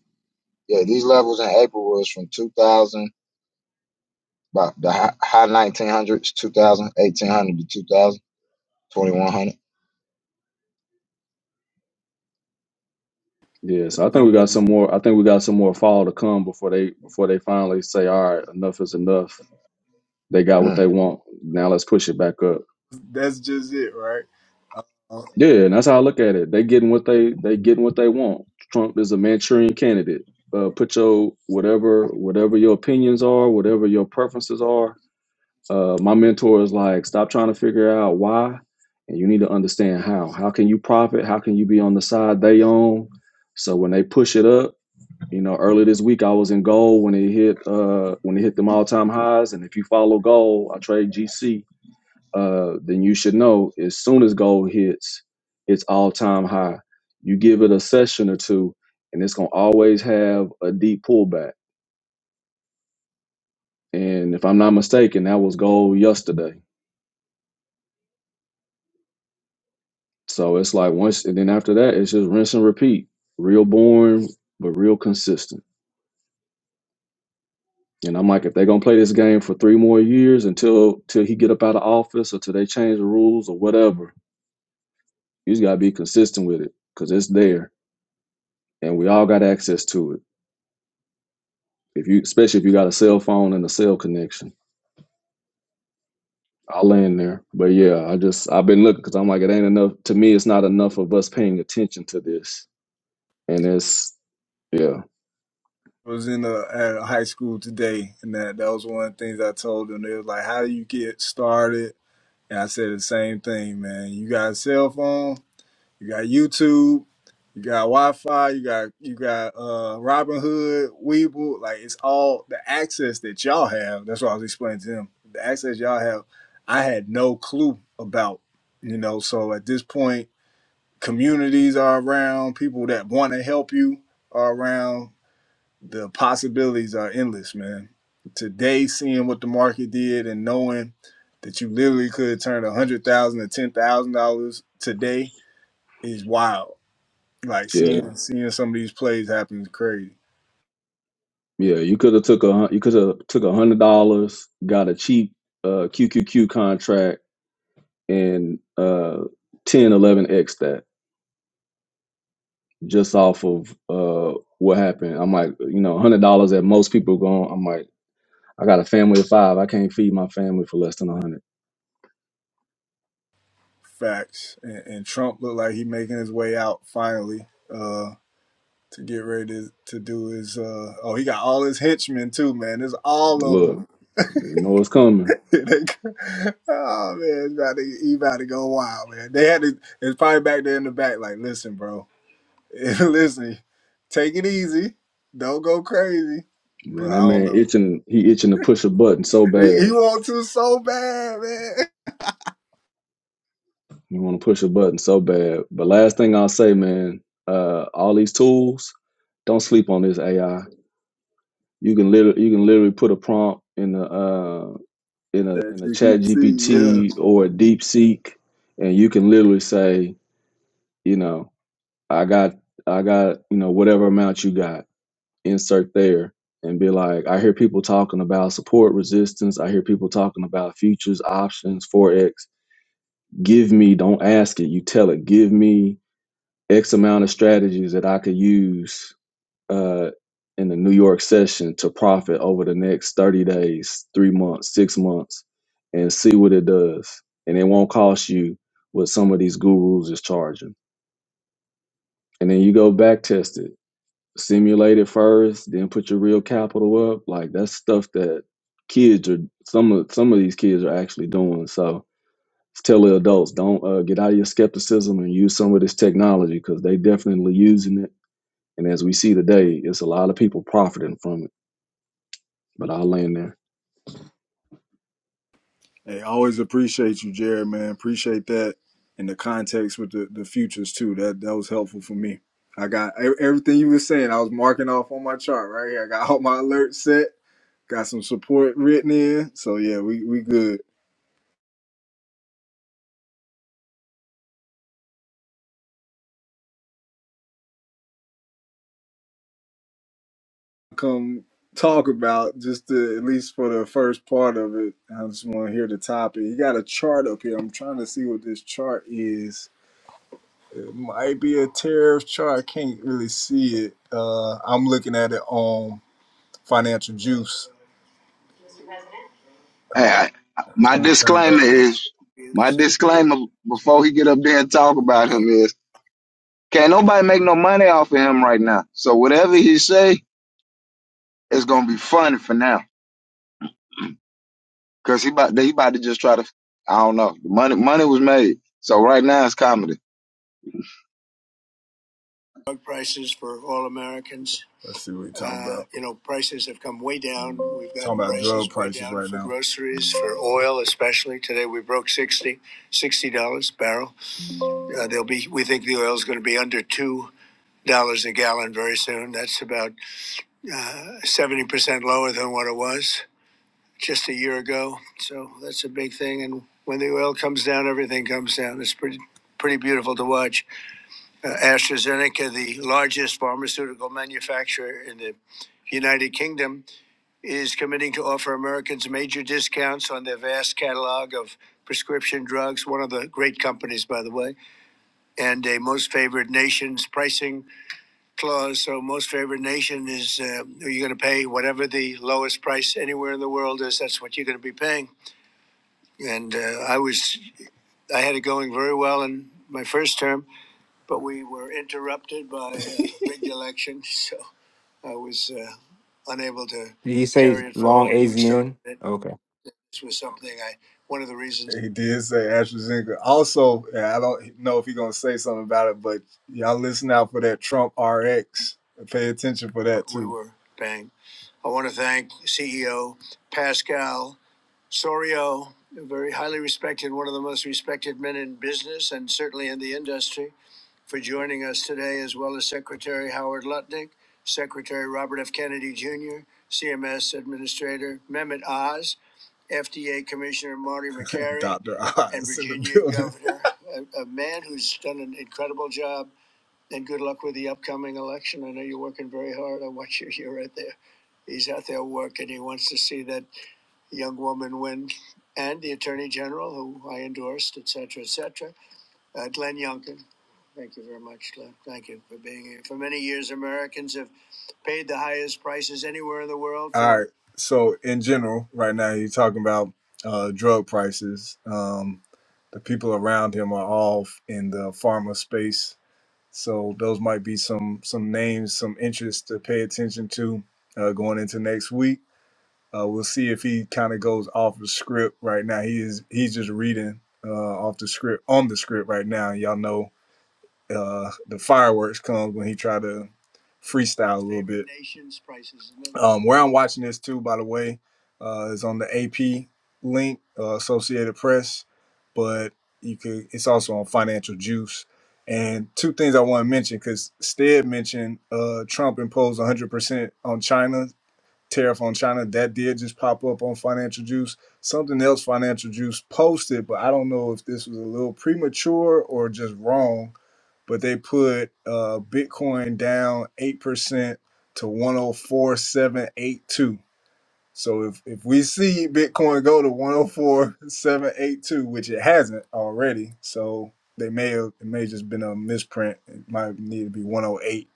Speaker 2: yeah, these levels in April was from two thousand, about the hi- high nineteen hundreds, 2000 1800 to two thousand. 2100.
Speaker 5: yeah so i think we got
Speaker 1: Um,
Speaker 5: some more i think we got some more fall to come before they before they finally say all right enough is enough they got what
Speaker 2: Mm.
Speaker 5: they want now let's push it back up
Speaker 1: That's just it, right? Uh,
Speaker 5: Yeah, and that's how I look at it. They getting what they they getting what they want. Trump is a Manchurian candidate. Uh, put your whatever whatever your opinions are, whatever your preferences are. Uh, my mentor is like, stop trying to figure out why, and you need to understand how. How can you profit? How can you be on the side they own? So when they push it up, you know, early this week I was in gold when it hit uh when it hit them all time highs. And if you follow gold, I trade GC uh, then you should know as soon as gold hits its all time high, you give it a session or two, and it's gonna always have a deep pullback. And if I'm not mistaken, that was gold yesterday. So it's like once, and then after that, it's just rinse and repeat. Real boring, but real consistent. And I'm like, if they're gonna play this game for three more years until till he get up out of office or till they change the rules or whatever, you just gotta be consistent with it because it's there and we all got access to it. If you, especially if you got a cell phone and a cell connection, I'll land there. But yeah, I just I've been looking because I'm like it ain't enough. To me, it's not enough of us paying attention to this, and it's yeah,
Speaker 1: I was in a, at a high school today, and that that was one of the things I told them. They was like, "How do you get started?" And I said the same thing, man. You got a cell phone, you got YouTube, you got Wi-Fi, you got you got uh, Robinhood, Weeble. Like it's all the access that y'all have. That's what I was explaining to them. The access y'all have, I had no clue about. You know, so at this point, communities are around, people that want to help you are around the possibilities are endless, man. Today, seeing what the market did and knowing that you literally could turn a hundred thousand to ten thousand dollars today is wild. Like
Speaker 5: yeah,
Speaker 1: seeing seeing some of these plays happen is crazy.
Speaker 5: yeah. You could have took a hun- you could have took a hundred dollars, got a cheap uh, QQQ contract, and uh, 10, eleven x that just off of uh, what happened. I'm like, you know, hundred dollars that most people going. I'm like. I got a family of five. I can't feed my family for less than a hundred.
Speaker 1: Facts. And, and Trump looked like he making his way out finally uh, to get ready to, to do his. Uh, oh, he got all his henchmen too, man. There's all of them.
Speaker 5: Look, you know it's coming.
Speaker 1: Like, oh man, it's about to, he about to go wild, man. They had to. It's probably back there in the back. Like, listen, bro, listen, take it easy. Don't go crazy. But
Speaker 5: Man, that
Speaker 1: I don't
Speaker 5: man
Speaker 1: know.
Speaker 5: itching. He itching to push a button so
Speaker 1: He,
Speaker 5: bad.
Speaker 1: he wants to so bad, man.
Speaker 5: You want to push a button so bad. But last thing I'll say, man, uh, all these tools. Don't sleep on this AI. You can literally, you can literally put a prompt in a uh, in a
Speaker 1: That
Speaker 5: in a
Speaker 1: you
Speaker 5: Chat
Speaker 1: can see, yeah.
Speaker 5: GPT or a DeepSeek, and you can literally say, you know, I got I got, you know, whatever amount you got, insert there and be like, I hear people talking about support resistance. I hear people talking about futures, options, forex. Give me, don't ask it, you tell it, give me X amount of strategies that I could use uh in the New York session to profit over the next 30 days, three months, six months, and see what it does. And it won't cost you what some of these gurus is charging. And then you go back test it simulate it first, then put your real capital up. Like that's stuff that kids are some of some of these kids are actually doing. So tell the adults don't uh, get out of your skepticism and use some of this technology because they definitely using it. And as we see today, it's a lot of people profiting from it. But I'll land there.
Speaker 1: Hey, always appreciate you, Jared, man. Appreciate that in the context with the, the futures too. That that was helpful for me. I got e- everything you were saying. I was marking off on my chart right here. I got all my alerts set. Got some support written in. So yeah, we we good. Come talk about just the, at least for the first part of it. I just want to hear the topic. You got a chart up here. I'm trying to see what this chart is. It might be a tariff chart. I can't really see it. Uh, I'm looking at it on financial juice.
Speaker 2: Hey,
Speaker 1: Hold on.
Speaker 2: I, my
Speaker 1: I'm gonna
Speaker 2: disclaimer
Speaker 1: turn
Speaker 2: is my
Speaker 1: it up.
Speaker 2: disclaimer before he get up there and talk about him is can't nobody make no money off of him right now. So whatever he say, it's gonna be funny for now because he about he about to just try to I don't know. The money money was made, so right now it's comedy.
Speaker 1: drug prices for all Americans. Let's see what we talking Uh, about. you know, prices have come way down. We've got Talking prices about drug prices down right for now. groceries, for oil especially. Today we broke 60 sixty dollars a barrel. Uh, they'll be. We think the oil is going to be under two dollars a gallon very soon. That's about seventy uh, percent lower than what it was just a year ago. So that's a big thing. And when the oil comes down, everything comes down. It's pretty pretty beautiful to watch. Uh, AstraZeneca, the largest pharmaceutical manufacturer in the United Kingdom, is committing to offer Americans major discounts on their vast catalog of prescription drugs, one of the great companies, by the way, and a most favored nation's pricing clause. So, most favored nation is uh, you're going to pay whatever the lowest price anywhere in the world is, that's what you're going to be paying. And uh, I was, I had it going very well in my first term but we were interrupted by a big election, so I was uh, unable to
Speaker 3: Did he say
Speaker 1: carry it
Speaker 3: long
Speaker 1: forward. We started
Speaker 3: AZN?
Speaker 1: it.
Speaker 3: Okay,
Speaker 1: This was something I, one of the reasons. He did say AstraZeneca. Also, and I don't know if he's gonna say something about it, but y'all listen out for that Trump RX. Pay attention for that too. we were paying. I want to thank CEO Pascal Sorio, a very highly respected, one of the most respected men in business and certainly in the industry for joining us today, as well as Secretary Howard Lutnick, Secretary Robert F. Kennedy Jr., CMS Administrator Mehmet Oz, FDA Commissioner Marty McCary, Dr. Oz and in the Virginia building. Governor, a, a man who's done an incredible job. And good luck with the upcoming election. I know you're working very hard. I watch you here right there. He's out there working. He wants to see that young woman win and the Attorney General, who I endorsed, etc., etc. Uh, Glenn Youngkin, thank you very much, Glenn. Thank you for being here. For many years, Americans have paid the highest prices anywhere in the world for. All right. So in general, right now you're talking about uh, drug prices. Um, the people around him are all in the pharma space, so those might be some some names, some interests to pay attention to uh, going into next week. Uh, we'll see if he kind of goes off the script right now. He is he's just reading uh, off the script on the script right now. Y'all know uh, the fireworks comes when he tried to freestyle a little bit. Um, where I'm watching this too, by the way, uh, is on the AP link, uh, Associated Press, but you could. It's also on Financial Juice. And two things I want to mention because Stead mentioned uh, Trump imposed 100% on China tariff on China. That did just pop up on Financial Juice. Something else Financial Juice posted, but I don't know if this was a little premature or just wrong but they put uh, Bitcoin down eight percent to one hundred four seven eight two. So if if we see Bitcoin go to one hundred four seven eight two, which it hasn't already, so they may have it may have just been a misprint. It might need to be one hundred eight.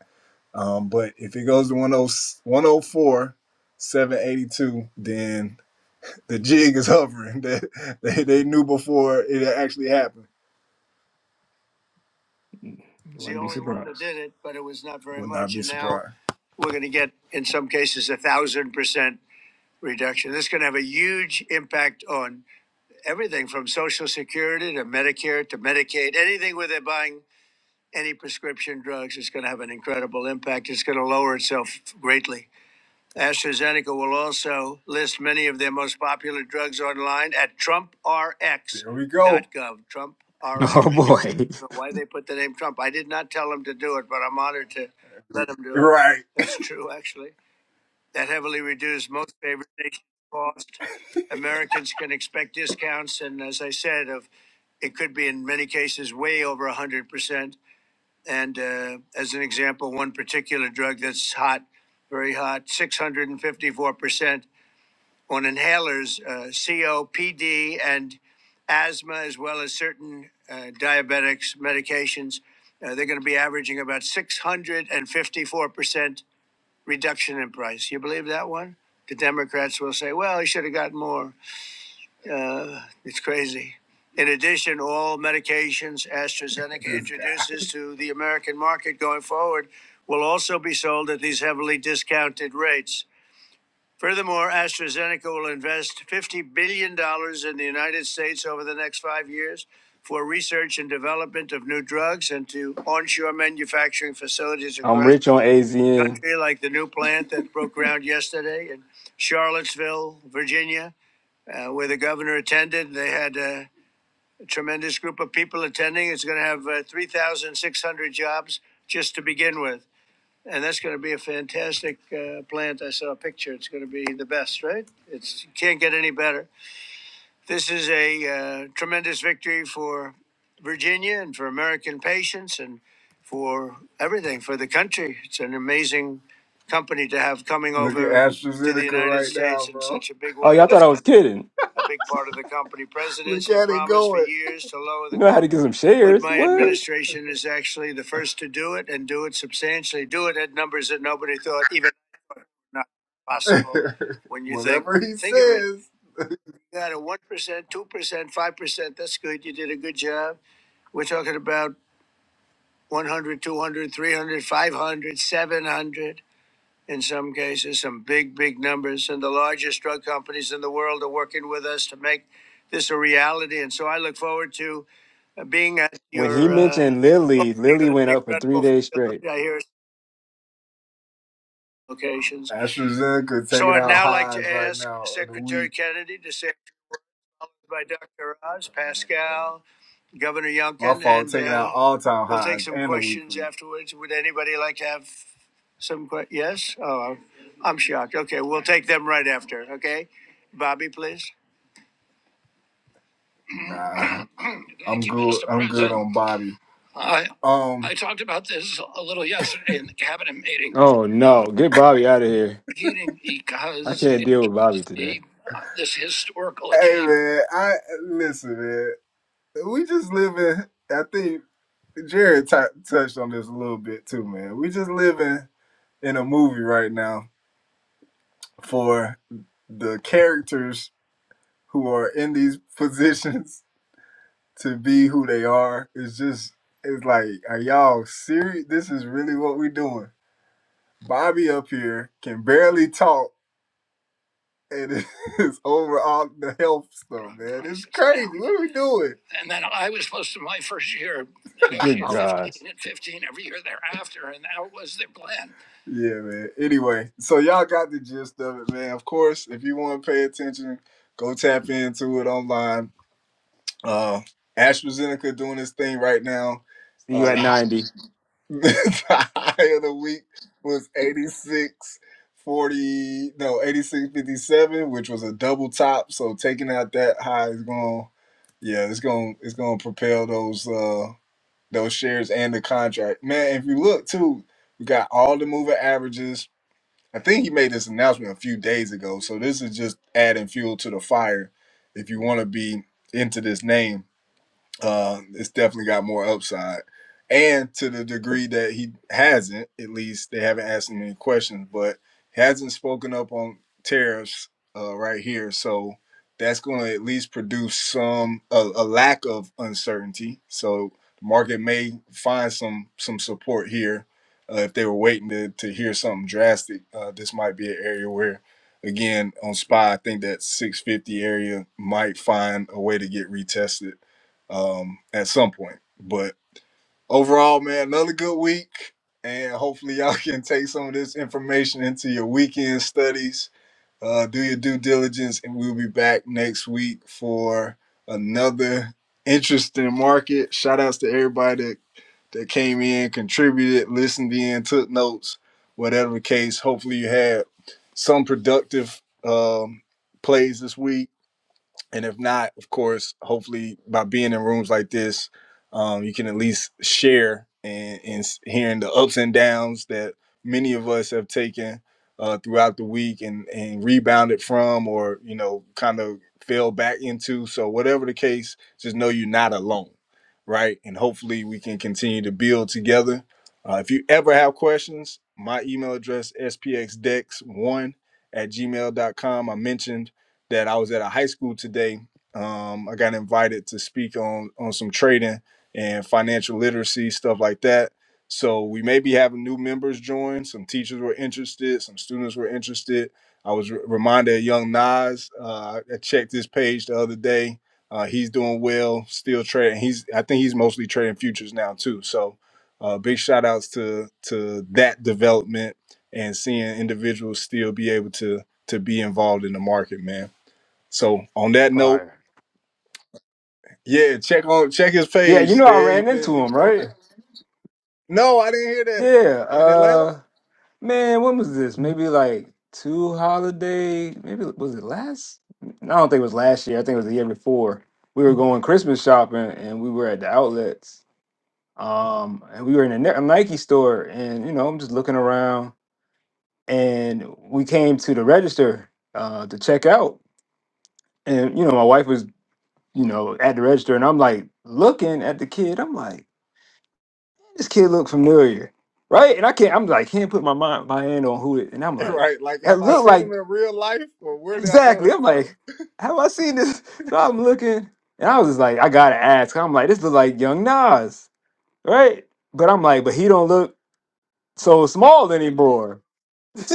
Speaker 1: Um, but if it goes to 10 104 782, then the jig is hovering. That they, they knew before it actually happened. was the
Speaker 3: wouldn't be
Speaker 1: only one that
Speaker 3: surprised.
Speaker 1: did it, but it was not very Would much. be And now we're going to get, in some cases, a thousand percent reduction. This is going to have a huge impact on everything from Social Security to Medicare to Medicaid, anything where they're buying any prescription drugs. It's going to have an incredible impact. It's going to lower itself greatly. AstraZeneca will also list many of their most popular drugs online at TrumpRx.gov. Here we go. Trump R X
Speaker 3: Oh boy.
Speaker 1: know why they put the name Trump. I did not tell them to do it, but I'm honored to let them do it. Right. That's true, actually. That heavily reduced most favored nation cost. Americans can expect discounts, and as I said, of it could be in many cases way over one hundred percent. And uh, as an example, one particular drug that's hot, very hot, six hundred and fifty-four percent on inhalers, uh, COPD, and asthma, as well as certain uh, diabetics medications. Uh, they're going to be averaging about 654% reduction in price. You believe that one? The Democrats will say, well, he should have got more. Uh, it's crazy. In addition, all medications AstraZeneca introduces to the American market going forward will also be sold at these heavily discounted rates. Furthermore, AstraZeneca will invest $50 billion dollars in the United States over the next five years for research and development of new drugs and to onshore manufacturing facilities
Speaker 3: I'm
Speaker 1: across
Speaker 3: rich on
Speaker 1: the
Speaker 3: AZN.
Speaker 1: country, like the new plant that broke ground yesterday in Charlottesville, Virginia, uh, where the governor attended. They had a tremendous group of people attending. It's going to have uh, 3,600 jobs just to begin with and that's going to be a fantastic uh, plant. I saw a picture. It's going to be the best, right? It's you can't get any better. This is a uh, tremendous victory for Virginia and for American patients and for everything for the country. It's an amazing company to have coming Look at over to the AstraZeneca United right now, States in bro. such a big
Speaker 3: Oh,
Speaker 1: way.
Speaker 3: y'all thought
Speaker 1: That's
Speaker 3: I was kidding.
Speaker 1: a big part of the company. Look Presidents have at it promised for going. years to lower
Speaker 3: You
Speaker 1: the
Speaker 3: know how
Speaker 1: cost.
Speaker 3: to get some
Speaker 1: But
Speaker 3: shares.
Speaker 1: my
Speaker 3: What?
Speaker 1: administration is actually the first to do it and do it substantially, do it at numbers that nobody thought even not possible when you think Whatever think, he think says. of it. says. You got a one percent, two percent, five percent. That's good. You did a good job. We're talking about 100, 200, 300, 500, seven hundred. in some cases, some big, big numbers. And the largest drug companies in the world are working with us to make this a reality. And so I look forward to uh, being at
Speaker 3: When he
Speaker 1: your uh,
Speaker 3: mentioned Lily, Lily went up for three
Speaker 1: incredible
Speaker 3: days straight.
Speaker 1: facility. I hear it's locations. AstraZeneca So I'd now like to right ask Secretary Kennedy to say. by Dr. Oz, Pascal, Governor Younkin. My Yunkin, fault, and taking uh, out all time we'll take some questions afterwards. Would anybody like to have some questions? Yes? Oh, I'm shocked. Okay, we'll take them right after. Okay? Bobby, please. Nah, I'm good. I'm good on Bobby. I, Um, I talk heating
Speaker 3: Oh no, get Bobby out of here. I
Speaker 1: because
Speaker 3: can't
Speaker 1: it
Speaker 3: deal with Bobby
Speaker 1: shows
Speaker 3: today.
Speaker 1: the, this historical hey achievement. man, I listen, man. We just live in. I think Jared t- touched on this a little bit too, man. We just living. in a movie right now for the characters who are in these positions to be who they are. It's just it's like, are y'all serious? This is really what we are doing. Bobby up here can barely talk and it's over all the health stuff, man. It's crazy. What are we doing? And then I was supposed to my first year
Speaker 3: Good
Speaker 1: negotiate Oh.
Speaker 3: gosh.
Speaker 1: 15 and 15 every year thereafter, and that was their plan. Yeah, man. Anyway, so y'all got the gist of it, man. Of course, if you want to pay attention, go tap into it online. Uh AstraZeneca doing this thing right now.
Speaker 3: See you
Speaker 1: Uh,
Speaker 3: at
Speaker 1: the
Speaker 3: 90.
Speaker 1: the high of the week was 86 40 no 86 57 which was a double top so taking out that high is going yeah it's going it's going to propel those uh those shares and the contract man if you look too we got all the moving averages i think he made this announcement a few days ago so this is just adding fuel to the fire if you want to be into this name uh, it's definitely got more upside. And to the degree that he hasn't, at least they haven't asked him any questions, but he hasn't spoken up on tariffs uh, right here. So that's going to at least produce some a, a lack of uncertainty. So the market may find some some support here. Uh, if they were waiting to, to hear something drastic, uh, this might be an area where, again, on SPY, I think that 650 area might find a way to get retested um, at some point. But overall, man, another good week. And hopefully, y'all can take some of this information into your weekend studies. Uh, do your due diligence, and we'll be back next week for another interesting market. Shout outs to everybody that, that came in, contributed, listened in, took notes, whatever the case. Hopefully, you had some productive um, plays this week and if not of course hopefully by being in rooms like this um, you can at least share and, and s- hearing the ups and downs that many of us have taken uh, throughout the week and, and rebounded from or you know kind of fell back into so whatever the case just know you're not alone right and hopefully we can continue to build together uh, if you ever have questions my email address spxdex1 at gmail.com i mentioned that I was at a high school today. Um, I got invited to speak on on some trading and financial literacy stuff like that. So we may be having new members join. Some teachers were interested. Some students were interested. I was re- reminded of Young Nas. Uh, I checked his page the other day. Uh, he's doing well, still trading. He's I think he's mostly trading futures now too. So uh, big shout outs to to that development and seeing individuals still be able to to be involved in the market, man. So on that note,
Speaker 3: Fire.
Speaker 1: yeah, check on check his
Speaker 3: Yeah,
Speaker 1: page.
Speaker 3: you know I
Speaker 1: Stan. He
Speaker 3: ran
Speaker 1: been
Speaker 3: into
Speaker 1: he been
Speaker 3: him,
Speaker 1: on
Speaker 3: right?
Speaker 1: there. No, I didn't hear that
Speaker 3: Yeah.
Speaker 1: in Atlanta.
Speaker 3: uh, Man, when was this? Maybe like two holiday. Maybe was it last? I don't think it was last year. I think it was the year before. We were going Christmas shopping, and we were at the outlets. Um, and we were in a Ni- a Nike store, and you know, I'm just looking around, and we came to the register uh, to check out, and you know, my wife was you know at the register, and I'm like looking at the kid. I'm like, this kid look familiar, right? And I can't. I'm like, can't put my mind my hand on who it, and I'm like.
Speaker 1: Right? Like,
Speaker 3: That
Speaker 1: have I
Speaker 3: looked
Speaker 1: seen
Speaker 3: like
Speaker 1: him in real life, or where did I know
Speaker 3: Exactly.
Speaker 1: him
Speaker 3: I'm like,
Speaker 1: from?
Speaker 3: have I seen this? So I'm looking, and I was just like, I gotta ask. I'm like, this look like Young Nas, right? But I'm like, but he don't look so small anymore.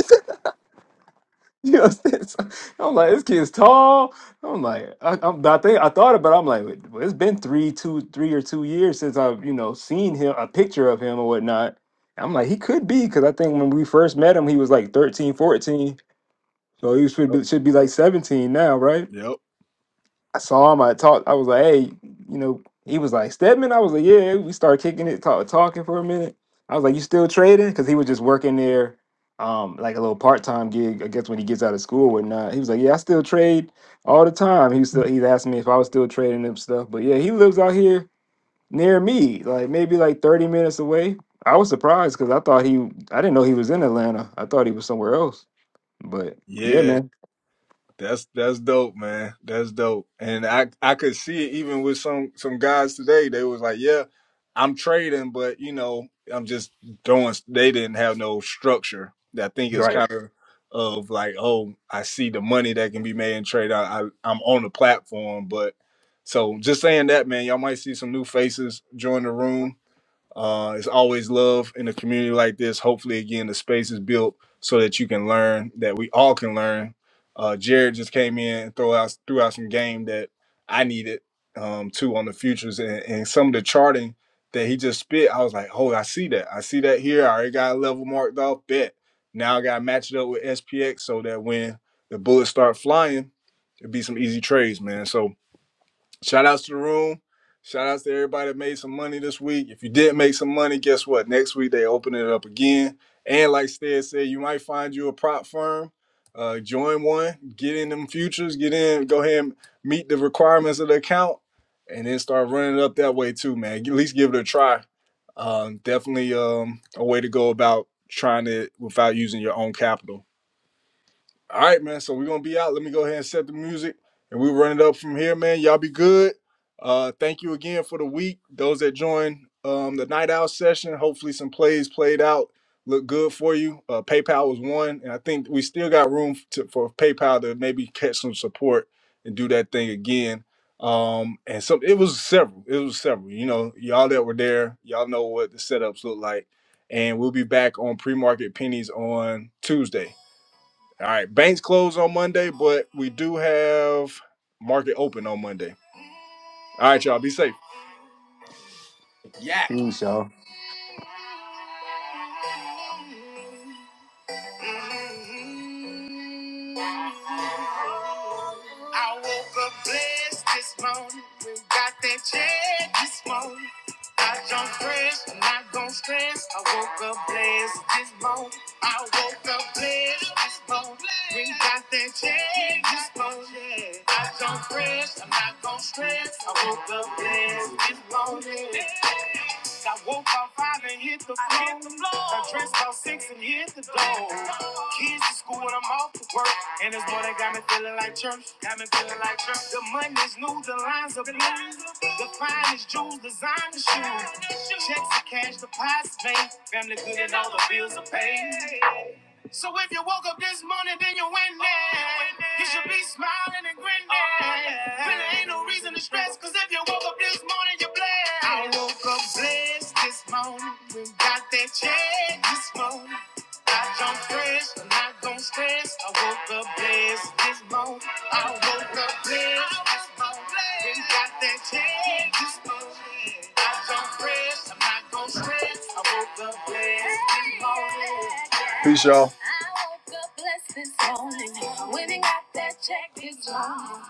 Speaker 3: you know what I'm saying? So I'm like, this kid's tall. I'm like, I, I'm, I think I thought about. It, I'm like, well, it's been three, two, three or two years since I've you know seen him a picture of him or whatnot. I'm like, he could be because I think when we first met him, he was like 13, 14. So he should
Speaker 1: Yep.
Speaker 3: be, should be like 17 now, right?
Speaker 1: Yep.
Speaker 3: I saw him. I talked. I was like, hey, you know, he was like Stedman. I was like, yeah. We started kicking it, talk, talking for a minute. I was like, you still trading? Because he was just working there, um, like a little part time gig. I guess when he gets out of school or whatnot. He was like, yeah, I still trade all the time. He was still. He's asking me if I was still trading them stuff. But yeah, he lives out here near me, like maybe like thirty minutes away. I was surprised because I thought he. I didn't know he was in Atlanta. I thought he was somewhere else. But yeah,
Speaker 1: Yeah.
Speaker 3: man.
Speaker 1: That's that's dope, man. That's dope. And I I could see it even with some some guys today. They was like, "Yeah, I'm trading, but you know, I'm just throwing." They didn't have no structure. I think it's
Speaker 3: Right.
Speaker 1: kind of of like, "Oh, I see the money that can be made in trade. I, I I'm on the platform." But so just saying that, man, y'all might see some new faces join the room uh, it's always love in a community like this. Hopefully, again, the space is built so that you can learn, that we all can learn. Uh, Jared just came in and throw out threw out some game that I needed um, too on the futures and, and some of the charting that he just spit. I was like, oh, I see that. I see that here. I already got a level marked off. Bet now I got to match it up with SPX so that when the bullets start flying, it'd be some easy trades, man. So Shout outs to the room. Shout outs to everybody that made some money this week. If you did make some money, guess what? Next week they open it up again. And like Stead said, you might find you a prop firm. Uh, join one, get in them futures, get in, go ahead and meet the requirements of the account, and then start running it up that way too, man. At least give it a try. Um, definitely um, a way to go about trying it without using your own capital. All right, man. So we're gonna be out. Let me go ahead and set the music, and we run it up from here, man. Y'all be good. Uh, thank you again for the week. Those that joined um, the night out session, hopefully some plays played out look good for you. Uh, PayPal was one, and I think we still got room to, for PayPal to maybe catch some support and do that thing again. Um, and some it was several. It was several. You know, y'all that were there, y'all know what the setups look like. And we'll be back on pre-market pennies on Tuesday. All right, banks close on Monday, but we do have market open on Monday. All right, y'all, be safe.
Speaker 3: Huge,
Speaker 1: Mm. I woke up blessed this morning. We got that check this morning. I don't stress, I'm not gon' stress. I woke up blessed this morning. I woke up blessed this morning. We got that check this morning. I don't stress, I'm not gon' stress. I woke up blessed this morning. I woke up five and hit the floor. the floor. I dressed up six and hit the door. Lord. Kids to school when I'm off to work. And this morning got me feeling like church. Got me feeling like church. The money's new, the lines are blue. The finest jewels, design the shoes. Checks and cash deposits made. Family good and all the bills are paid. So if you woke up this morning, then you went there. You should be smiling and grinning. Really ain't no reason to stress, cause if you woke up this morning, you're blessed. I woke up blessed this morning. got that check this morning. I jump fresh, I'm not gon' stress. I woke up blessed this morning. I woke up blessed. this morning. Then got that check this morning. I jump fresh, I'm not gon' stress. I woke up blessed this morning. Peace, y'all. I woke up blessed this morning. When I got that check this morning.